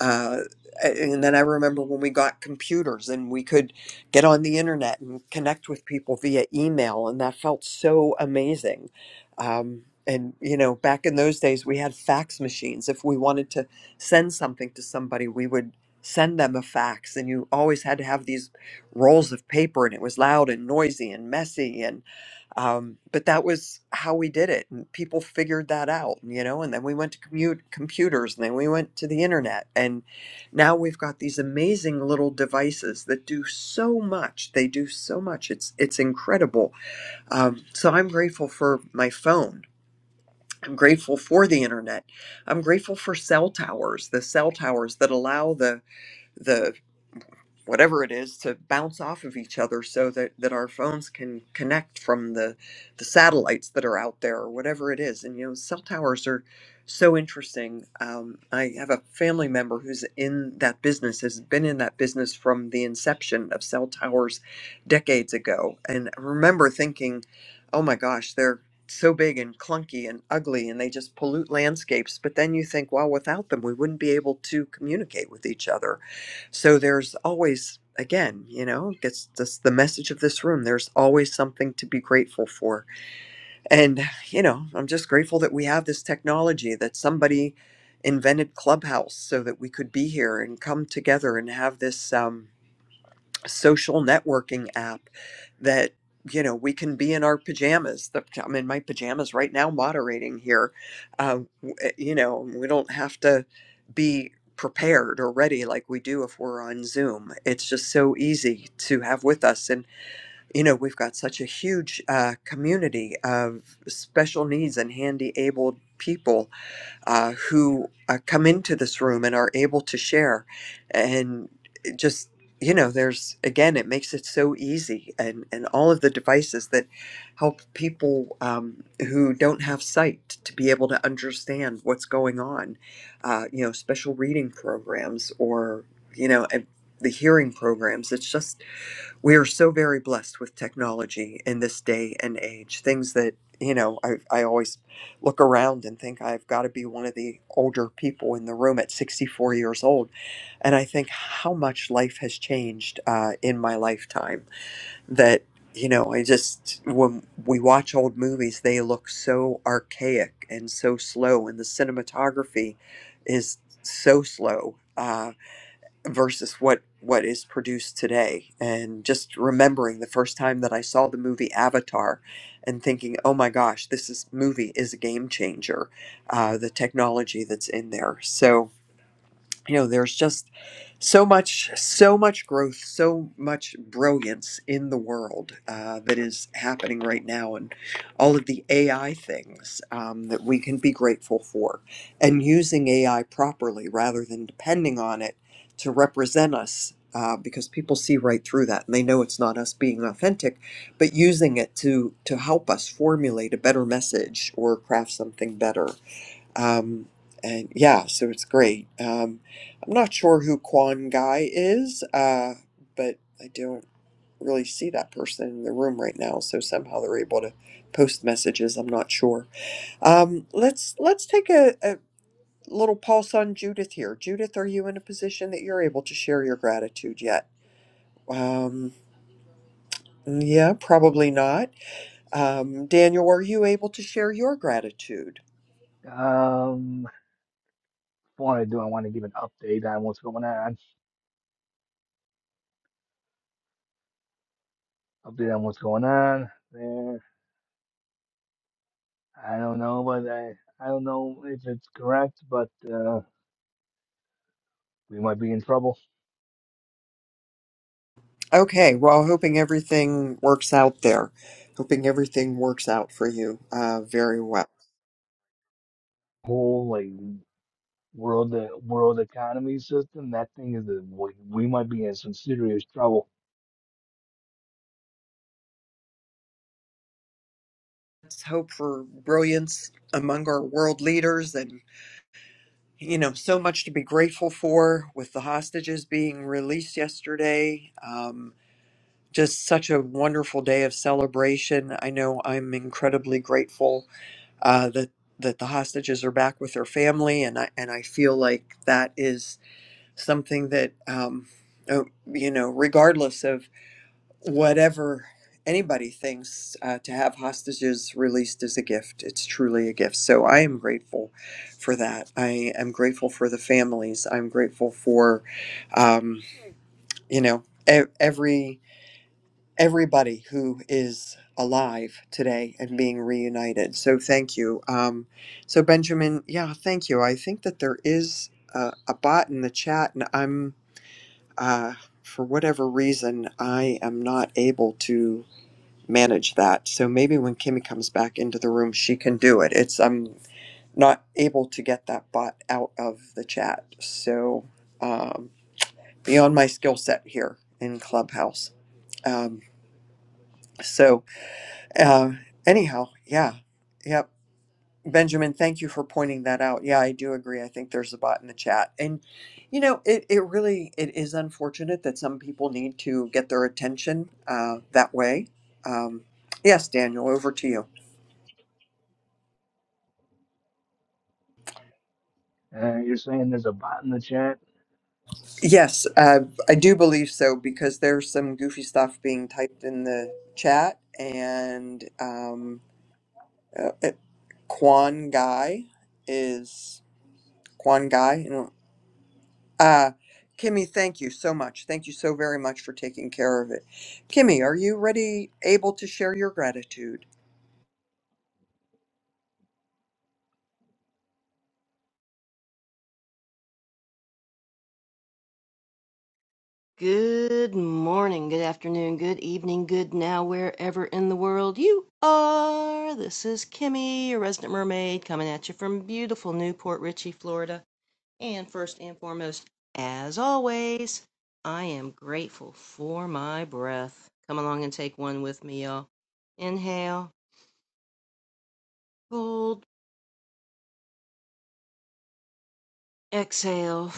[SPEAKER 8] uh, and then I remember when we got computers and we could get on the internet and connect with people via email, and that felt so amazing. Um, and you know, back in those days, we had fax machines. If we wanted to send something to somebody, we would send them a fax, and you always had to have these rolls of paper, and it was loud and noisy and messy. and um, but that was how we did it and people figured that out you know and then we went to commute computers and then we went to the internet and now we've got these amazing little devices that do so much they do so much it's it's incredible um, so i'm grateful for my phone i'm grateful for the internet i'm grateful for cell towers the cell towers that allow the the whatever it is to bounce off of each other so that, that our phones can connect from the the satellites that are out there or whatever it is and you know cell towers are so interesting um, i have a family member who's in that business has been in that business from the inception of cell towers decades ago and I remember thinking oh my gosh they're so big and clunky and ugly and they just pollute landscapes but then you think well without them we wouldn't be able to communicate with each other so there's always, again, you know, it's just the message of this room. There's always something to be grateful for. And, you know, I'm just grateful that we have this technology that somebody invented Clubhouse so that we could be here and come together and have this. Um, social networking app that you know we can be in our pajamas the, i'm in my pajamas right now moderating here uh, w- eh, you know we don't have to be prepared or ready like we do if we're on zoom it's just so easy to have with us and you know we've got such a huge uh, community of special needs and handy abled people uh, who uh, come into this room and are able to share. And it just, you know, there's again, it makes it so easy. And, and all of the devices that help people um, who don't have sight to be able to understand what's going on, uh, you know, special reading programs or, you know, and the hearing programs. It's just, we are so very blessed with technology in this day and age things that you know i, I always look around and think i've got to be one of the older people in the room at 64 years old and i think how much life has changed uh, in my lifetime that you know i just when we watch old movies they look so archaic and so slow and the cinematography is so slow Uh, versus what what is produced today and just remembering the first time that I saw the movie Avatar and thinking oh my gosh this is movie is a game changer uh, the technology that's in there so you know there's just so much so much growth so much brilliance in the world uh, that is happening right now and all of the ai things um, that we can be grateful for and using ai properly rather than depending on it to represent us uh, because people see right through that and they know it's not us being authentic but using it to to help us formulate a better message or craft something better um, and yeah, so it's great. Um, I'm not sure who Quan Guy is, uh, but I don't really see that person in the room right now. So somehow they're able to post messages. I'm not sure. Um, let's let's take a, a little pulse on Judith here. Judith, are you in a position that you're able to share your gratitude yet? Um, yeah, probably not. Um, Daniel, are you able to share your gratitude?
[SPEAKER 18] Um, what I do, I want to give an update on what's going on. Update on what's going on there. I don't know, but I, I don't know if it's correct, but uh, we might be in trouble.
[SPEAKER 8] Okay, well, hoping everything works out there. Hoping everything works out for you uh, very well.
[SPEAKER 18] Whole like world uh, world economy system. That thing is the we, we might be in some serious trouble.
[SPEAKER 8] Let's hope for brilliance among our world leaders and, you know, so much to be grateful for with the hostages being released yesterday. Um, just such a wonderful day of celebration. I know I'm incredibly grateful uh, that that the hostages are back with their family, and I and I feel like that is something that um, uh, you know, regardless of whatever anybody thinks, uh, to have hostages released is a gift. It's truly a gift. So I am grateful for that. I am grateful for the families. I'm grateful for um, you know e- every everybody who is alive today and being reunited. So thank you. Um, so Benjamin, yeah, thank you. I think that there is a, a bot in the chat, and I'm uh, for whatever reason I am not able to manage that. So maybe when Kimmy comes back into the room, she can do it. It's I'm not able to get that bot out of the chat. So um, beyond my skill set here in Clubhouse. Um, so. Uh, anyhow, yeah, yep. Benjamin, thank you for pointing that out. Yeah, I do agree. I think there's a bot in the chat, and you know, it it really it is unfortunate that some people need to get their attention uh, that way. Um, yes, Daniel, over to you.
[SPEAKER 18] Uh, you're saying there's a bot in the chat.
[SPEAKER 8] Yes, uh, I do believe so because there's some goofy stuff being typed in the chat, and um, uh, it, Quan Guy is Quan Guy. Uh, Kimmy, thank you so much. Thank you so very much for taking care of it. Kimmy, are you ready, able to share your gratitude?
[SPEAKER 21] Good morning, good afternoon, good evening, good now, wherever in the world you are. This is Kimmy, your resident mermaid, coming at you from beautiful Newport Richey, Florida. And first and foremost, as always, I am grateful for my breath. Come along and take one with me, y'all. Inhale, hold, exhale.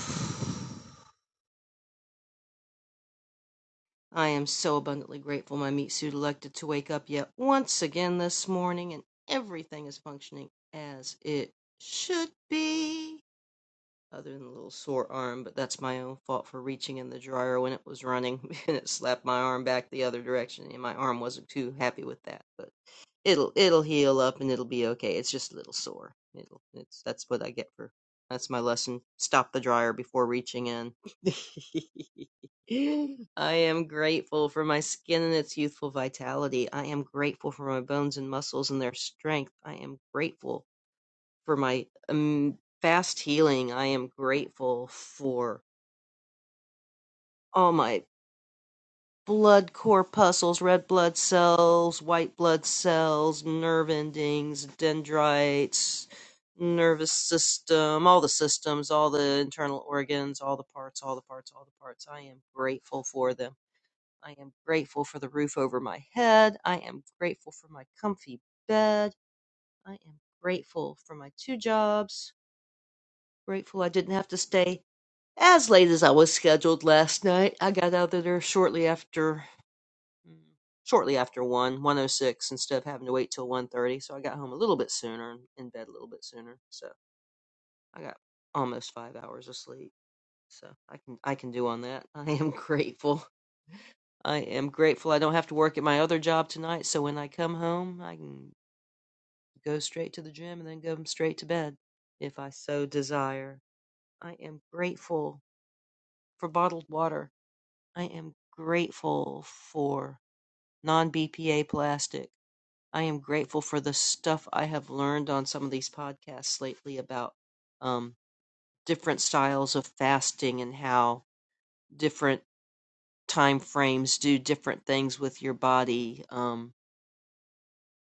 [SPEAKER 21] I am so abundantly grateful my meat suit elected to wake up yet once again this morning and everything is functioning as it should be other than a little sore arm, but that's my own fault for reaching in the dryer when it was running [laughs] and it slapped my arm back the other direction and my arm wasn't too happy with that, but it'll it'll heal up and it'll be okay. It's just a little sore. It'll it's that's what I get for that's my lesson. Stop the dryer before reaching in. [laughs] I am grateful for my skin and its youthful vitality. I am grateful for my bones and muscles and their strength. I am grateful for my um, fast healing. I am grateful for all my blood corpuscles, red blood cells, white blood cells, nerve endings, dendrites, nervous system, all the systems, all the internal organs, all the parts, all the parts, all the parts. I am grateful for them. I am grateful for the roof over my head. I am grateful for my comfy bed. I am grateful for my two jobs. Grateful I didn't have to stay As late as I was scheduled last night, I got out of there shortly after shortly after one, one o six. instead of having to wait till one thirty, so I got home a little bit sooner and in bed a little bit sooner. So, I got almost 5 hours of sleep. So, I can I can do on that. [laughs] I am grateful. I am grateful I don't have to work at my other job tonight, so when I come home, I can go straight to the gym and then go straight to bed if I so desire. I am grateful for bottled water. I am grateful for non BPA plastic. I am grateful for the stuff I have learned on some of these podcasts lately about um, different styles of fasting and how different time frames do different things with your body, um,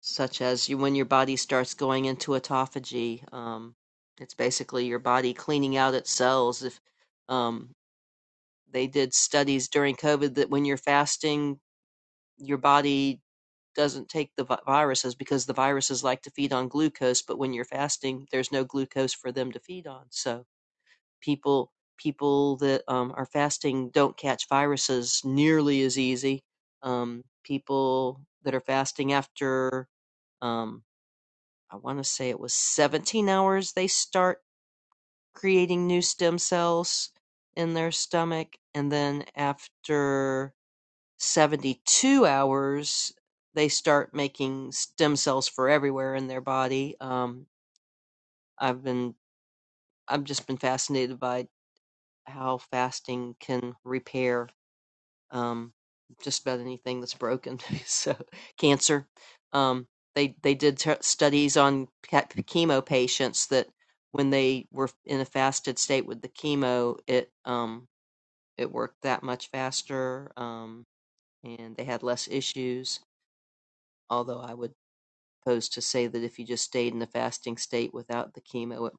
[SPEAKER 21] such as you, when your body starts going into autophagy. Um, it's basically your body cleaning out its cells. If um, they did studies during COVID that when you're fasting, your body doesn't take the viruses because the viruses like to feed on glucose, but when you're fasting, there's no glucose for them to feed on. So people people that um, are fasting don't catch viruses nearly as easy. Um, people that are fasting after um, I want to say it was 17 hours they start creating new stem cells in their stomach, and then after 72 hours, they start making stem cells for everywhere in their body. Um, I've been, I've just been fascinated by how fasting can repair um, just about anything that's broken. [laughs] so, cancer. Um, they they did t- studies on chemo patients that when they were in a fasted state with the chemo, it um, it worked that much faster, um, and they had less issues. Although I would opposed to say that if you just stayed in the fasting state without the chemo, it would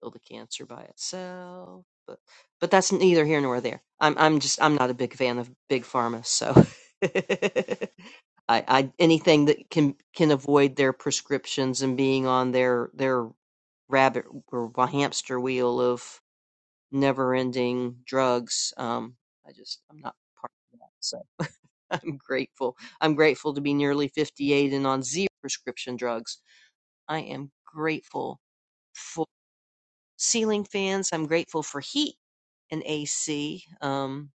[SPEAKER 21] kill the cancer by itself. But but that's neither here nor there. I'm I'm just I'm not a big fan of big pharma, so [laughs] I, I anything that can can avoid their prescriptions and being on their their rabbit or hamster wheel of never ending drugs. Um, I just I'm not part of that, so [laughs] I'm grateful. I'm grateful to be nearly 58 and on zero prescription drugs I am grateful for ceiling fans. I'm grateful for heat and AC. Um,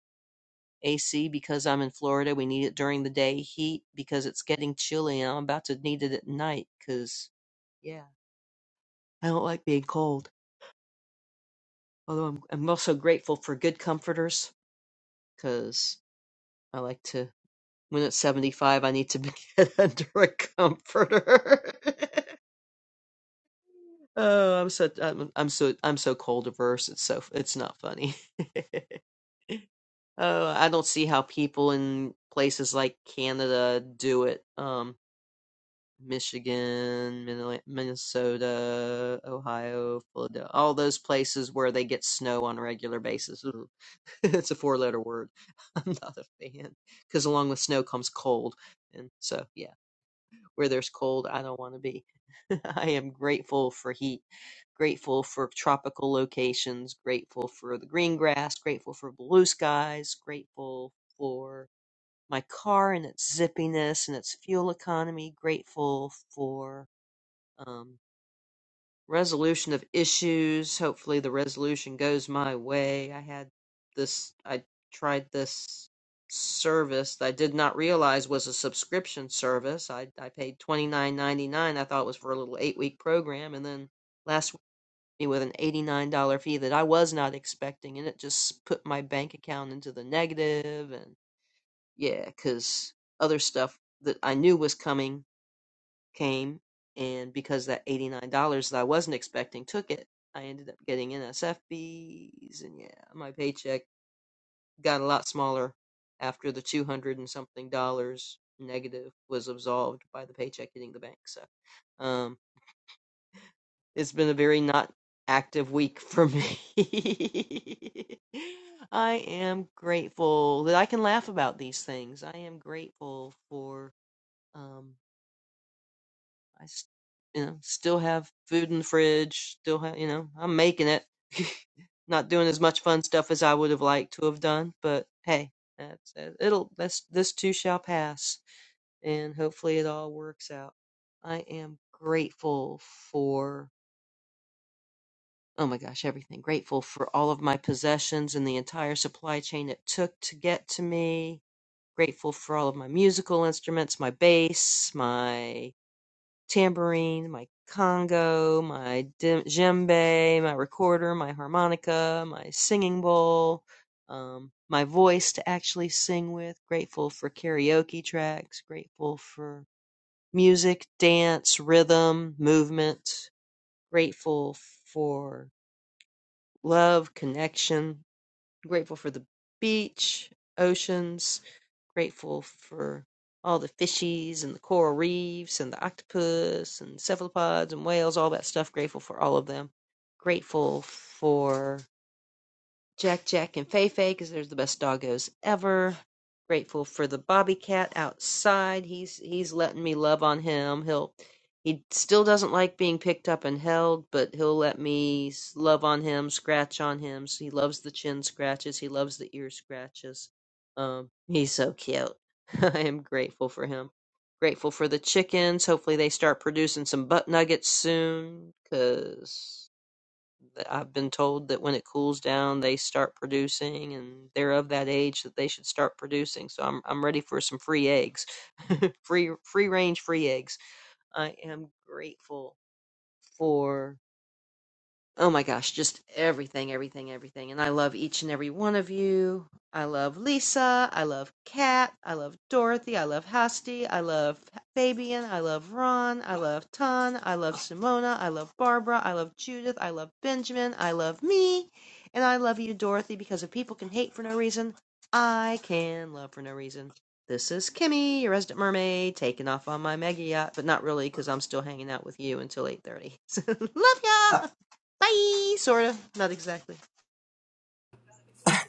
[SPEAKER 21] AC because I'm in Florida. We need it during the day. Heat because it's getting chilly and I'm about to need it at night because, yeah, I don't like being cold. Although I'm, I'm also grateful for good comforters because I like to, when it's 75, I need to be [laughs] get under a comforter. [laughs] Oh, I'm so I'm, I'm so I'm so cold averse. It's so it's not funny. [laughs] Uh, I don't see how people in places like Canada do it. Um, Michigan, Minne- Minnesota, Ohio, Philadelphia, all those places where they get snow on a regular basis. Ooh, [laughs] It's a four letter word. [laughs] I'm not a fan. Because along with snow comes cold. And so, yeah. Where there's cold, I don't want to be. [laughs] I am grateful for heat, grateful for tropical locations, grateful for the green grass, grateful for blue skies, grateful for my car and its zippiness and its fuel economy, grateful for. um, resolution of issues. Hopefully, the resolution goes my way. I had this, I tried this service that I did not realize was a subscription service. I, I paid twenty nine ninety nine. I thought it was for a little eight week program, and then last week with an eighty nine dollar fee that I was not expecting, and it just put my bank account into the negative, negative. and yeah, because other stuff that I knew was coming came, and because that $89 that I wasn't expecting took it, I ended up getting NSF fees, and yeah, my paycheck got a lot smaller after the 200 and something dollars negative was absolved by the paycheck hitting the bank. So, um, it's been a very not active week for me. [laughs] I am grateful that I can laugh about these things. I am grateful for. um. I, you know, still have food in the fridge. Still have, you know, I'm making it. [laughs] Not doing as much fun stuff as I would have liked to have done, but hey, that's uh, it'll. That's this too shall pass, and hopefully it all works out. I am grateful for. Oh my gosh, everything. Grateful for all of my possessions and the entire supply chain it took to get to me. Grateful for all of my musical instruments, my bass, my tambourine, my congo, my djembe, my recorder, my harmonica, my singing bowl, um, my voice to actually sing with. Grateful for karaoke tracks. Grateful for music, dance, rhythm, movement. Grateful for love, connection. Grateful for the beach, oceans, grateful for all the fishies and the coral reefs and the octopus and cephalopods and whales, all that stuff. Grateful for all of them. Grateful for Jack Jack and Fei Fei because they're the best doggos ever. Grateful for the Bobby Cat outside. He's he's letting me love on him. He'll he still doesn't like being picked up and held, but he'll let me love on him, scratch on him. So he loves the chin scratches. He loves the ear scratches. Um, he's so cute. [laughs] I am grateful for him. Grateful for the chickens. Hopefully they start producing some butt nuggets soon, 'cause that I've been told that when it cools down, they start producing, and they're of that age that they should start producing. So I'm I'm ready for some free eggs, [laughs] free free range free eggs. I am grateful for. Oh my gosh, just everything, everything, everything. And I love each and every one of you. I love Lisa. I love Kat. I love Dorothy. I love Hasty. I love Fabian. I love Ron. I love Ton. I love Simona. I love Barbara. I love Judith. I love Benjamin. I love me. And I love you, Dorothy, because if people can hate for no reason, I can love for no reason. This is Kimmy, your resident mermaid, taking off on my mega yacht, but not really because I'm still hanging out with you until 8.30. [laughs] love ya! Bye, sort of. Not exactly.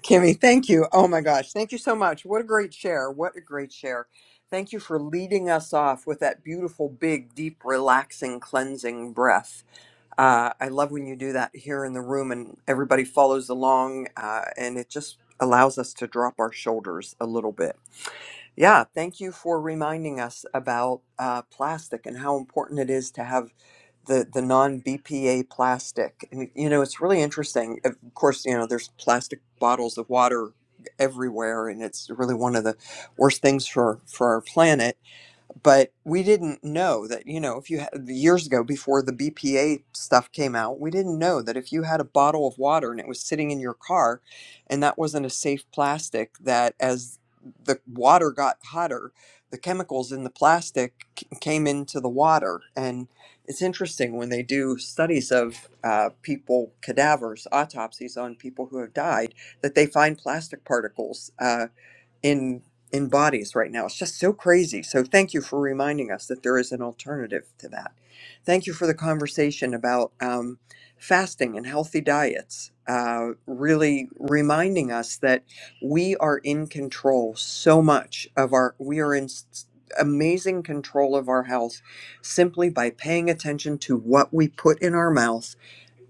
[SPEAKER 8] Kimmy, thank you. Oh my gosh, thank you so much. What a great share. What a great share. Thank you for leading us off with that beautiful, big, deep, relaxing, cleansing breath. Uh, I love when you do that here in the room and everybody follows along, uh, and it just allows us to drop our shoulders a little bit Yeah, thank you for reminding us about uh, plastic and how important it is to have the, the non BPA plastic. And, you know, it's really interesting. Of course, you know, there's plastic bottles of water everywhere, and it's really one of the worst things for, for our planet but we didn't know that you know if you had years ago before the BPA stuff came out we didn't know that if you had a bottle of water and it was sitting in your car and that wasn't a safe plastic that as the water got hotter the chemicals in the plastic c- came into the water and it's interesting when they do studies of uh, people cadavers autopsies on people who have died that they find plastic particles Uh, in in bodies right now. It's just so crazy. So thank you for reminding us that there is an alternative to that. Thank you for the conversation about um, fasting and healthy diets. Uh, really reminding us that we are in control so much of our. We are in s- amazing control of our health simply by paying attention to what we put in our mouth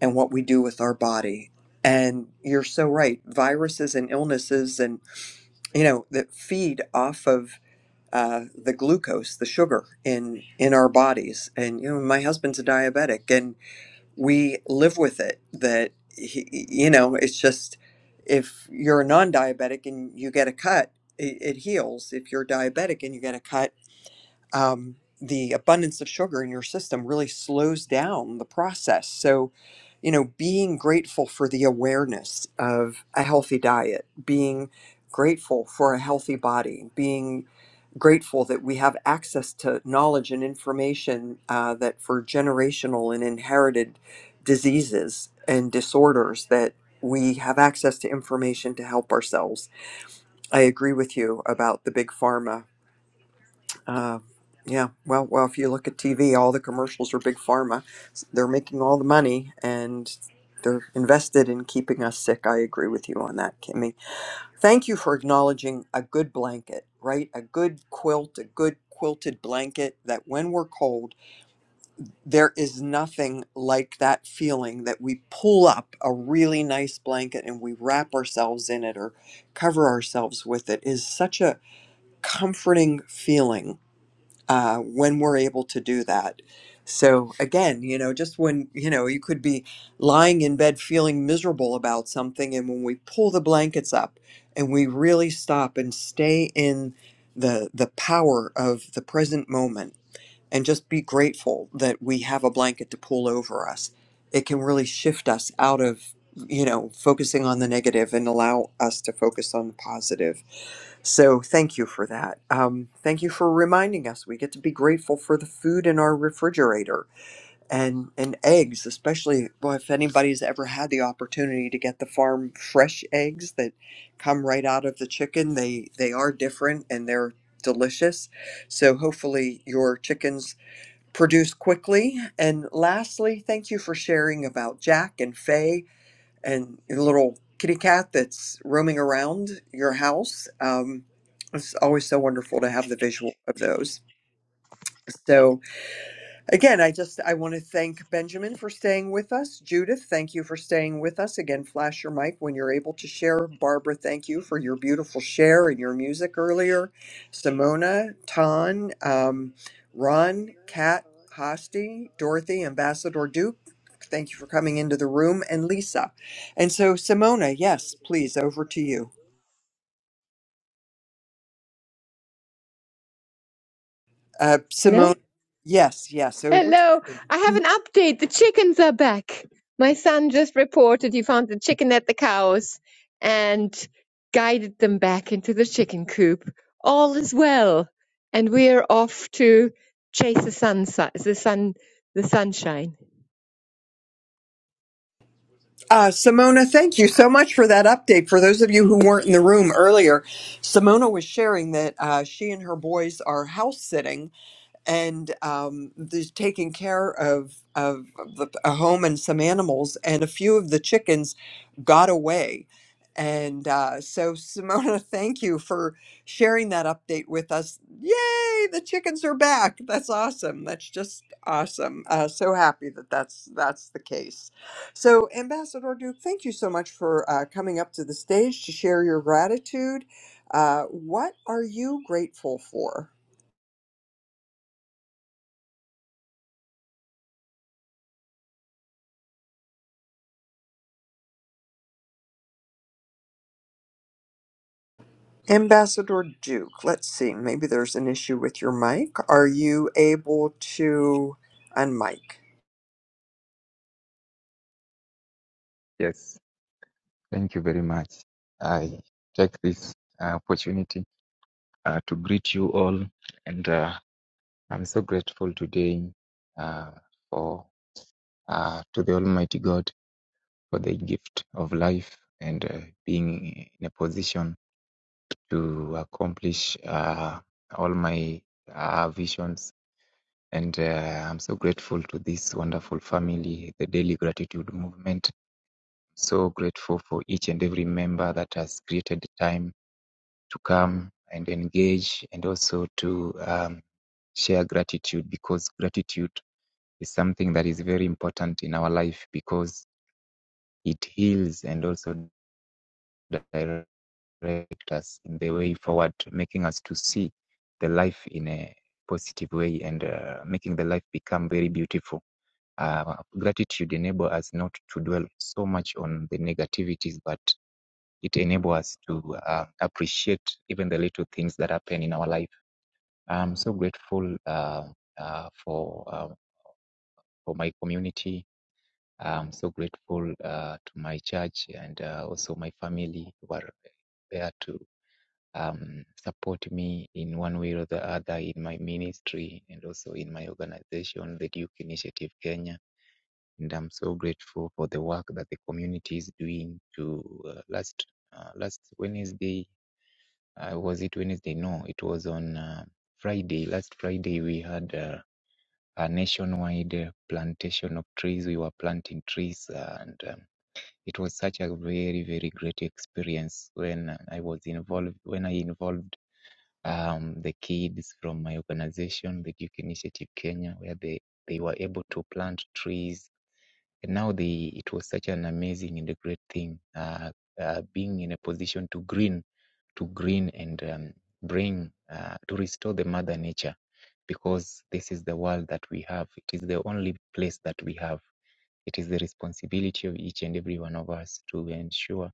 [SPEAKER 8] and what we do with our body. And you're so right. Viruses and illnesses you know that feed off of uh, the glucose, the sugar in in our bodies. And you know, my husband's a diabetic, and we live with it. That he, you know, it's just if you're a non-diabetic and you get a cut, it, it heals. If you're diabetic and you get a cut, um, the abundance of sugar in your system really slows down the process. So, you know, being grateful for the awareness of a healthy diet, being grateful for a healthy body, being grateful that we have access to knowledge and information uh, that for generational and inherited diseases and disorders that we have access to information to help ourselves. I agree with you about the big pharma uh, yeah, well, well, if you look at TV, all the commercials are big pharma. S- They're making all the money and they're invested in keeping us sick. I agree with you on that, Kimmy. Thank you for acknowledging a good blanket, right? A good quilt, a good quilted blanket that when we're cold, there is nothing like that feeling that we pull up a really nice blanket and we wrap ourselves in it or cover ourselves with it is such a comforting feeling uh, when we're able to do that. So again, you know, just when you know you could be lying in bed feeling miserable about something, and when we pull the blankets up and we really stop and stay in the the power of the present moment and just be grateful that we have a blanket to pull over us, it can really shift us out of you know focusing on the negative and allow us to focus on the positive so thank you for that. Um, thank you for reminding us. We get to be grateful for the food in our refrigerator and and eggs, especially well, if anybody's ever had the opportunity to get the farm fresh eggs that come right out of the chicken. They they are different and they're delicious. So hopefully your chickens produce quickly. And lastly, thank you for sharing about Jack and Faye and a little kitty cat that's roaming around your house. Um, it's always so wonderful to have the visual of those. So Again, I just I want to thank Benjamin for staying with us. Judith, thank you for staying with us. Again, flash your mic when you're able to share. Barbara, thank you for your beautiful share and your music earlier. Simona, Ton, um, Ron, Kat, Hosti, Dorothy, Ambassador Duke, thank you for coming into the room, and Lisa. And so, Simona, yes, please, over to you. Uh,
[SPEAKER 19] Hello?
[SPEAKER 8] Simona, yes, yes, over to
[SPEAKER 19] Hello, I
[SPEAKER 8] you.
[SPEAKER 19] have an update. The chickens are back. My son just reported he found the chicken at the cows and guided them back into the chicken coop. All is well, and we are off to chase the sun, si-, the sun? The sunshine.
[SPEAKER 8] Uh, Simona, thank you so much for that update. For those of you who weren't in the room earlier, Simona was sharing that uh, she and her boys are house sitting and um, there's taking care of of the, a home and some animals, and a few of the chickens got away. And uh, so, Simona, [laughs] thank you for sharing that update with us. Yay, the chickens are back! That's awesome. That's just awesome. Uh, so happy that that's that's the case. So, Ambassador Duke, thank you so much for uh, coming up to the stage to share your gratitude. Uh, what are you grateful for? Ambassador Duke, let's see, maybe there's an issue with your mic. Are you able to unmic?
[SPEAKER 22] Yes, thank you very much. I take this uh, opportunity uh, to greet you all, and uh, I'm so grateful today uh, for uh, to the Almighty God for the gift of life and uh, being in a position to accomplish uh, all my uh, visions. And uh, I'm so grateful to this wonderful family, the Daily Gratitude Movement. So grateful for each and every member that has created time to come and engage and also to um, share gratitude because gratitude is something that is very important in our life because it heals and also directs us in the way forward, making us to see the life in a positive way and uh, making the life become very beautiful. Uh, gratitude enable us not to dwell so much on the negativities, but it enable us to uh, appreciate even the little things that happen in our life I'm so grateful uh, uh, for uh, for my community. I'm so grateful uh, to my church and uh, also my family who are there to um, support me in one way or the other in my ministry and also in my organization, the Duke Initiative Kenya. And I'm so grateful for the work that the community is doing. To uh, last uh, last Wednesday, uh, was it Wednesday? No, it was on uh, Friday. Last Friday we had. Uh, a nationwide uh, plantation of trees. We were planting trees, and um, it was such a very, very great experience when uh, I was involved. When I involved um, the kids from my organization, the Duke Initiative Kenya, where they they were able to plant trees. And now they, it was such an amazing and a great thing, uh, uh, being in a position to green to green and um, bring uh, to restore the mother nature because this is the world that we have it is the only place that we have it is the responsibility of each and every one of us to ensure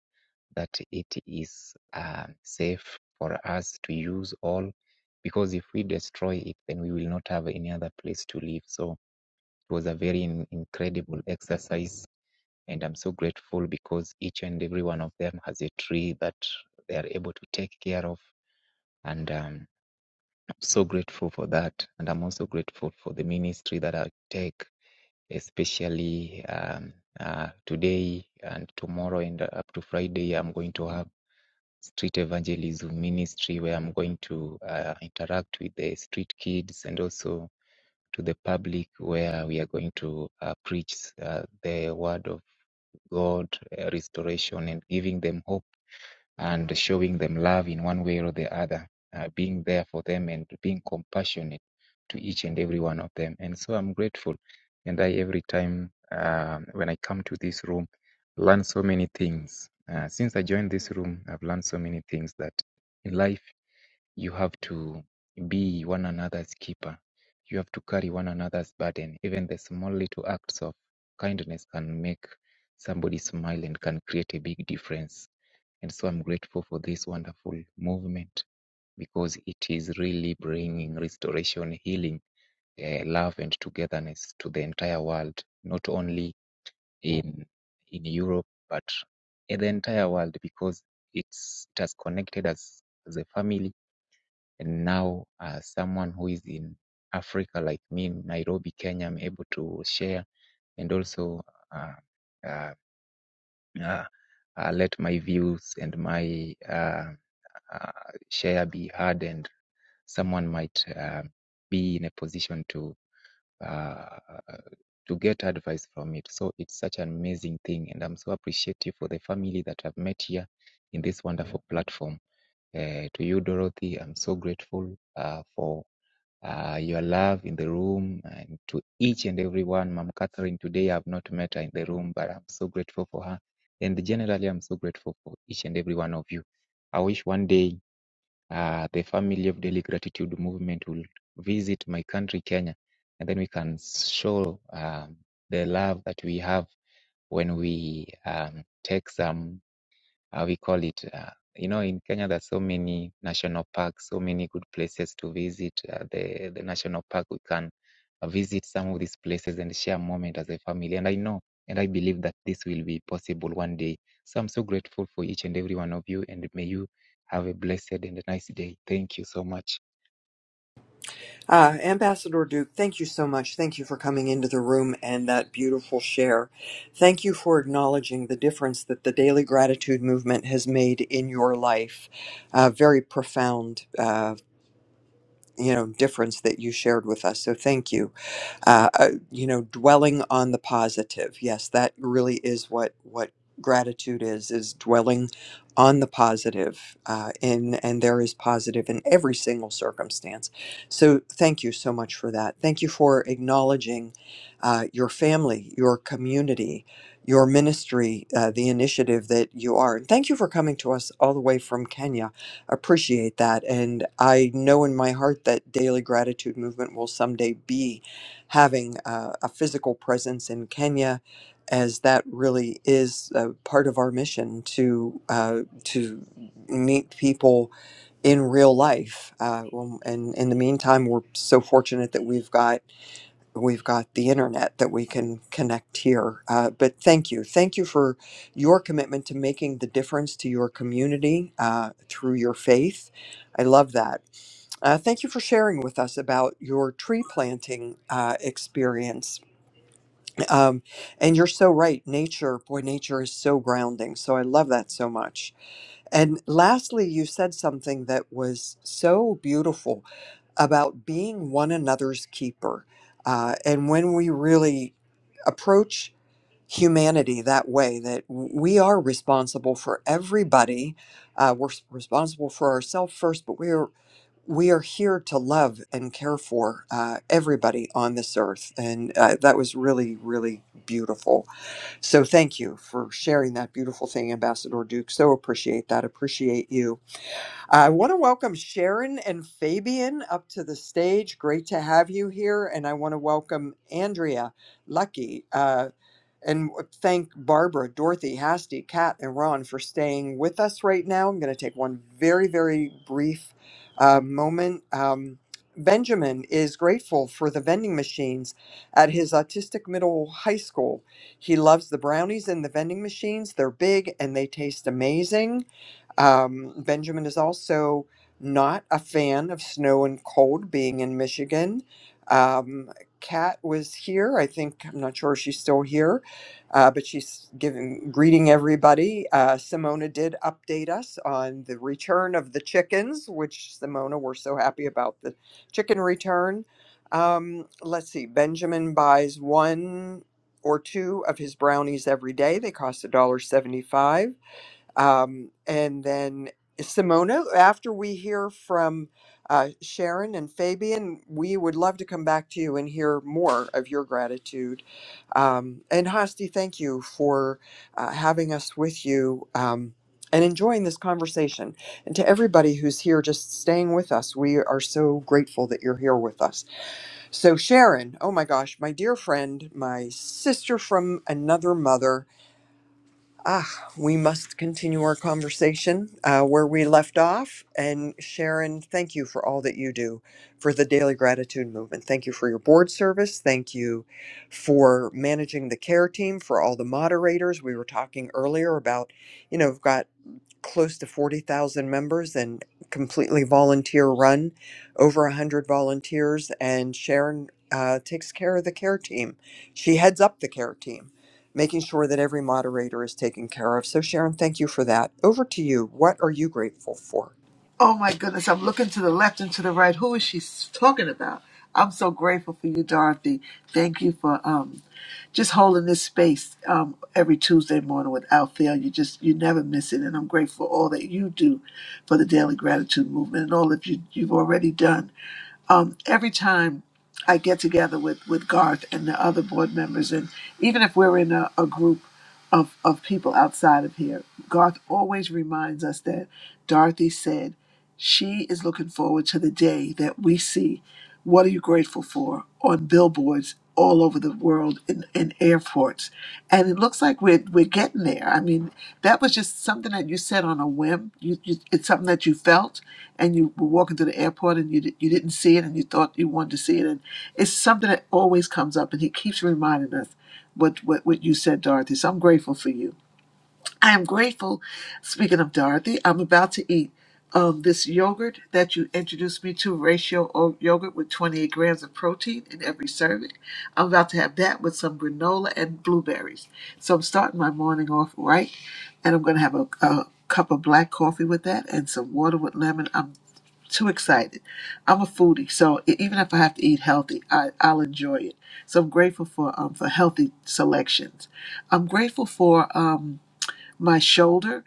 [SPEAKER 22] that it is uh, safe for us to use all because if we destroy it then we will not have any other place to live so it was a very in- incredible exercise and i'm so grateful because each and every one of them has a tree that they are able to take care of and um, I'm so grateful for that. And I'm also grateful for the ministry that I take, especially um, uh, today and tomorrow and up to Friday. I'm going to have street evangelism ministry where I'm going to uh, interact with the street kids and also to the public where we are going to uh, preach uh, the word of God, uh, restoration, and giving them hope and showing them love in one way or the other, uh, being there for them and being compassionate to each and every one of them. And so I'm grateful. And I, every time um, when I come to this room, learn so many things. Uh, since I joined this room, I've learned so many things that in life you have to be one another's keeper. You have to carry one another's burden. Even the small little acts of kindness can make somebody smile and can create a big difference and so I'm grateful for this wonderful movement because it is really bringing restoration, healing, eh, love, and togetherness to the entire world, not only in in Europe but in the entire world because it's it has connected us as a family. And now, uh, someone who is in Africa like me, Nairobi, Kenya, I'm able to share and also uh, uh, uh, uh, let my views and my uh, uh, share be heard and someone might uh, be in a position to uh, to get advice from it. So it's such an amazing thing, and I'm so appreciative for the family that I've met here in this wonderful platform. Uh, to you, Dorothy, I'm so grateful uh, for uh, your love in the room, and to each and everyone. Mom Catherine, today I've not met her in the room, but I'm so grateful for her. And generally, I'm so grateful for each and every one of you. I wish one day uh, the Family of Daily Gratitude movement will visit my country, Kenya, and then we can show um, the love that we have when we um, take some how we call it. Uh, you know, in Kenya, there's so many national parks, so many good places to visit. Uh, the the national park, we can uh, visit some of these places and share a moment as a family. And I know, and I believe that this will be possible one day. So I'm so grateful for each and every one of you, and may you have a blessed and a nice day. Thank you so much.
[SPEAKER 8] Uh, Ambassador Duke, thank you so much. Thank you for coming into the room and that beautiful share. Thank you for acknowledging the difference that the daily gratitude movement has made in your life. Uh, very profound, uh, you know difference that you shared with us so thank you uh, uh, you know dwelling on the positive yes that really is what what gratitude is is dwelling on the positive uh, in and there is positive in every single circumstance so thank you so much for that thank you for acknowledging uh, your family your community your ministry uh, the initiative that you are and thank you for coming to us all the way from kenya appreciate that. And I know in my heart that Daily Gratitude Movement will someday be having uh, a physical presence in Kenya, as that really is uh, part of our mission to uh, to meet people in real life. Uh, well, and in the meantime, we're so fortunate that we've got we've got the internet that we can connect here. Uh, but thank you. Thank you for your commitment to making the difference to your community uh, through your faith. I love that. Uh, thank you for sharing with us about your tree planting uh, experience. Um, and you're so right. Nature, boy, nature is so grounding. So I love that so much. And lastly, you said something that was so beautiful about being one another's keeper. Uh, and when we really approach humanity that way, that we are responsible for everybody, uh, we're s- responsible for ourselves first, but we are we are here to love and care for uh, everybody on this earth. And uh, that was really, really beautiful. So thank you for sharing that beautiful thing, Ambassador Duke. So appreciate that. Appreciate you I want to welcome Sharon and Fabian up to the stage. Great to have you here. And I want to welcome Andrea, Lucky, uh, and thank Barbara, Dorothy, Hasty, Kat, and Ron for staying with us right now. I'm going to take one very, very brief uh, moment. Um, Benjamin is grateful for the vending machines at his autistic middle high school. He loves the brownies and the vending machines. They're big and they taste amazing. Um, Benjamin is also not a fan of snow and cold being in Michigan. Um, Kat was here. I think, I'm not sure if she's still here, uh, but she's giving, greeting everybody. Uh, Simona did update us on the return of the chickens, which Simona, we're so happy about the chicken return. Um, let's see, Benjamin buys one or two of his brownies every day. They cost a dollar seventy five. Um, and then Simona, after we hear from uh, Sharon and Fabian, we would love to come back to you and hear more of your gratitude. Um, and Hasti, thank you for uh, having us with you. Um, and enjoying this conversation. And to everybody who's here just staying with us, we are so grateful that you're here with us. So, Sharon, oh my gosh, my dear friend, my sister from another mother, Ah, we must continue our conversation uh, where we left off. And Sharon, thank you for all that you do for the Daily Gratitude Movement. Thank you for your board service. Thank you for managing the care team, for all the moderators. We were talking earlier about, you know, we've got close to 40,000 members and completely volunteer run, over 100 volunteers. And Sharon uh, takes care of the care team. She heads up the care team, making sure that every moderator is taken care of. So, Sharon, thank you for that. Over to you. What are you grateful for?
[SPEAKER 13] Oh my goodness, I'm looking to the left and to the right. Who is she talking about? I'm so grateful for you, Dorothy. Thank you for um, just holding this space um, every Tuesday morning without fail. You just you never miss it, and I'm grateful for all that you do for the Daily Gratitude Movement and all that you, you've already done. um, every time I get together with, with Garth and the other board members, and even if we're in a, a group of, of people outside of here, Garth always reminds us that Dorothy said she is looking forward to the day that we see what are you grateful for? On billboards all over the world in, in airports. And it looks like we're, we're getting there. I mean, that was just something that you said on a whim. You, you, it's something that you felt, and you were walking through the airport and you, di- you didn't see it and you thought you wanted to see it. And it's something that always comes up, and he keeps reminding us what, what, what you said, Dorothy. So I'm grateful for you. I am grateful. Speaking of Dorothy, I'm about to eat um, this yogurt that you introduced me to, ratio o- yogurt with 28 grams of protein in every serving. I'm about to have that with some granola and blueberries. So I'm starting my morning off right, and I'm going to have a, a cup of black coffee with that and some water with lemon. I'm too excited. I'm a foodie, so e- even if I have to eat healthy, I, I'll enjoy it. So I'm grateful for um, for healthy selections. I'm grateful for. Um, my shoulder,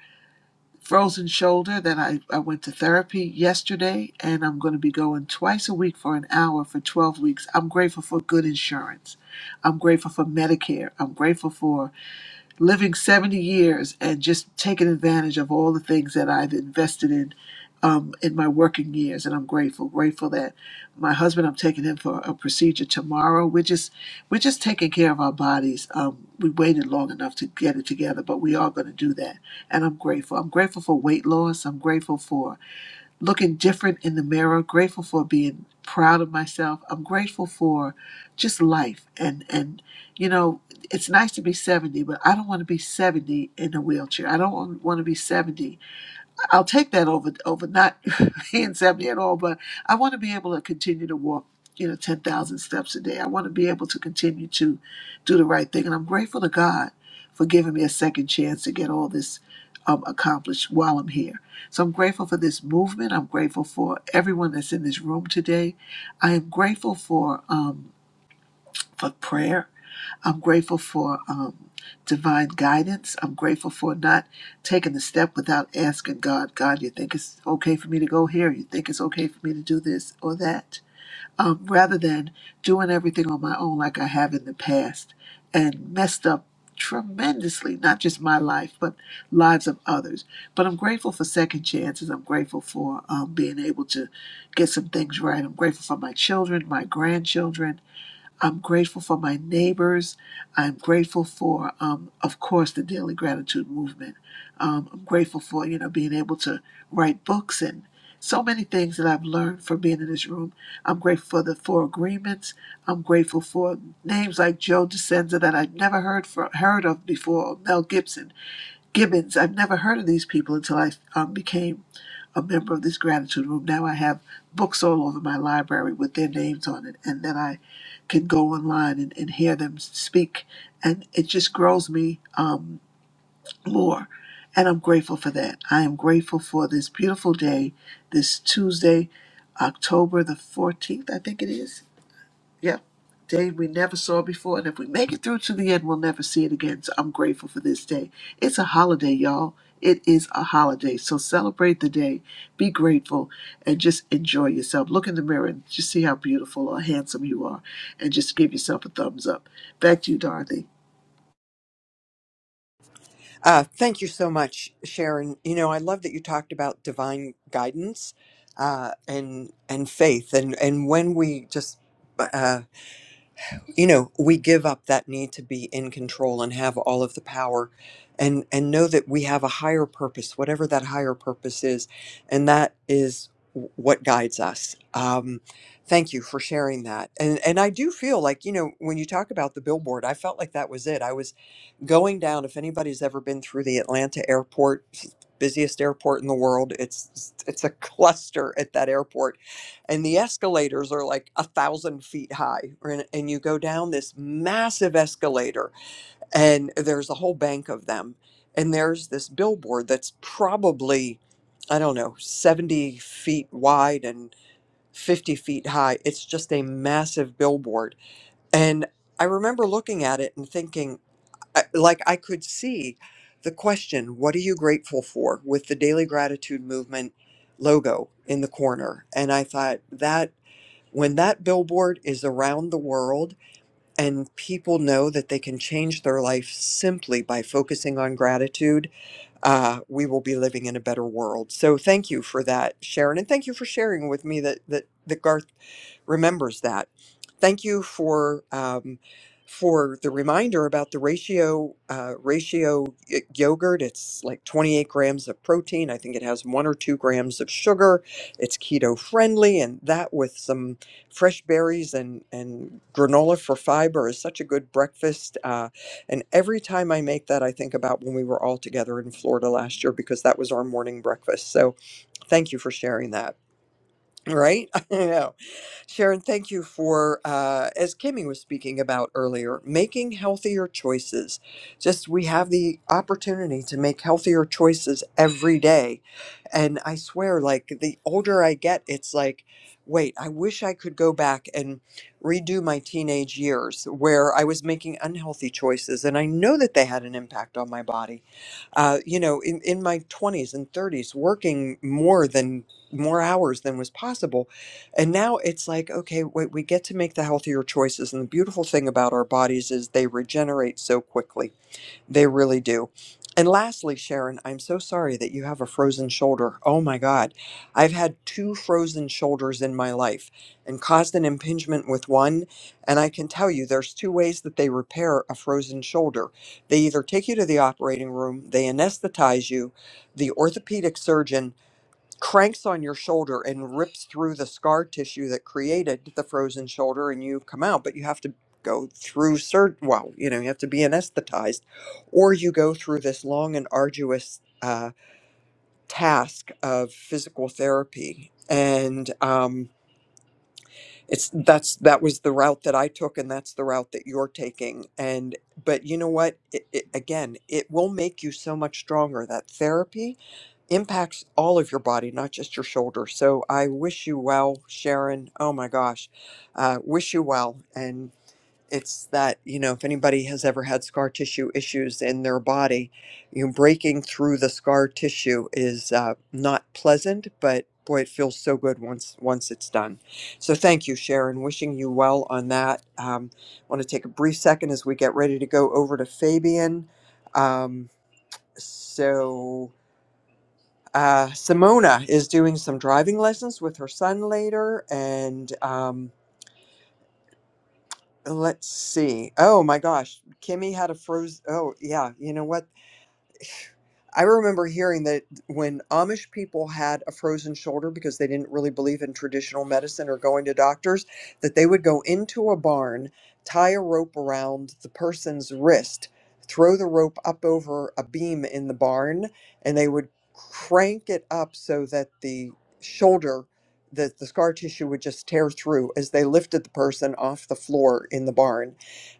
[SPEAKER 13] frozen shoulder, that I, I went to therapy yesterday, and I'm going to be going twice a week for an hour for 12 weeks. I'm grateful for good insurance. I'm grateful for Medicare. I'm grateful for living 70 years and just taking advantage of all the things that I've invested in um, in my working years. And I'm grateful, grateful that my husband, I'm taking him for a procedure tomorrow. We're just, we're just taking care of our bodies. Um, we waited long enough to get it together, but we are going to do that. And I'm grateful. I'm grateful for weight loss. I'm grateful for looking different in the mirror, grateful for being proud of myself. I'm grateful for just life and and you know, it's nice to be 70, but I don't want to be 70 in a wheelchair. I don't want to be 70 I'll take that over over not [laughs] being 70 at all, but I want to be able to continue to walk, you know, 10,000 steps a day. I want to be able to continue to do the right thing. And I'm grateful to God for giving me a second chance to get all this um, accomplished while I'm here. So I'm grateful for this movement. I'm grateful for everyone that's in this room today. I am grateful for um, for prayer. I'm grateful for um, divine guidance. I'm grateful for not taking the step without asking God, God, you think it's okay for me to go here? You think it's okay for me to do this or that? Um, rather than doing everything on my own like I have in the past and messed up tremendously, not just my life, but lives of others. But I'm grateful for second chances. I'm grateful for um, being able to get some things right. I'm grateful for my children, my grandchildren. I'm grateful for my neighbors. I'm grateful for, um, of course, the daily gratitude movement. Um, I'm grateful for, you know, being able to write books and so many things that I've learned from being in this room. I'm grateful for the four agreements. I'm grateful for names like Joe Dispenza that I've never heard for, heard of before, or Mel Gibson, Gibbons. I've never heard of these people until I um, became a member of this gratitude room. Now I have books all over my library with their names on it, and then I can go online and, and hear them speak, and it just grows me um, more. And I'm grateful for that. I am grateful for this beautiful day, this Tuesday, October the 14th, I think it is. Yeah, day we never saw before. And if we make it through to the end, we'll never see it again. So I'm grateful for this day. It's a holiday, y'all. It is a holiday. So celebrate the day, be grateful, and just enjoy yourself. Look in the mirror and just see how beautiful or handsome you are, and just give yourself a thumbs up. Back to you, Dorothy.
[SPEAKER 8] Uh, thank you so much, Sharon. You know, I love that you talked about divine guidance uh, and and faith, and and when we just. uh. you know we give up that need to be in control and have all of the power and and know that we have a higher purpose whatever that higher purpose is and that is w- what guides us um thank you for sharing that and and i do feel like you know when you talk about the billboard i felt like that was it i was going down if anybody's ever been through the atlanta airport busiest airport in the world it's it's a cluster at that airport and the escalators are like a thousand feet high and, and you go down this massive escalator and there's a whole bank of them and there's this billboard that's probably i don't know 70 feet wide and 50 feet high it's just a massive billboard and i remember looking at it and thinking I- like I could see the question, what are you grateful for with the daily gratitude movement logo in the corner. And I thought that when that billboard is around the world and people know that they can change their life simply by focusing on gratitude, uh, we will be living in a better world. So thank you for that, Sharon. And thank you for sharing with me that, that, that Garth remembers that. Thank you for um, for the reminder about the ratio uh, ratio y- yogurt. It's like 28 grams of protein. I think it has one or two grams of sugar. It's keto friendly, and that with some fresh berries and and granola for fiber is such a good breakfast. Uh, and every time I make that, I think about when we were all together in Florida last year because that was our morning breakfast. So thank you for sharing that. Right? [laughs] All right, Sharon, thank you for, uh, as Kimmy was speaking about earlier, making healthier choices. Just we have the opportunity to make healthier choices every day. And I swear, like the older I get, it's like, wait, I wish I could go back and redo my teenage years where I was making unhealthy choices. And I know that they had an impact on my body. Uh, you know, in, in my 20s and 30s, working more than more hours than was possible and now it's like, okay, wait, we get to make the healthier choices. And the beautiful thing about our bodies is they regenerate so quickly. They really do. And lastly, Sharon, I'm so sorry that you have a frozen shoulder. Oh my God. I've had two frozen shoulders in my life and caused an impingement with one. And I can tell you there's two ways that they repair a frozen shoulder. They either take you to the operating room, they anesthetize you, the orthopedic surgeon cranks on your shoulder and rips through the scar tissue that created the frozen shoulder and you come out but you have to go through sur- well you know you have to be anesthetized or you go through this long and arduous uh, task of physical therapy and um, it's that's that was the route that I took and that's the route that you're taking and but you know what it, it, again it will make you so much stronger that therapy impacts all of your body not just your shoulder so I wish you well Sharon oh my gosh uh, wish you well and it's that you know if anybody has ever had scar tissue issues in their body you know, breaking through the scar tissue is uh, not pleasant but boy it feels so good once once it's done so thank you sharon wishing you well on that um, want to take a brief second as we get ready to go over to fabian um, so uh, simona is doing some driving lessons with her son later and um, Let's see. Oh my gosh, Kimmy had a frozen. Oh yeah, you know what? I remember hearing that when Amish people had a frozen shoulder because they didn't really believe in traditional medicine or going to doctors, that they would go into a barn, tie a rope around the person's wrist, throw the rope up over a beam in the barn, and they would crank it up so that the shoulder that the scar tissue would just tear through as they lifted the person off the floor in the barn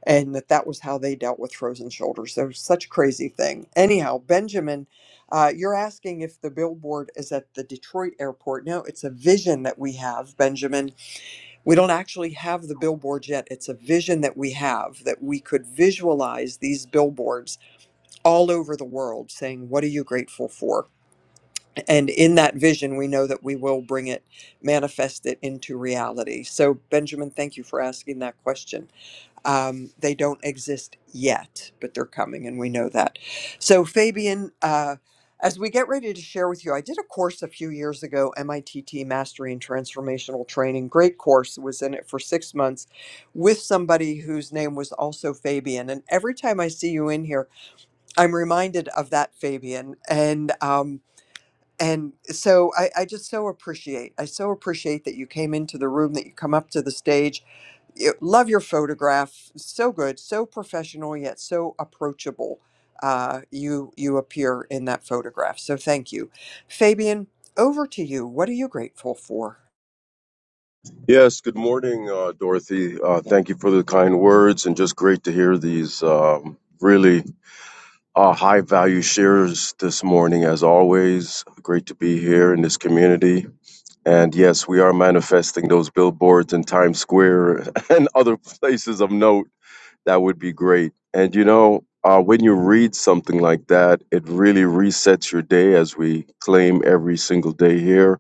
[SPEAKER 8] and that that was how they dealt with frozen shoulders. That such a crazy thing. Anyhow, Benjamin, uh, you're asking if the billboard is at the Detroit airport. No, it's a vision that we have, Benjamin. We don't actually have the billboard yet. It's a vision that we have that we could visualize these billboards all over the world saying, What are you grateful for? And in that vision, we know that we will bring it, manifest it into reality. So, Benjamin, thank you for asking that question. Um, they don't exist yet, but they're coming, and we know that. So, Fabian, uh, as we get ready to share with you, I did a course a few years ago, MITT Mastery and Transformational Training. Great course. Was in it for six months with somebody whose name was also Fabian. And every time I see you in here, I'm reminded of that Fabian. And um, and so I, I just so appreciate. I so appreciate that you came into the room, that you come up to the stage you- love your photograph. So good, so professional yet so approachable. Uh, you you appear in that photograph. So thank you, Fabian. Over to you. What are you grateful for?
[SPEAKER 23] Yes, good morning, uh, Dorothy. Uh, thank you for the kind words and just great to hear these um, really uh, high value shares this morning, as always. Great to be here in this community. And yes, we are manifesting those billboards in Times Square [laughs] and other places of note. That would be great. And you know, uh, when you read something like that, it really resets your day as we claim every single day here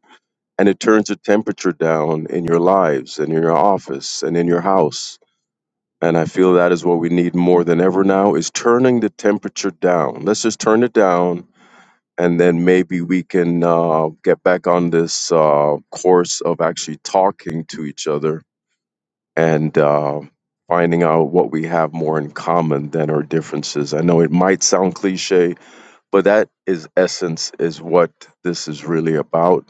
[SPEAKER 23] and it turns the temperature down in your lives and in your office and in your house and i feel that is what we need more than ever now is turning the temperature down let's just turn it down and then maybe we can uh, get back on this uh, course of actually talking to each other and uh, finding out what we have more in common than our differences i know it might sound cliche but that is essence is what this is really about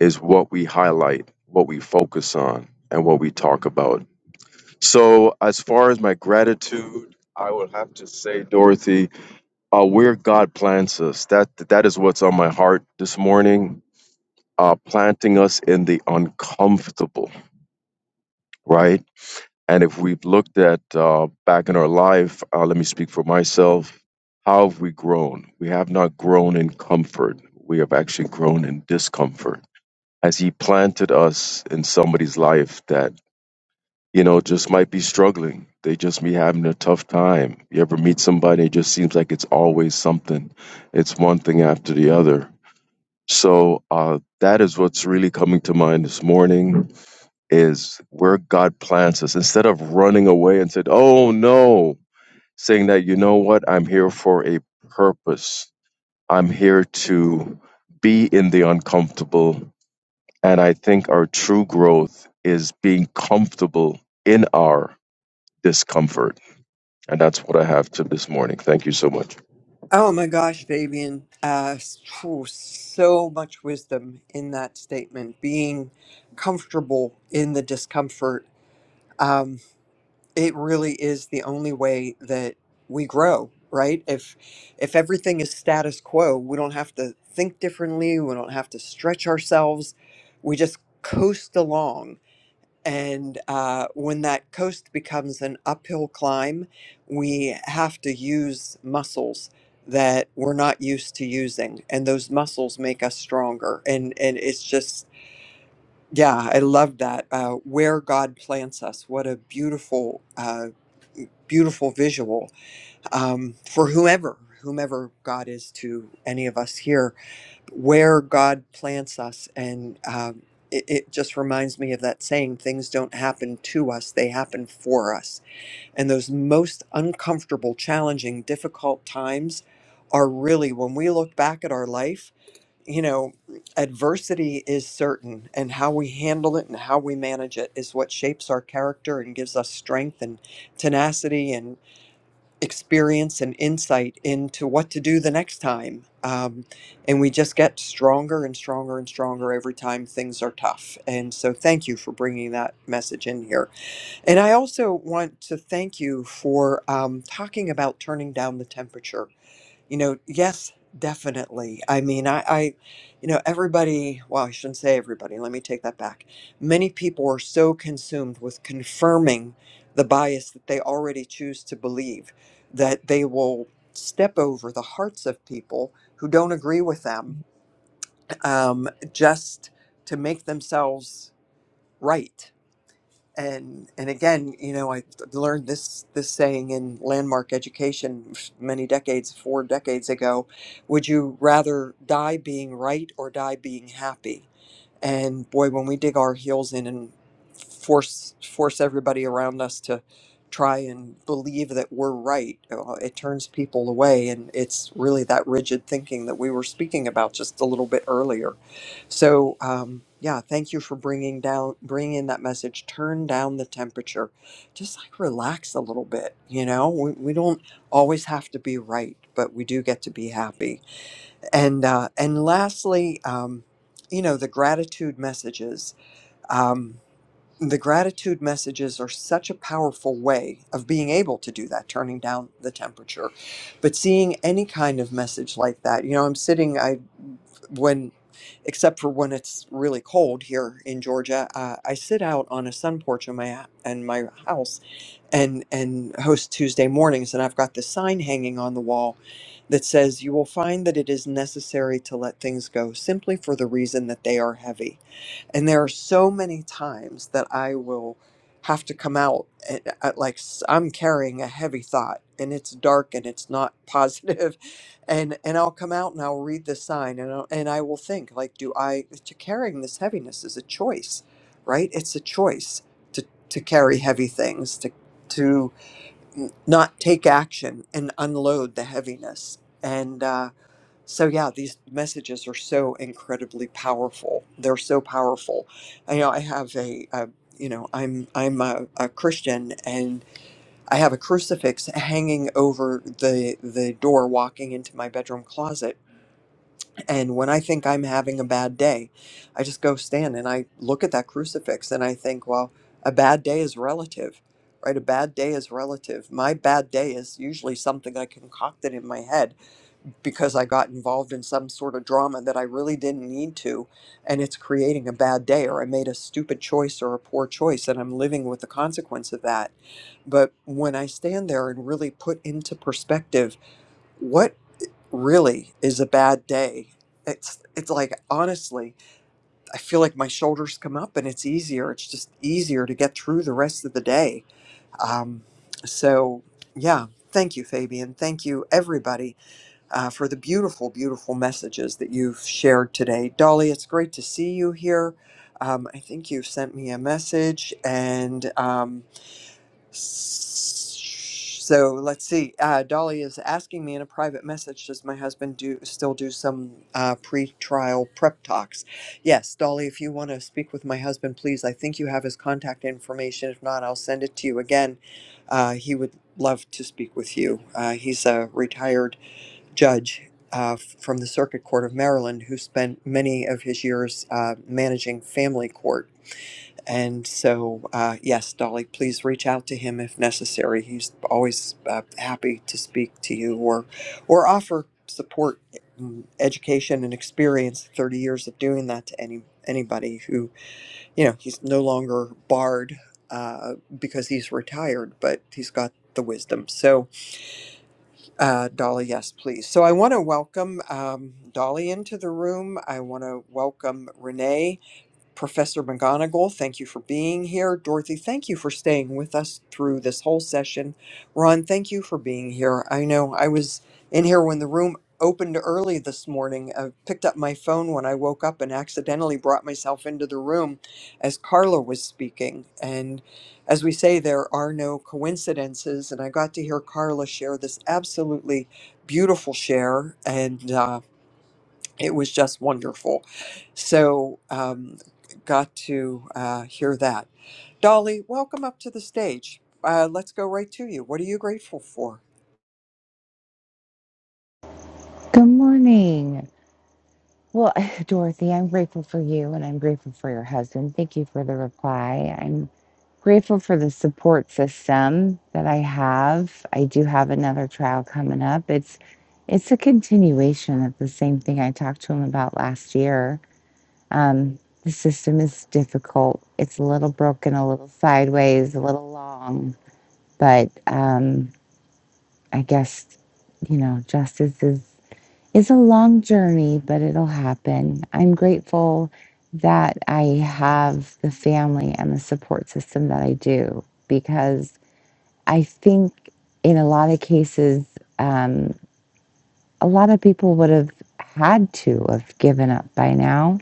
[SPEAKER 23] is what we highlight, what we focus on, and what we talk about. So, as far as my gratitude, I would have to say, Dorothy, uh, where God plants us, that that is what's on my heart this morning. Uh, planting us in the uncomfortable, right? And if we've looked at uh, back in our life, uh, let me speak for myself. How have we grown? We have not grown in comfort. We have actually grown in discomfort as he planted us in somebody's life that you know just might be struggling they just be having a tough time you ever meet somebody it just seems like it's always something it's one thing after the other so uh, that is what's really coming to mind this morning is where god plants us instead of running away and said oh no saying that you know what i'm here for a purpose i'm here to be in the uncomfortable and I think our true growth is being comfortable in our discomfort. And that's what I have to this morning. Thank you so much.
[SPEAKER 8] Oh my gosh, Fabian. Uh, s- phew, so much wisdom in that statement. Being comfortable in the discomfort. it really is the only way that we grow right if if everything is status quo we don't have to think differently we don't have to stretch ourselves we just coast along and uh, when that coast becomes an uphill climb we have to use muscles that we're not used to using and those muscles make us stronger and and it's just yeah i love that uh, where god plants us what a beautiful uh, beautiful visual um, for whomever whomever god is to any of us here where god plants us and um, it, it just reminds me of that saying things don't happen to us they happen for us and those most uncomfortable challenging difficult times are really when we look back at our life you know adversity is certain and how we handle it and how we manage it is what shapes our character and gives us strength and tenacity experience and insight into what to do the next time. Um, and we just get stronger and stronger and stronger every time things are tough. And so, thank you for bringing that message in here. And I also want to thank you for um, talking about turning down the temperature you know, yes, definitely. I mean, I, I, you know, everybody, well, I shouldn't say everybody, let me take that back. Many people are so consumed with confirming the bias that they already choose to believe that they will step over the hearts of people who don't agree with them um, just to make themselves right and and again you know i learned this this saying in landmark education many decades four decades ago would you rather die being right or die being happy and boy, when we dig our heels in and force force everybody around us to try and believe that we're right, uh, it turns people away, and it's really that rigid thinking that we were speaking about just a little bit earlier. So, um, yeah, thank you for bringing down bringing in that message. Turn down the temperature, just like relax a little bit. You know, we, we don't always have to be right, but we do get to be happy and uh, and lastly, um, you know, the gratitude messages. Um, the gratitude messages are such a powerful way of being able to do that, turning down the temperature. But seeing any kind of message like that, you know, I'm sitting. I when except for when it's really cold here in Georgia, uh, I sit out on a sun porch in my h- in my house and and host Tuesday mornings, and I've got the sign hanging on the wall that says, "You will find that it is necessary to let things go, simply for the reason that they are heavy." And there are so many times that I will have to come out at, at like s- I'm carrying a heavy thought and it's dark and it's not positive [laughs] and and I'll come out and I'll read the sign and I'll, and I will think like do I to carrying this heaviness is a choice, right? It's a choice to to carry heavy things to to n- not take action and unload the heaviness. And uh so yeah, these messages are so incredibly powerful. They're so powerful. I know I have a, uh you know, I'm I'm a, a Christian and I have a crucifix hanging over the the door walking into my bedroom closet. And when I think I'm having a bad day, I just go stand and I look at that crucifix and I think, well, a bad day is relative. Right, a bad day is relative. My bad day is usually something I concocted in my head because I got involved in some sort of drama that I really didn't need to, and it's creating a bad day, or I made a stupid choice or a poor choice, and I'm living with the consequence of that. But when I stand there and really put into perspective what really is a bad day, it's it's like honestly, I feel like my shoulders come up, and it's easier. It's just easier to get through the rest of the day. Um, so yeah, thank you, Fabian. Thank you, everybody uh, for the beautiful, beautiful messages that you've shared today. Dolly, it's great to see you here. Um, I think you've sent me a message. And um, so let's see. Uh, Dolly is asking me in a private message Does my husband do still do some uh, pre trial prep talks? Yes, Dolly, if you want to speak with my husband, please, I think you have his contact information. If not, I'll send it to you again. Uh, he would love to speak with you. Uh, he's a retired judge uh, from the Circuit Court of Maryland who spent many of his years uh, managing family court. And so, uh, yes, Dolly, please reach out to him if necessary. He's always uh, happy to speak to you or, or offer support, mm, education, and experience. Thirty years of doing that to any anybody who you know he's no longer barred uh, because he's retired, but he's got the wisdom. So uh, Dolly, yes, please. So I want to welcome um, Dolly into the room. I want to welcome Renee. Professor McGonigal, thank you for being here. Dorothy, thank you for staying with us through this whole session. Ron, thank you for being here. I know I was in here when the room opened early this morning. I picked up my phone when I woke up and accidentally brought myself into the room as Carla was speaking. And as we say, there are no coincidences. And I got to hear Carla share this absolutely beautiful share. And, uh, it was just wonderful. So, um, got to uh, hear that. Dolly, welcome up to the stage. Uh, let's go right to you. What are you grateful for?
[SPEAKER 24] Good morning. Well, [laughs] [sighs] Dorothy, I'm grateful for you and I'm grateful for your husband. Thank you for the reply. I'm grateful for the support system that I have. I do have another trial coming up. It's it's a continuation of the same thing I talked to him about last year. Um, the system is difficult. It's a little broken, a little sideways, a little long, but um, I guess you know justice is is a long journey, but it'll happen. I'm grateful that I have the family and the support system that I do because I think in a lot of cases, um, a lot of people would have had to have given up by now,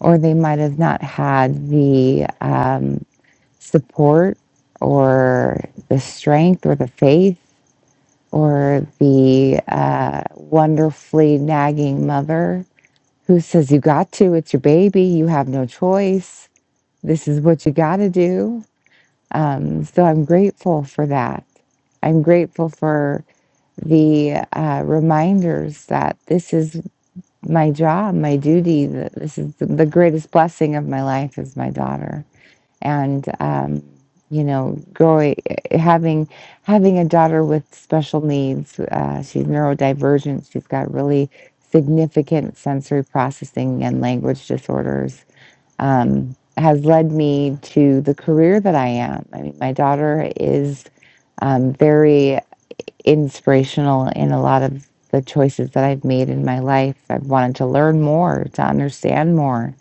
[SPEAKER 24] or they might have not had the um, support or the strength or the faith or the uh, wonderfully nagging mother Who says you got to? It's your baby. You have no choice. This is what you got to do. Um, so I'm grateful for that. I'm grateful for the uh, reminders that this is my job, my duty. That this is the, the greatest blessing of my life is my daughter and um, you know growing having having a daughter with special needs uh, she's neurodivergent she's got really significant sensory processing and language disorders um, has led me to the career that i am i mean my daughter is um, very inspirational in a lot of the choices that i've made in my life i've wanted to learn more to understand more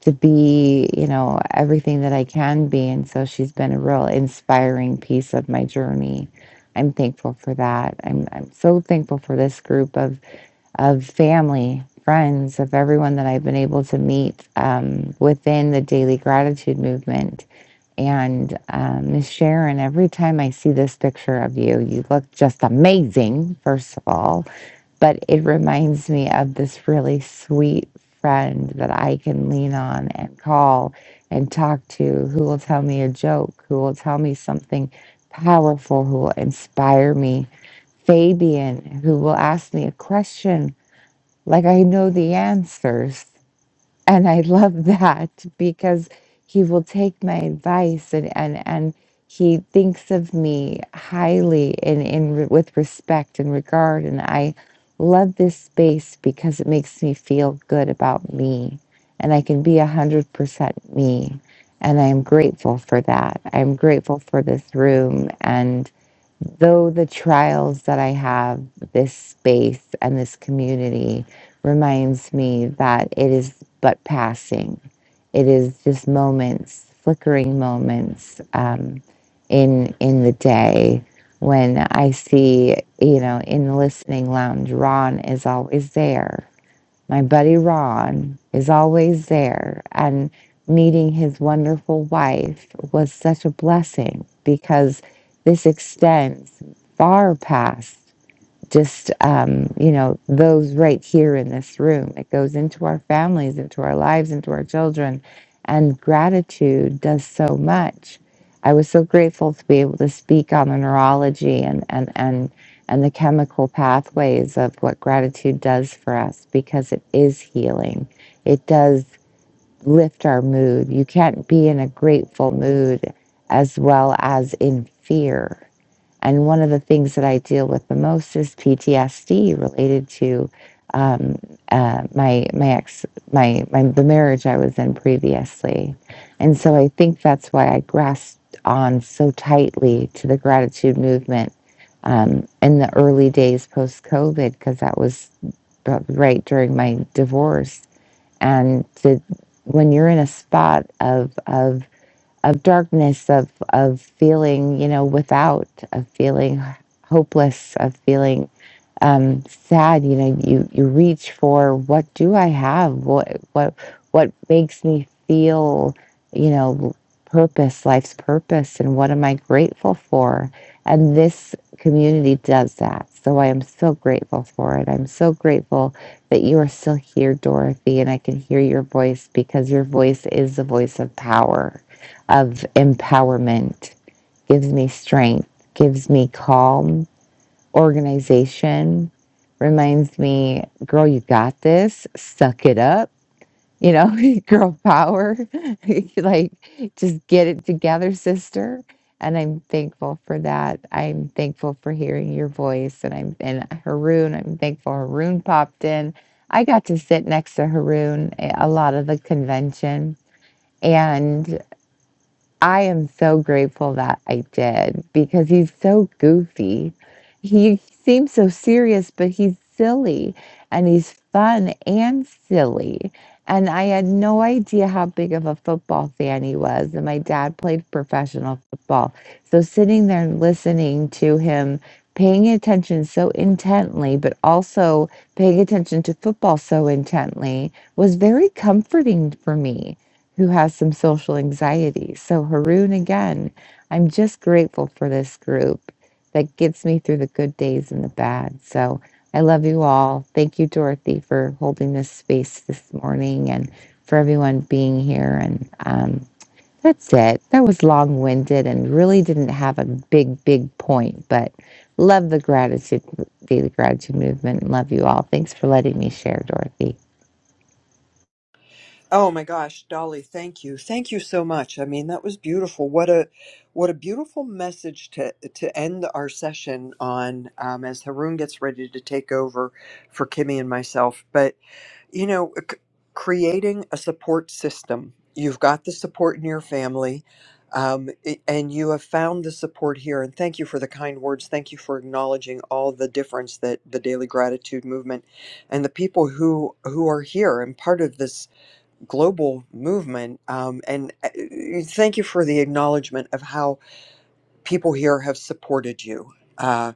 [SPEAKER 24] to be, you know, everything that I can be. And so she's been a real inspiring piece of my journey. I'm thankful for that. I'm I'm so thankful for this group of of family, friends, of everyone that I've been able to meet um, within the daily gratitude movement. And um, Miss Sharon, every time I see this picture of you, you look just amazing, first of all but it reminds me of this really sweet friend that I can lean on and call and talk to who will tell me a joke, who will tell me something powerful, who will inspire me. Fabian, who will ask me a question like I know the answers and I love that because he will take my advice and and and he thinks of me highly in in re- with respect and regard and I love this space because it makes me feel good about me and I can be a hundred percent me and I am grateful for that. I'm grateful for this room though the trials that I have, this space and this community reminds me that it is but passing. It is just moments, flickering moments um, in in the day when I see, you know, in the listening lounge, Ron is always there my buddy Ron is always there, and meeting his wonderful wife was such a blessing because this extends far past just um, you know those right here in this room it goes into our families into our lives into our children and gratitude does so much i was so grateful to be able to speak on the neurology and and and and the chemical pathways of what gratitude does for us because it is healing it does lift our mood you can't be in a grateful mood as well as in fear and one of the things that I deal with the most is PTSD related to um, uh, my my ex my my the marriage I was in previously, and so I think that's why I grasped on so tightly to the gratitude movement um, in the early days post COVID because that was uh, right during my divorce, and to, when you're in a spot of of of darkness, of of feeling, you know, without, of feeling hopeless, of feeling um, sad. You know, you you reach for what do I have? What what what makes me feel? You know, purpose, life's purpose, and what am I grateful for? And this community does that. So I am so grateful for it. I'm so grateful that you are still here, Dorothy, and I can hear your voice because your voice is the voice of power, of empowerment, gives me strength, gives me calm, organization reminds me, girl, you got this. Suck it up. You know, [laughs] girl power. [laughs] like, just get it together, sister. And I'm thankful for that. I'm thankful for hearing your voice. And I'm and Haroon. I'm thankful Haroon popped in. I got to sit next to Haroon a a lot of the convention, and. I am so grateful that I did because he's so goofy. He seems so serious, but he's silly and he's fun and silly. And I had no idea how big of a football fan he was. And my dad played professional football. So sitting there and listening to him, paying attention so intently, but also paying attention to football so intently was very comforting for me who has some social anxiety. So, Haroon, again, I'm just grateful for this group that gets me through the good days and the bad. So, I love you all. Thank you, Dorothy, for holding this space this morning and for everyone being here. And um, that's it. That was long winded and really didn't have a big, big point, but love the gratitude, daily gratitude movement. and Love you all. Thanks for letting me share, Dorothy.
[SPEAKER 8] Oh my gosh, Dolly, thank you, thank you so much. I mean, that was beautiful. What a what a beautiful message to to end our session on um, as Haroon gets ready to take over for Kimmy and myself. But you know uh, c- creating a support system you've got the support in your family um, i- and you have found the support here and thank you for the kind words thank you for acknowledging all the difference that the daily gratitude movement and the people who who are here and part of this global movement um, and uh, thank you for the acknowledgement of how people here have supported you. Uh,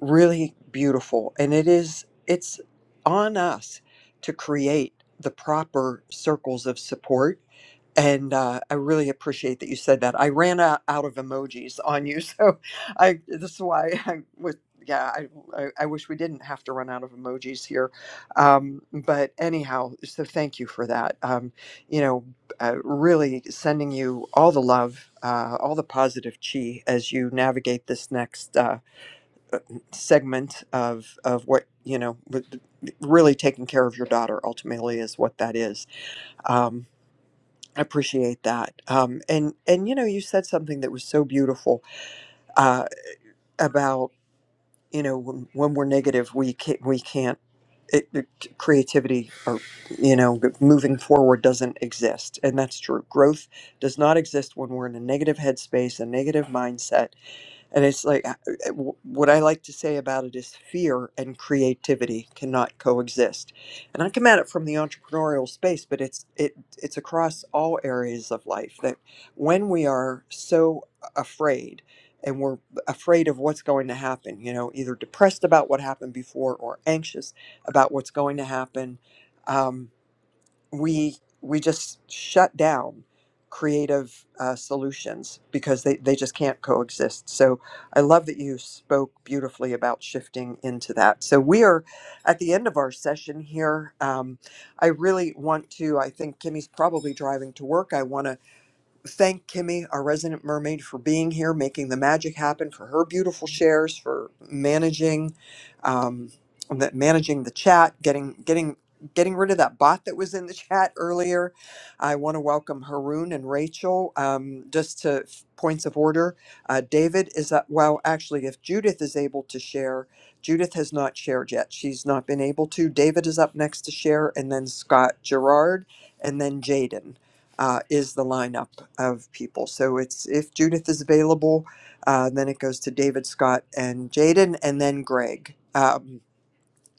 [SPEAKER 8] really beautiful, and it is it's on us to create the proper circles of support and uh, I really appreciate that you said that. I ran out, out of emojis on you, [laughs] so I this is why I was yeah. I, I I wish we didn't have to run out of emojis here, um, but anyhow, so thank you for that. Um, you know, uh, really sending you all the love, uh, all the positive chi as you navigate this next uh, segment of of what you know. with- Really taking care of your daughter ultimately is what that is. Um, I appreciate that. Um, and and you know, you said something that was so beautiful uh, about you know when, when we're negative, we can't, we can't it, it, creativity or you know moving forward doesn't exist, and that's true. Growth does not exist when we're in a negative headspace, a negative mindset and it's like, uh, uh, what I like to say about it is fear and creativity cannot coexist. And I come at it from the entrepreneurial space, but it's it it's across all areas of life that when we are so afraid and we're afraid of what's going to happen, you know, either depressed about what happened before or anxious about what's going to happen. Um, we we just shut down creative uh, solutions because they, they just can't coexist so i love that you spoke beautifully about shifting into that so we are at the end of our session here um, i really want to i think kimmy's probably driving to work i want to thank Kimmy, our resident mermaid, for being here, making the magic happen, for her beautiful shares, for managing, um, that managing the chat, getting getting getting rid of that bot that was in the [laughs] chat earlier. I want to welcome Haroon and Rachel. Um, just to f- points of order, uh, David is up. well, actually, if Judith is able to share, Judith has not shared yet. She's not been able to. David is up next to share, and then Scott Gerard, and then Jaden uh, is the lineup of people. So it's if Judith is available, uh, then it goes to David, Scott, and Jaden, and then Greg. Um,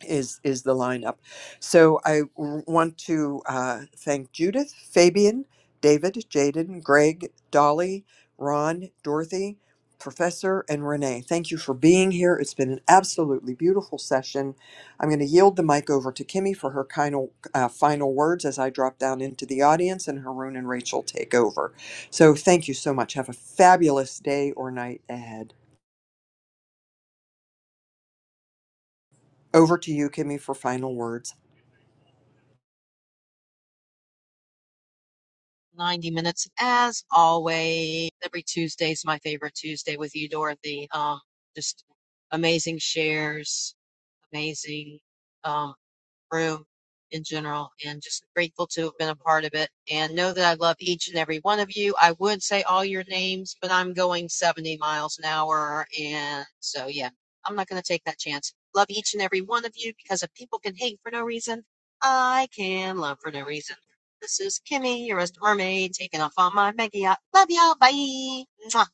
[SPEAKER 8] is is the lineup. So I w- want to uh, thank Judith, Fabian, David, Jaden, Greg, Dolly, Ron, Dorothy, Professor, and Renee. Thank you for being here. It's been an absolutely beautiful session. I'm going to yield the mic over to Kimmy for her final, uh, final words as I drop down into the audience and Haroon and Rachel take over. So thank you so much. Have a fabulous day or night ahead. Over to you, Kimmy, for final words.
[SPEAKER 21] 90 minutes as always. Every Tuesday's my favorite Tuesday with you, Dorothy. Um, just amazing shares, amazing. um, room in general and just grateful to have been a part of it and know that I love each and every one of you. I would say all your names, but I'm going 70 miles an hour. And so, yeah, I'm not going to take that chance. Love each and every one of you because if people can hate for no reason, I can love for no reason. This is Kimmy, your resident mermaid, taking off on my mega yacht. Love y'all. Bye. Mwah.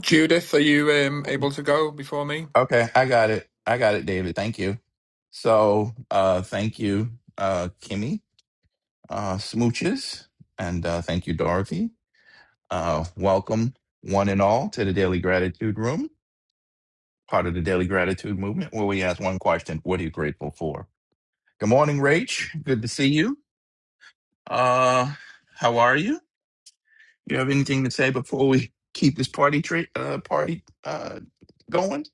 [SPEAKER 25] Judith, are you um, able to go before me?
[SPEAKER 26] Okay, I got it. I got it, David. Thank you. So, uh, thank you, uh, Kimmy, uh, Smooches, and uh, thank you, Dorothy. Uh, welcome, one and all, to the Daily Gratitude Room, part of the Daily Gratitude Movement, where we ask one question What are you grateful for? Good morning, Rach. Good to see you. Uh, how are you? You have anything to say before we keep this party tra- uh, party uh, going?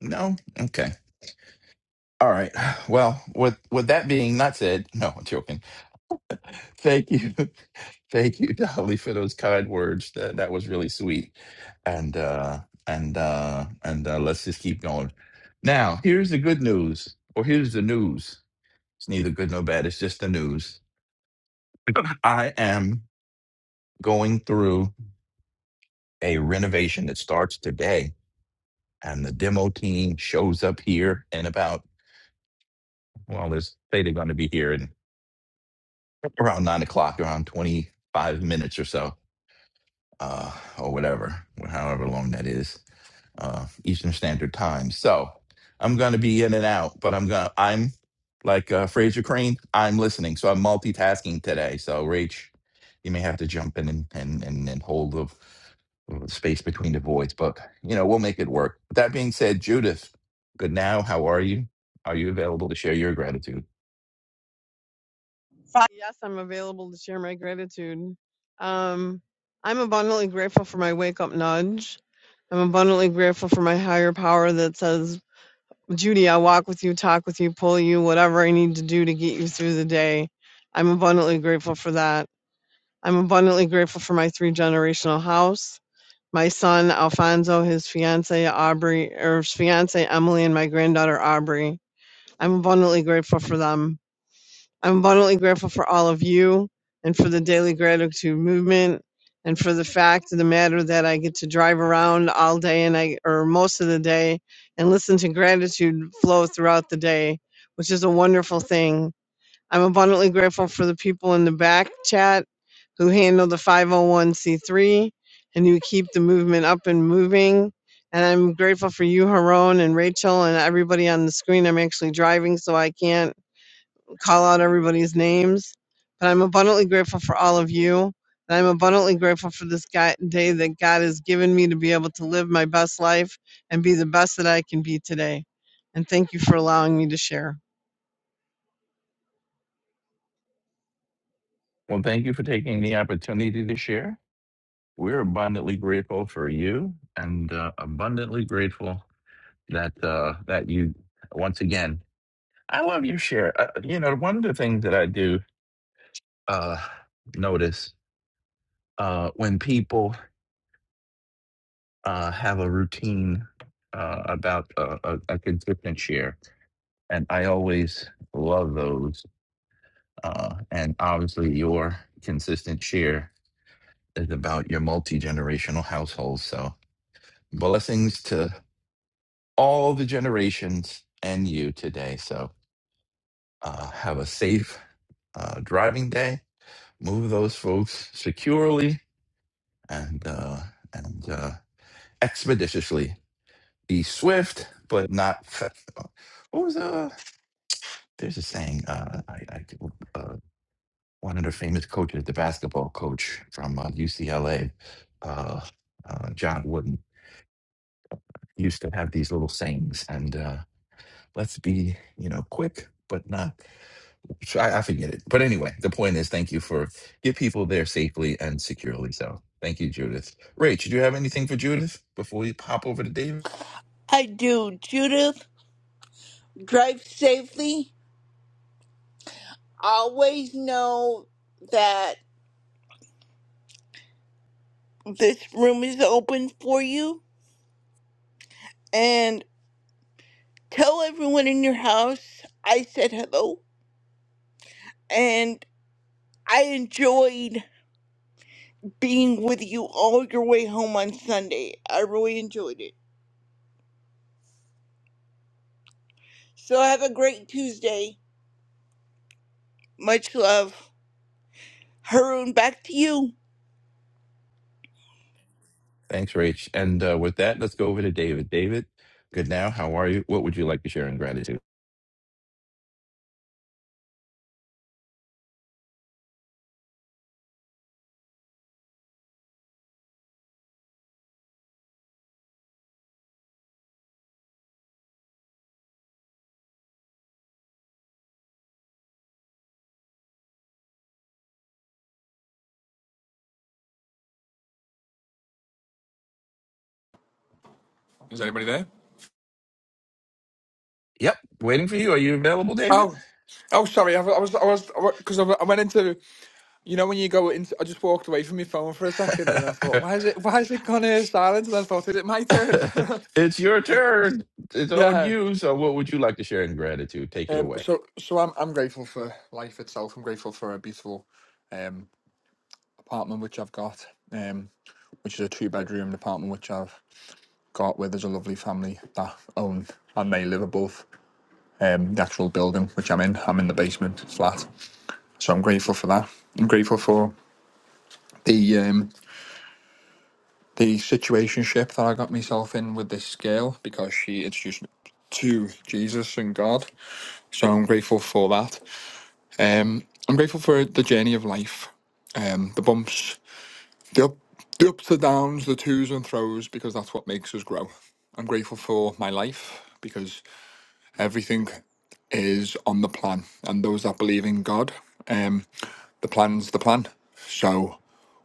[SPEAKER 26] No? Okay. All right. Well, with with that being not said, [laughs] no, I'm joking. Thank you, [laughs] thank you, Dolly, for those kind words. That that was really sweet. And uh, and uh, and uh, let's just keep going. Now, here's the good news, or here's the news. It's neither good nor bad. It's just the news. [clears throat] [laughs] I am going through a renovation that starts today, and the demo team shows up here in about well, they say they're going to be here in around nine o'clock, around 25 minutes or so, uh, or whatever, however long that is, uh, Eastern Standard Time. So I'm going to be in and out, but I'm going to, I'm like uh, Fraser Crane, I'm listening. So I'm multitasking today. So, Rach, you may have to jump in and, and, and, and hold the the space between the voids, but you know, we'll make it work. That being said, Judith, good now. How are you? Are you available to share your gratitude?
[SPEAKER 15] Fi- Yes, I'm available to share my gratitude. Um, I'm abundantly grateful for my wake up nudge. I'm abundantly grateful for my higher power that says, Judy, I'll walk with you, talk with you, pull you, whatever I need to do to get you through the day. I'm abundantly grateful for that. I'm abundantly grateful for my three generational house, my son Alfonso, his fiance Aubrey, or his fiance Emily, and my granddaughter Aubrey. I'm abundantly grateful for them. I'm abundantly grateful for all of you and for the daily gratitude movement and for the fact of the matter that I get to drive around all day and I or most of the day and listen to gratitude flow throughout the day, which is a wonderful thing. I'm abundantly grateful for the people in the back chat who handle the 501c3 and who keep the movement up and moving. And I'm grateful for you, Haron, and Rachel, and everybody on the screen. I'm actually driving, so I can't call out everybody's names, but I'm abundantly grateful for all of you. And I'm abundantly grateful for this guy, day that God has given me to be able to live my best life and be the best that I can be today. And thank you for allowing me to share.
[SPEAKER 26] Well, thank you for taking the opportunity to share. We're abundantly grateful for you and uh, abundantly grateful that uh, that you once again. I love your share. Uh, you know, one of the things that I do uh, notice uh, when people uh, have a routine uh, about uh, a, a consistent share, and I always love those. Uh, and obviously, your consistent share is about your multi generational household. So blessings to all the generations and you today. So uh, have a safe uh, driving day. Move those folks securely and uh, and uh, expeditiously. Be swift, but not. Fa- what was uh? There's a saying. Uh, I, I uh, one of the famous coaches, the basketball coach from uh, UCLA, uh, uh, John Wooden, used to have these little sayings, and. Uh, Let's be, you know, quick, but not. I, I forget it. But anyway, the point is, thank you for get people there safely and securely. So, thank you, Judith. Rach, do you have anything for Judith before we pop over to David?
[SPEAKER 27] I do. Judith, drive safely. Always know that this room is open for you. And tell everyone in your house I said hello. And I enjoyed being with you all your way home on Sunday. I really enjoyed it. So have a great Tuesday. Much love. Haroon, back to you.
[SPEAKER 26] Thanks, Rach. And uh, with that, let's go over to David. David, good now. How are you? What would you like to share in gratitude?
[SPEAKER 25] Is anybody there?
[SPEAKER 26] Yep, waiting for you. Are you available, David?
[SPEAKER 25] Oh, oh, sorry. I, was- I was, I was, because I, I went into, you know, when you go into, I just walked away from my phone for a second, and I thought, why is
[SPEAKER 26] [laughs]
[SPEAKER 25] it, why is it gone here silent? And I thought, is it my turn? [laughs]
[SPEAKER 26] it's your turn. It's on
[SPEAKER 25] yeah.
[SPEAKER 26] you. So, what would you like to share in gratitude? Take it
[SPEAKER 25] Um.
[SPEAKER 26] away.
[SPEAKER 25] So, so I'm, I'm grateful for life itself. I'm grateful for a beautiful, um, apartment which I've got. Um, which is a two bedroom apartment which I've got where there's a lovely family that own and they live above. um, the actual building which I'm in. I'm in the basement flat, so I'm grateful for that. I'm grateful for the um, the situationship that I got myself in with this girl because she introduced me to Jesus and God. So I'm grateful for that. Um, I'm grateful for the journey of life, um, the bumps, the up, the ups and downs, the twos and throws, because that's what makes us grow. I'm grateful for my life because everything is on the plan and those that believe in god um the plan's the plan so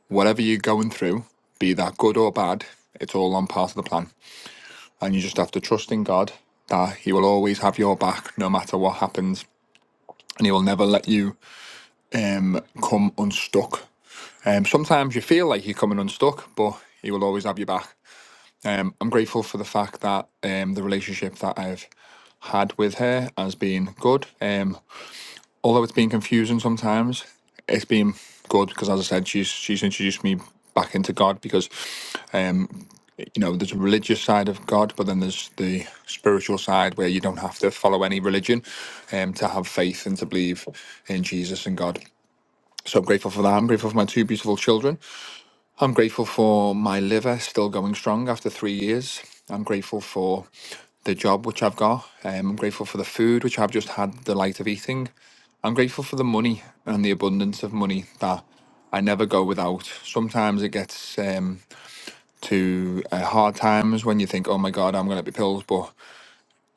[SPEAKER 25] whatever you're going through be that good or bad it's all on part of the plan and you just have to trust in god that he will always have your back no matter what happens and he will never let you um come unstuck um sometimes you feel like you're coming unstuck but he will always have your back um i'm grateful for the fact that um the relationship that i've had with her has been good. Um, although it's been confusing sometimes, it's been good because, as I said, she's she's introduced me back into God because, um, you know, there's a religious side of God, but then there's the spiritual side where you don't have to follow any religion, um, to have faith and to believe in Jesus and God. So I'm grateful for that. I'm grateful for my two beautiful children. I'm grateful for my liver still going strong after three years. I'm grateful for the job which I've got. Um, I'm grateful for the food which I've just had the delight of eating. I'm grateful for the money and the abundance of money that I never go without. Sometimes it gets um, to uh, hard times when you think, "Oh my God, I'm going to be pills," but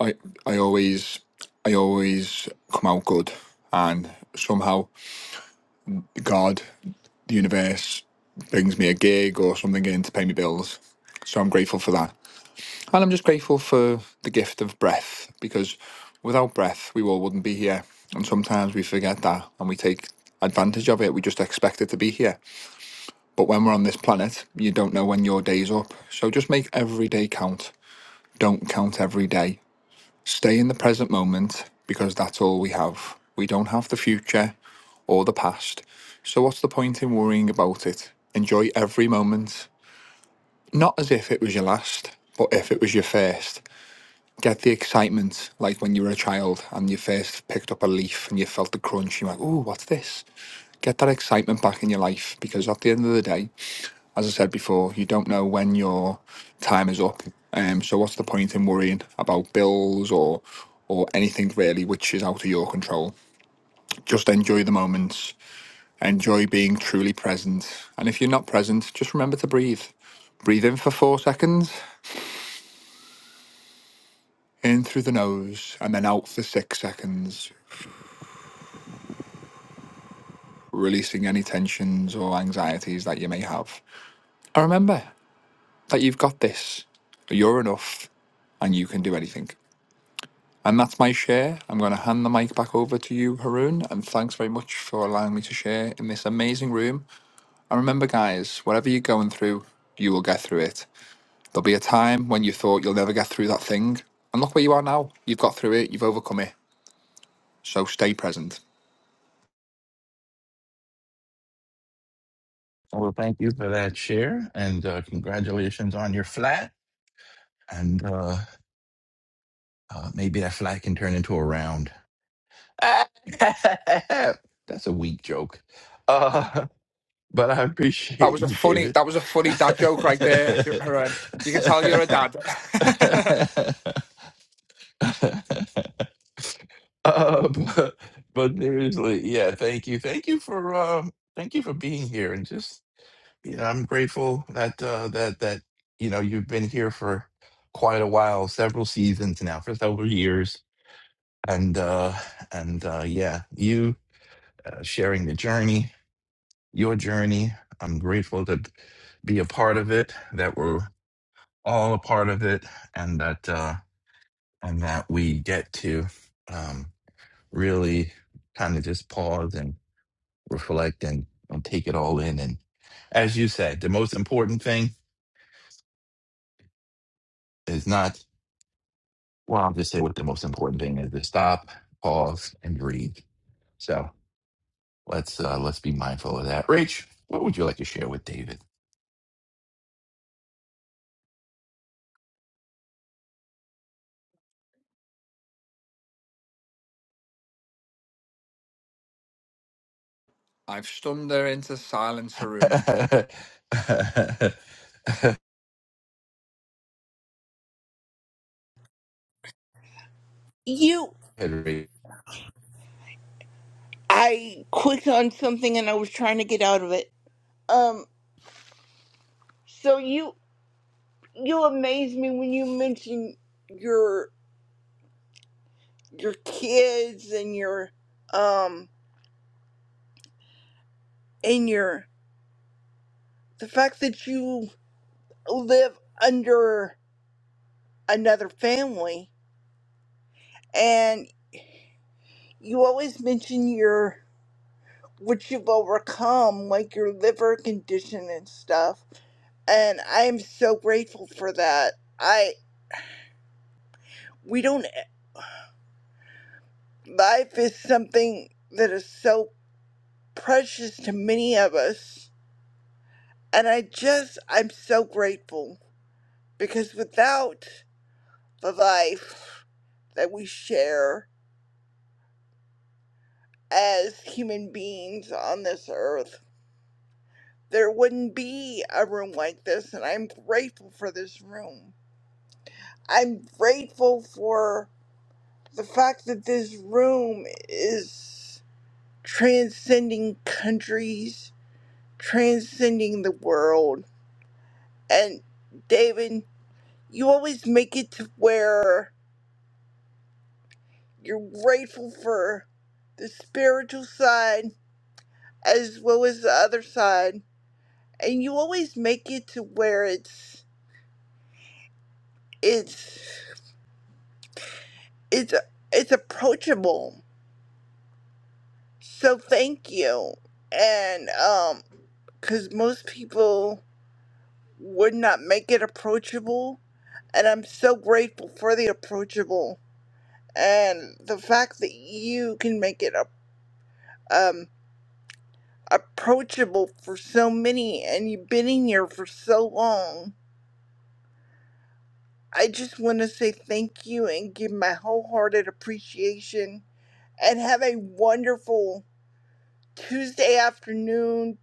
[SPEAKER 25] I, I always, I always come out good, and somehow God the universe brings me a gig or something in to pay me bills. So I'm grateful for that. And I'm just grateful for the gift of breath because without breath, we all wouldn't be here. And sometimes we forget that and we take advantage of it. We just expect it to be here. But when we're on this planet, you don't know when your day's up. So just make every day count. Don't count every day. Stay in the present moment because that's all we have. We don't have the future or the past. So, what's the point in worrying about it? Enjoy every moment, not as if it was your last, but if it was your first. Get the excitement, like when you were a child and you first picked up a leaf and you felt the crunch. You're like, "Ooh, what's this?" Get that excitement back in your life because at the end of the day, as I said before, you don't know when your time is up. Um, so what's the point in worrying about bills or or anything really which is out of your control? Just enjoy the moments. Enjoy being truly present. And if you're not present, just remember to breathe. Breathe in for four seconds, in through the nose, and then out for six seconds, releasing any tensions or anxieties that you may have. And remember that you've got this. You're enough and you can do anything. And that's my share. I'm going to hand the mic back over to you, Haroon. And thanks very much for allowing me to share in this amazing room. And remember, guys, whatever you're going through, you will get through it. There'll be a time when you thought you'll never get through that thing. And look where you are now. You've got through it, you've overcome it. So stay present.
[SPEAKER 26] Well, thank you for that share, and uh, congratulations on your flat. And uh, uh, maybe that flat can turn into a round. [laughs] That's a weak joke, uh, [laughs] but I
[SPEAKER 25] That
[SPEAKER 26] appreciate
[SPEAKER 25] was a
[SPEAKER 26] you,
[SPEAKER 25] funny
[SPEAKER 26] David.
[SPEAKER 25] that was a funny dad joke right there, Haroon. You can tell you're a dad. [laughs]
[SPEAKER 26] [laughs] Uh, [laughs] but, but seriously, yeah, thank you, thank you for um, thank you for being here, and just you know, I'm grateful that uh, that that you know you've been here for quite a while, several seasons now, for several years, and uh, and uh, yeah, you uh, sharing the journey, your journey. I'm grateful to be a part of it, that we're all a part of it, and that uh, and that we get to um, really kind of just pause reflect and, and take it all in. And as you said, the most important thing is not, well, I'll just say what the most important thing is to stop, pause, and breathe. So let's uh, let's be mindful of that. Rach, what would you like to share with David?
[SPEAKER 25] I've stunned her into silence, Haroon.
[SPEAKER 26] [laughs]
[SPEAKER 27] You.
[SPEAKER 26] Hey, Rach.
[SPEAKER 27] I clicked on something and I was trying to get out of it. Um, so you. you amaze me when you mention your your kids and your um and your the fact that you live under another family and you always mention your what you've overcome like your liver condition and stuff and i am so grateful for that i we don't life is something that is so precious to many of us and i just i'm so grateful because without the life that we share as human beings on this earth, there wouldn't be a room like this, and I'm grateful for this room. I'm grateful for the fact that this room is transcending countries, transcending the world. And David, you always make it to where you're grateful for the spiritual side as well as the other side and you always make it to where it's it's it's it's approachable so thank you and um because most people would not make it approachable and i'm so grateful for the approachable and the fact that you can make it up um approachable for so many and you've been in here for so long I just want to say thank you and give my wholehearted appreciation and have a wonderful Tuesday afternoon,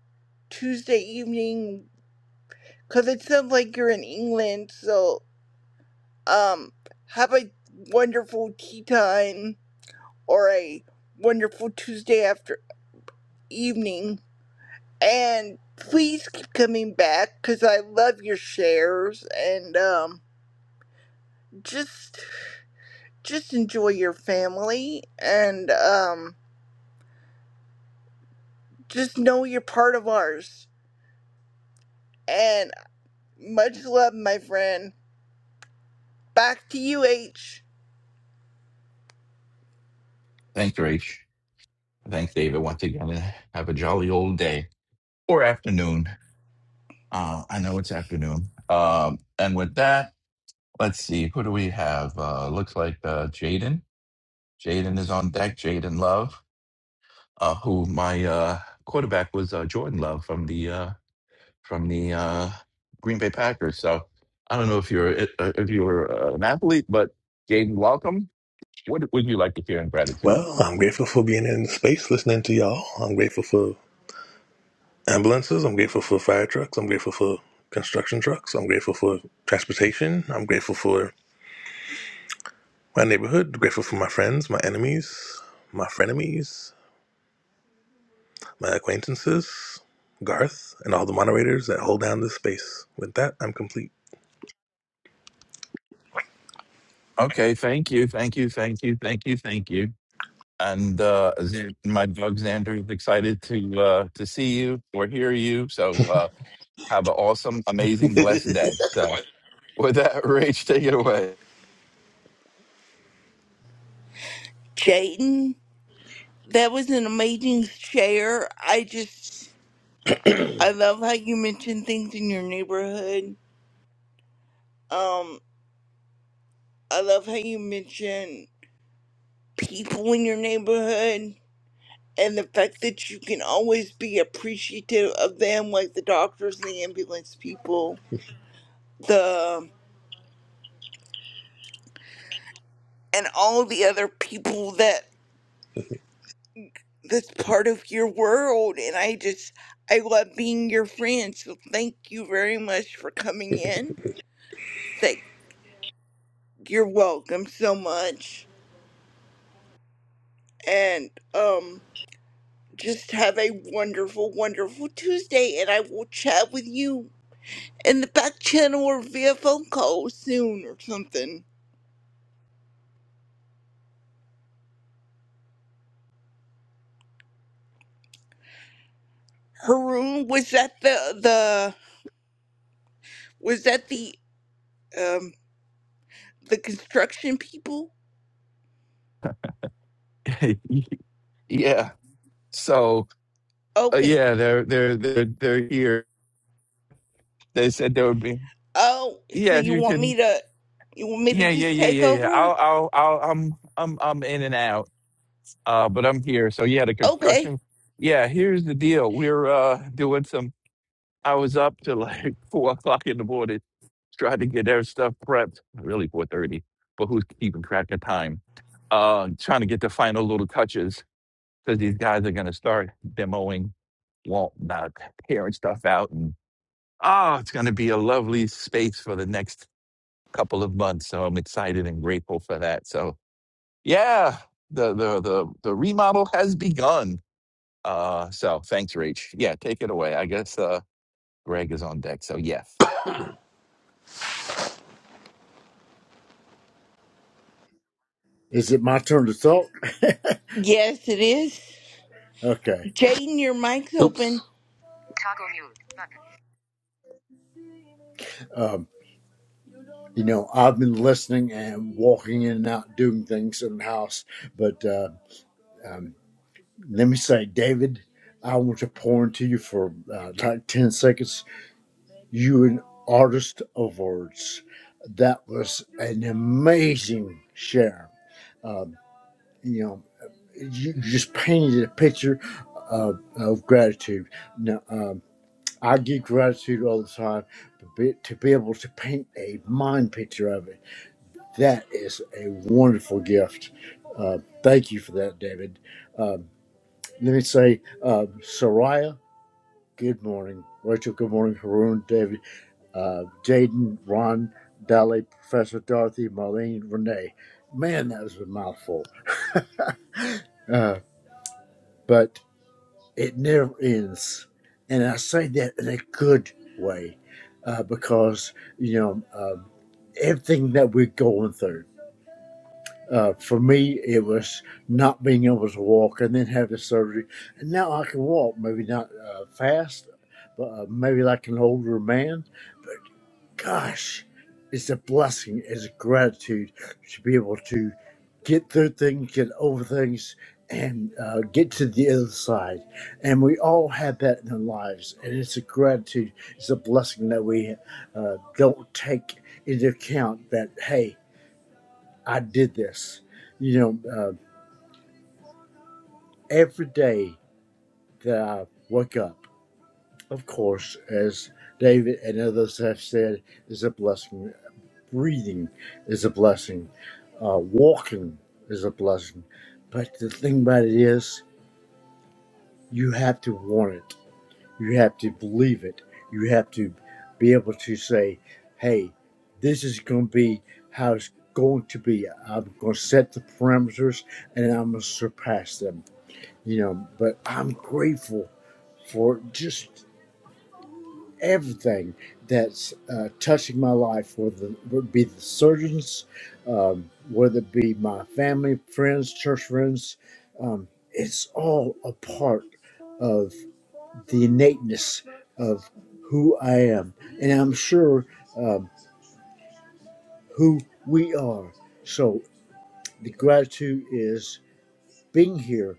[SPEAKER 27] Tuesday evening, because it sounds like you're in England. So, um, have a wonderful tea time or a wonderful Tuesday after evening. And please keep coming back because I love your shares and, um, just, just enjoy your family and, um, Just know you're part of ours. And much love, my friend. Back to you, H.
[SPEAKER 26] Thanks, Rach. Thanks, David, once again. and Have a jolly old day or afternoon. Uh, I know it's afternoon. Um, and with that, let's see. Who do we have? Uh, looks like uh, Jaden. Jaden is on deck. Jaden Love, uh, who my uh, quarterback was uh, Jordan Love from the uh, from the uh, Green Bay Packers. So I don't know if you're uh, if you were uh, an athlete, but Jaden, welcome. What would you like to hear in gratitude?
[SPEAKER 28] Well, I'm grateful for being in the space listening to y'all. I'm grateful for ambulances. I'm grateful for fire trucks. I'm grateful for construction trucks. I'm grateful for transportation. I'm grateful for my neighborhood. I'm grateful for my friends, my enemies, my frenemies, my acquaintances, Garth, and all the moderators that hold down this space. With that, I'm complete.
[SPEAKER 26] Okay, thank you, thank you, thank you, thank you, thank you. And uh, Z- my dog Xander is excited to uh, to see you or hear you. So uh, have an awesome,
[SPEAKER 28] [laughs]
[SPEAKER 26] amazing, blessed day. So with that, [laughs] Rach, take it away.
[SPEAKER 27] Jayden, that was an amazing share. I just, I love how you mention things in your neighborhood. Um, I love how you mention people in your neighborhood and the fact that you can always be appreciative of them, like the doctors, the ambulance people, the and all the other people that that's part of your world and I just I love being your friend. So thank you very much for coming in. Thank you're welcome so much. And um just have a wonderful, wonderful Tuesday and I will chat with you in the back channel or via phone call soon or something. Haroon, was that the the was that the um the construction people?
[SPEAKER 26] [laughs] yeah. So uh,
[SPEAKER 27] Okay.
[SPEAKER 26] yeah, they're they're they're they're here. They said there would be
[SPEAKER 27] Oh, so
[SPEAKER 26] yeah if
[SPEAKER 27] you
[SPEAKER 26] you
[SPEAKER 27] want
[SPEAKER 26] can
[SPEAKER 27] me to you want me to
[SPEAKER 26] yeah yeah
[SPEAKER 27] just
[SPEAKER 26] yeah
[SPEAKER 27] take
[SPEAKER 26] yeah yeah.
[SPEAKER 27] over?
[SPEAKER 26] I'll I'll I'll I'm I'm I'm in and out. Uh, but I'm here. So yeah, the
[SPEAKER 27] Okay.
[SPEAKER 26] construction. Yeah, here's the deal. We're uh doing some. I was up to like [laughs] four o'clock in the morning trying to get their stuff prepped. Really four thirty, but who's keeping track of time? Uh, trying to get the final little touches because these guys are gonna start demoing, well, not tearing stuff out and Oh, it's going to be a lovely space for the next couple of months. So I'm excited and grateful for that. So yeah, the the the the remodel has begun. Uh, so thanks, Rach. Yeah, take it away. I guess uh, Greg is on deck. So yes.
[SPEAKER 29] Is it my turn to talk? [laughs]
[SPEAKER 27] Yes, it is.
[SPEAKER 29] Okay.
[SPEAKER 27] Jaden, your mic's
[SPEAKER 28] Oops.
[SPEAKER 27] open.
[SPEAKER 28] Toggle mute.
[SPEAKER 29] Um, you know, I've been listening and walking in and out doing things in the house, but uh, um, let me say, David, I want to pour into you for uh, like 10 seconds. You an artist of words. That was an amazing share. Um, you know, you you just painted a picture of, of gratitude. Now, um, I give gratitude all the time to be, to be able to paint a mind picture of it. That is a wonderful gift. Uh, thank you for that, David. Um, let me say, uh, Soraya, good morning. Rachel, good morning. Haroon, David, uh, Jaden, Ron, Dolly, Professor Dorothy, Marlene, Renee. Man, that was a mouthful. Uh, but It never ends. And I say that in a good way uh, because, you know, um, everything that we're going through. Uh, for me, it was not being able to walk and then have the surgery. And now I can walk, maybe not uh, fast, but uh, maybe like an older man gosh, it's a blessing, it's a gratitude to be able to get through things, get over things, and uh, get to the other side. And we all have that in our lives, and it's a gratitude, it's a blessing that we uh, don't take into account that hey, I did this. You know, uh, every day that I wake up, of course, as David and others have said, is a blessing. Breathing is a blessing. Uh, walking is a blessing. But the thing about it is, you have to want it. You have to believe it. You have to be able to say, hey, this is going to be how it's going to be. I'm going to set the parameters and I'm going to surpass them. You know, but I'm grateful for just everything that's uh, touching my life, whether it be the surgeons, um, whether it be my family, friends, church friends, um, it's all a part of the innateness of who I am, and I'm sure um, who we are. So the gratitude is being here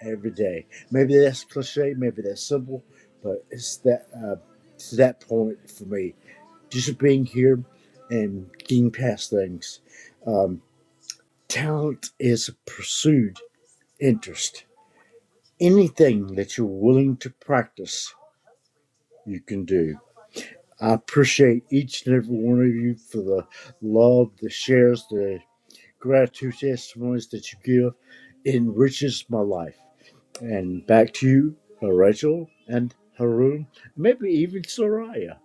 [SPEAKER 29] every day. Maybe that's cliche, maybe that's simple, but it's that uh, to that point for me. just being here and getting past things. Talent is a pursued interest. Anything that you're willing to practice, you can do. I appreciate each and every one of you for the love, the shares, the gratitude testimonies that you give. It enriches my life. And back to you, Rachel and Haroon, maybe even Soraya.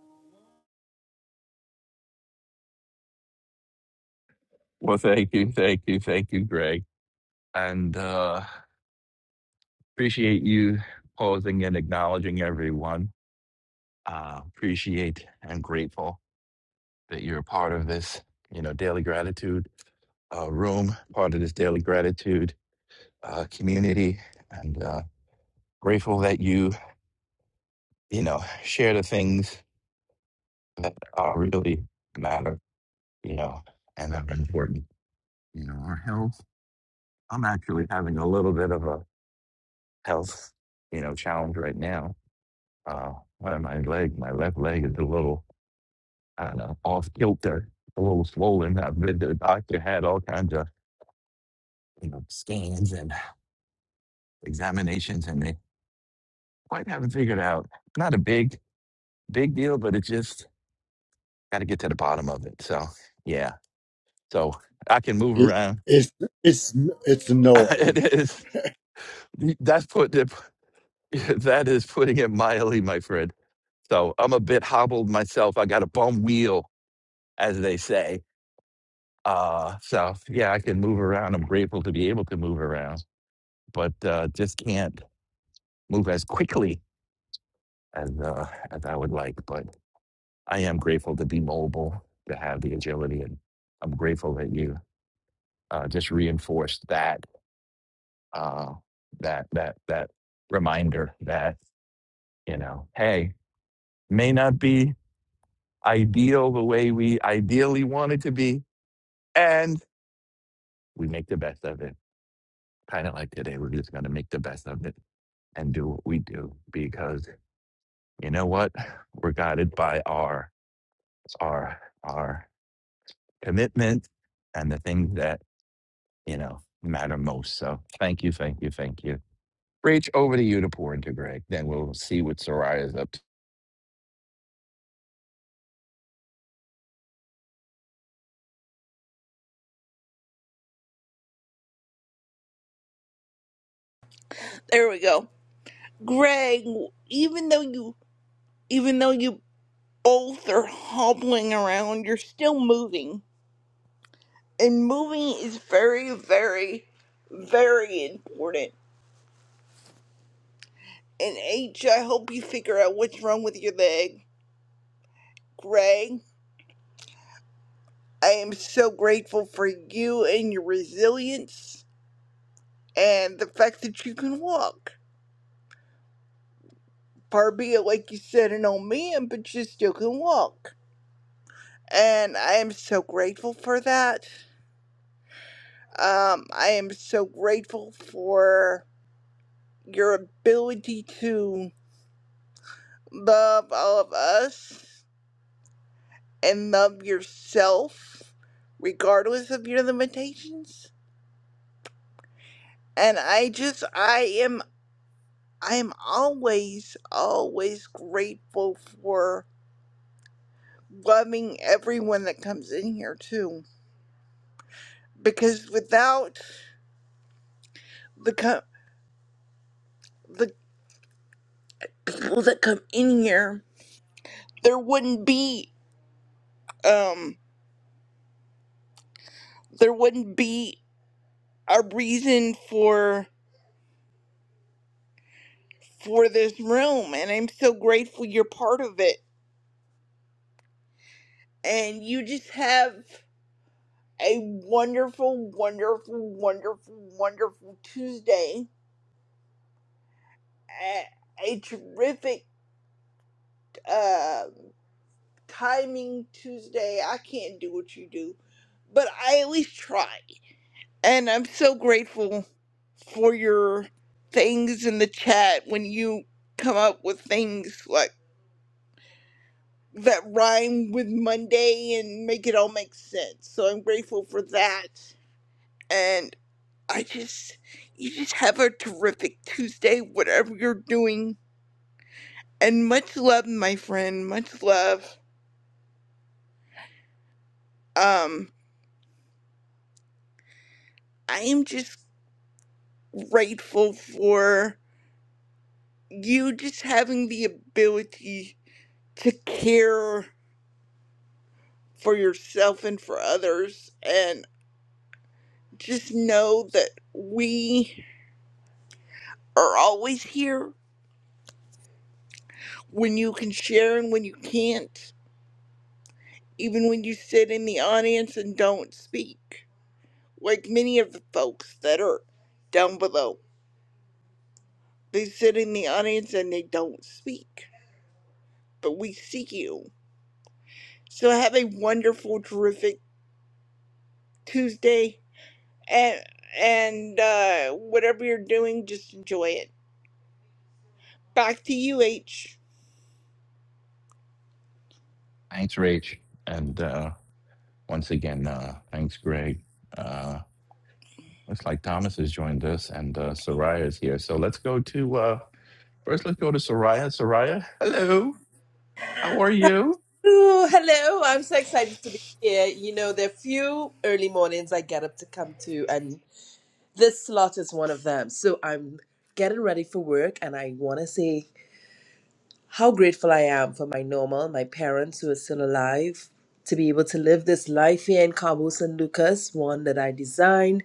[SPEAKER 26] Well, thank you, thank you, thank you, Greg, and uh, appreciate you pausing and acknowledging everyone. Uh, appreciate and grateful that you're a part of this, you know, daily gratitude uh, room, part of this daily gratitude uh, community, and uh, grateful that you, you know, share the things that uh, really matter, you know, and are important. You know, our health. I'm actually having a little bit of a health, you know, challenge right now. Uh, one of my leg, my left leg is a little, I don't know, off kilter, a little swollen. I've been to the doctor, had all kinds of, you know, scans and examinations, and they quite haven't figured out. Not a big, big deal, but it just Got to get to the bottom of it. So yeah. So I can move
[SPEAKER 29] It,
[SPEAKER 26] around.
[SPEAKER 29] it's it's it's
[SPEAKER 26] [laughs]
[SPEAKER 29] annoying.
[SPEAKER 26] it is that's put it- that is putting it mildly, my friend. So I'm a bit hobbled myself. I got a bum wheel, as they say. Uh, so yeah, I can move around. I'm grateful to be able to move around, but uh, just can't move as quickly as uh, as I would like. But I am grateful to be mobile, to have the agility, and I'm grateful that you uh, just reinforced that uh, that that that reminder that you know, hey, may not be ideal the way we ideally want it to be, and we make the best of it. Kind of like today, we're just going to make the best of it and do what we do because you know what, we're guided by our our our commitment and the things that you know matter most. So, thank you, thank you, thank you. Rach, over to you to pour into Greg. Then we'll see what Soraya's up to.
[SPEAKER 27] There we go. Greg, even though you even though you both are hobbling around, you're still moving. And moving is very, very, very important. And H, I hope you figure out what's wrong with your leg. Greg, I am so grateful for you and your resilience. and the fact that you can walk. far be it like you said, an old man, but you still can walk. And I am so grateful for that. Um, I am so grateful for your ability to love all of us and love yourself, regardless of your limitations. And I just, I am, I am always, always grateful for loving everyone that comes in here, too because without the co- the people that come in here, there wouldn't be um there wouldn't be a reason for for this room, and I'm so grateful you're part of it. And you just have a wonderful, wonderful, wonderful, wonderful Tuesday, a, a terrific uh, timing Tuesday. I can't do what you do, but I at least try. And I'm so grateful for your things in the chat when you come up with things like that rhyme with Monday and make it all make sense. So I'm grateful for that. And I just, you just have a terrific Tuesday, whatever you're doing. And much love, my friend. Much love. Um, I am just grateful for you just having the ability to care for yourself and for others. And just know that we are always here when you can share and when you can't, even when you sit in the audience and don't speak. Like many of the folks that are down below, they sit in the audience and they don't speak, but we see you. So have a wonderful, terrific Tuesday. And, and uh, whatever you're doing, just enjoy it. Back to you, H.
[SPEAKER 26] Thanks, Rach. And uh, once again, uh, thanks, Greg. Uh, looks like Thomas has joined us and uh, Soraya is here. So let's go to uh, first, let's go to Soraya. Soraya, hello. How are you?
[SPEAKER 30] Ooh, hello. I'm so excited to be here. You know, there are few early mornings I get up to come to, and this slot is one of them. So I'm getting ready for work, and I want to say how grateful I am for my normal, my parents who are still alive, to be able to live this life here in Cabo San Lucas, one that I designed,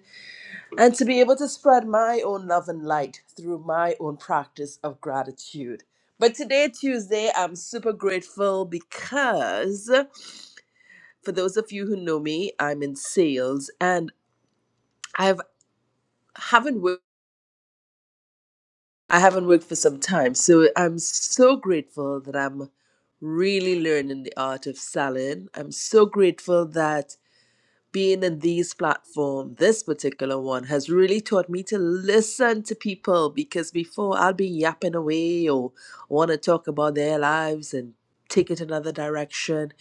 [SPEAKER 30] and to be able to spread my own love and light through my own practice of gratitude. But today, Tuesday, I'm super grateful because for those of you who know me, I'm in sales and I've haven't worked I haven't worked for some time. So I'm so grateful that I'm really learning the art of selling. I'm so grateful that being in these platform, this particular one, has really taught me to listen to people because before I'll be yapping away or want to talk about their lives and take it another direction.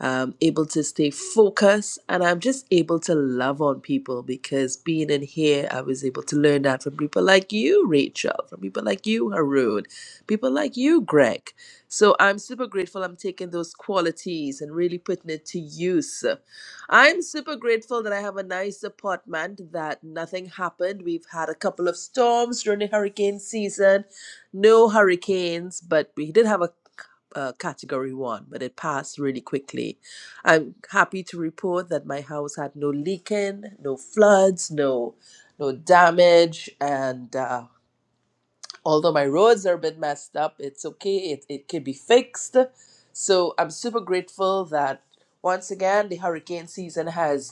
[SPEAKER 30] um, able to stay focused, and I'm just able to love on people because being in here, I was able to learn that from people like you, Rachel, from people like you, Haroon, people like you, Greg. So I'm super grateful I'm taking those qualities and really putting it to use. I'm super grateful that I have a nice apartment, that nothing happened. We've had a couple of storms during the hurricane season, no hurricanes, but we did have a uh, category one, but it passed really quickly. I'm happy to report that my house had no leaking, no floods, no no damage, and uh, although my roads are a bit messed up, it's okay. It it can be fixed. So I'm super grateful that once again the hurricane season has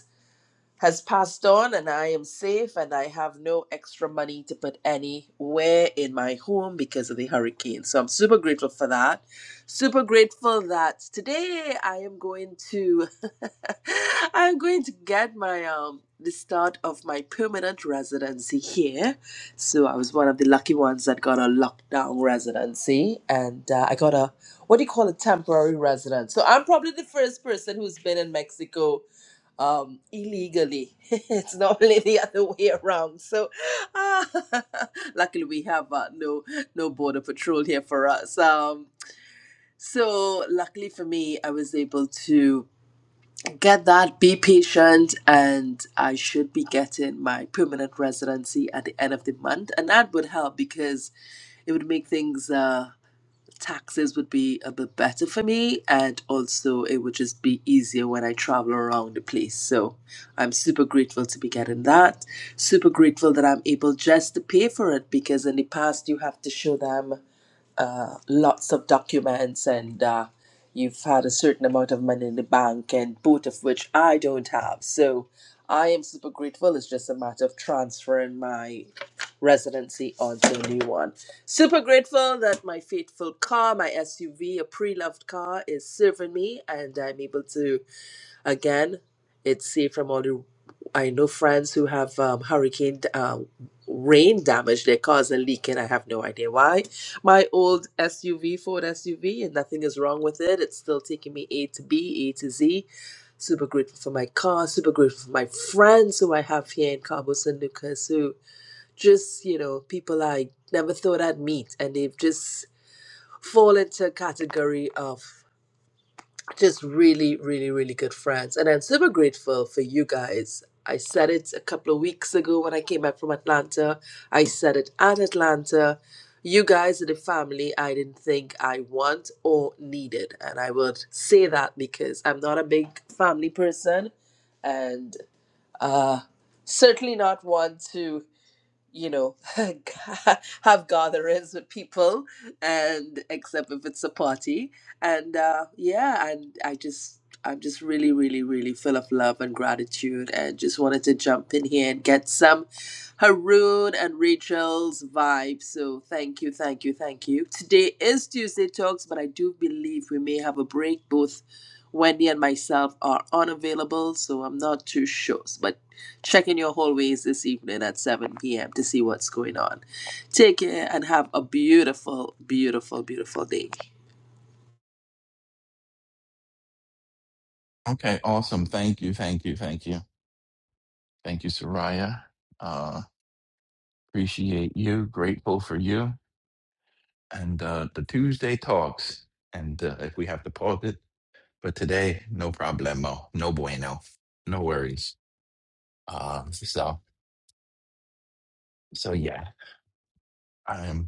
[SPEAKER 30] has passed on and I am safe and I have no extra money to put anywhere in my home because of the hurricane. So I'm super grateful for that. Super grateful that today I am going to [laughs] I'm going to get my um the start of my permanent residency here. So I was one of the lucky ones that got a lockdown residency and uh, I got a what do you call a temporary residence. So I'm probably the first person who's been in Mexico um illegally [laughs] it's normally the other way around so ah, [laughs] luckily we have uh, no no border patrol here for us um so luckily for me i was able to get that be patient and i should be getting my permanent residency at the end of the month and that would help because it would make things uh, taxes would be a bit better for me and also it would just be easier when I travel around the place. So I'm super grateful to be getting that. Super grateful that I'm able just to pay for it because in the past you have to show them uh, lots of documents and uh, you've had a certain amount of money in the bank, and both of which I don't have. So I am super grateful. It's just a matter of transferring my residency onto a new one. Super grateful that my faithful car, my SUV, a pre loved car, is serving me and I'm able to Again, it's safe from all the. I know friends who have um, hurricane uh, rain damage. Their cars are leaking. I have no idea why. My old SUV, Ford SUV, and nothing is wrong with it. It's still taking me A to B, A to Z. Super grateful for my car. Super grateful for my friends who I have here in Cabo San Lucas. Who just you know people I never thought I'd meet, and they've just fall into a category of just really, really, really good friends. And I'm super grateful for you guys. I said it a couple of weeks ago when I came back from Atlanta. I said it at Atlanta. You guys are the family I didn't think I want or needed. And I would say that because I'm not a big family person and uh, certainly not one to you know, [laughs] have gatherings with people, and except if it's a party. And uh, yeah, and I just, I'm just really, really, really full of love and gratitude, and just wanted to jump in here and get some Haroon and Rachel's vibe. So thank you, thank you, thank you. Today is Tuesday Talks, but I do believe we may have a break both. Wendy and myself are unavailable, so I'm not too sure. But check in your hallways this evening at 7 p.m. to see what's going on. Take care and have a beautiful, beautiful, beautiful day.
[SPEAKER 26] Okay, awesome. Thank you. Thank you. Thank you. Thank you, Soraya. Uh, appreciate you. Grateful for you. And uh, the Tuesday talks. And uh, if we have to pause it, but today, no problemo. No bueno. No worries. Um, so, so yeah. I'm.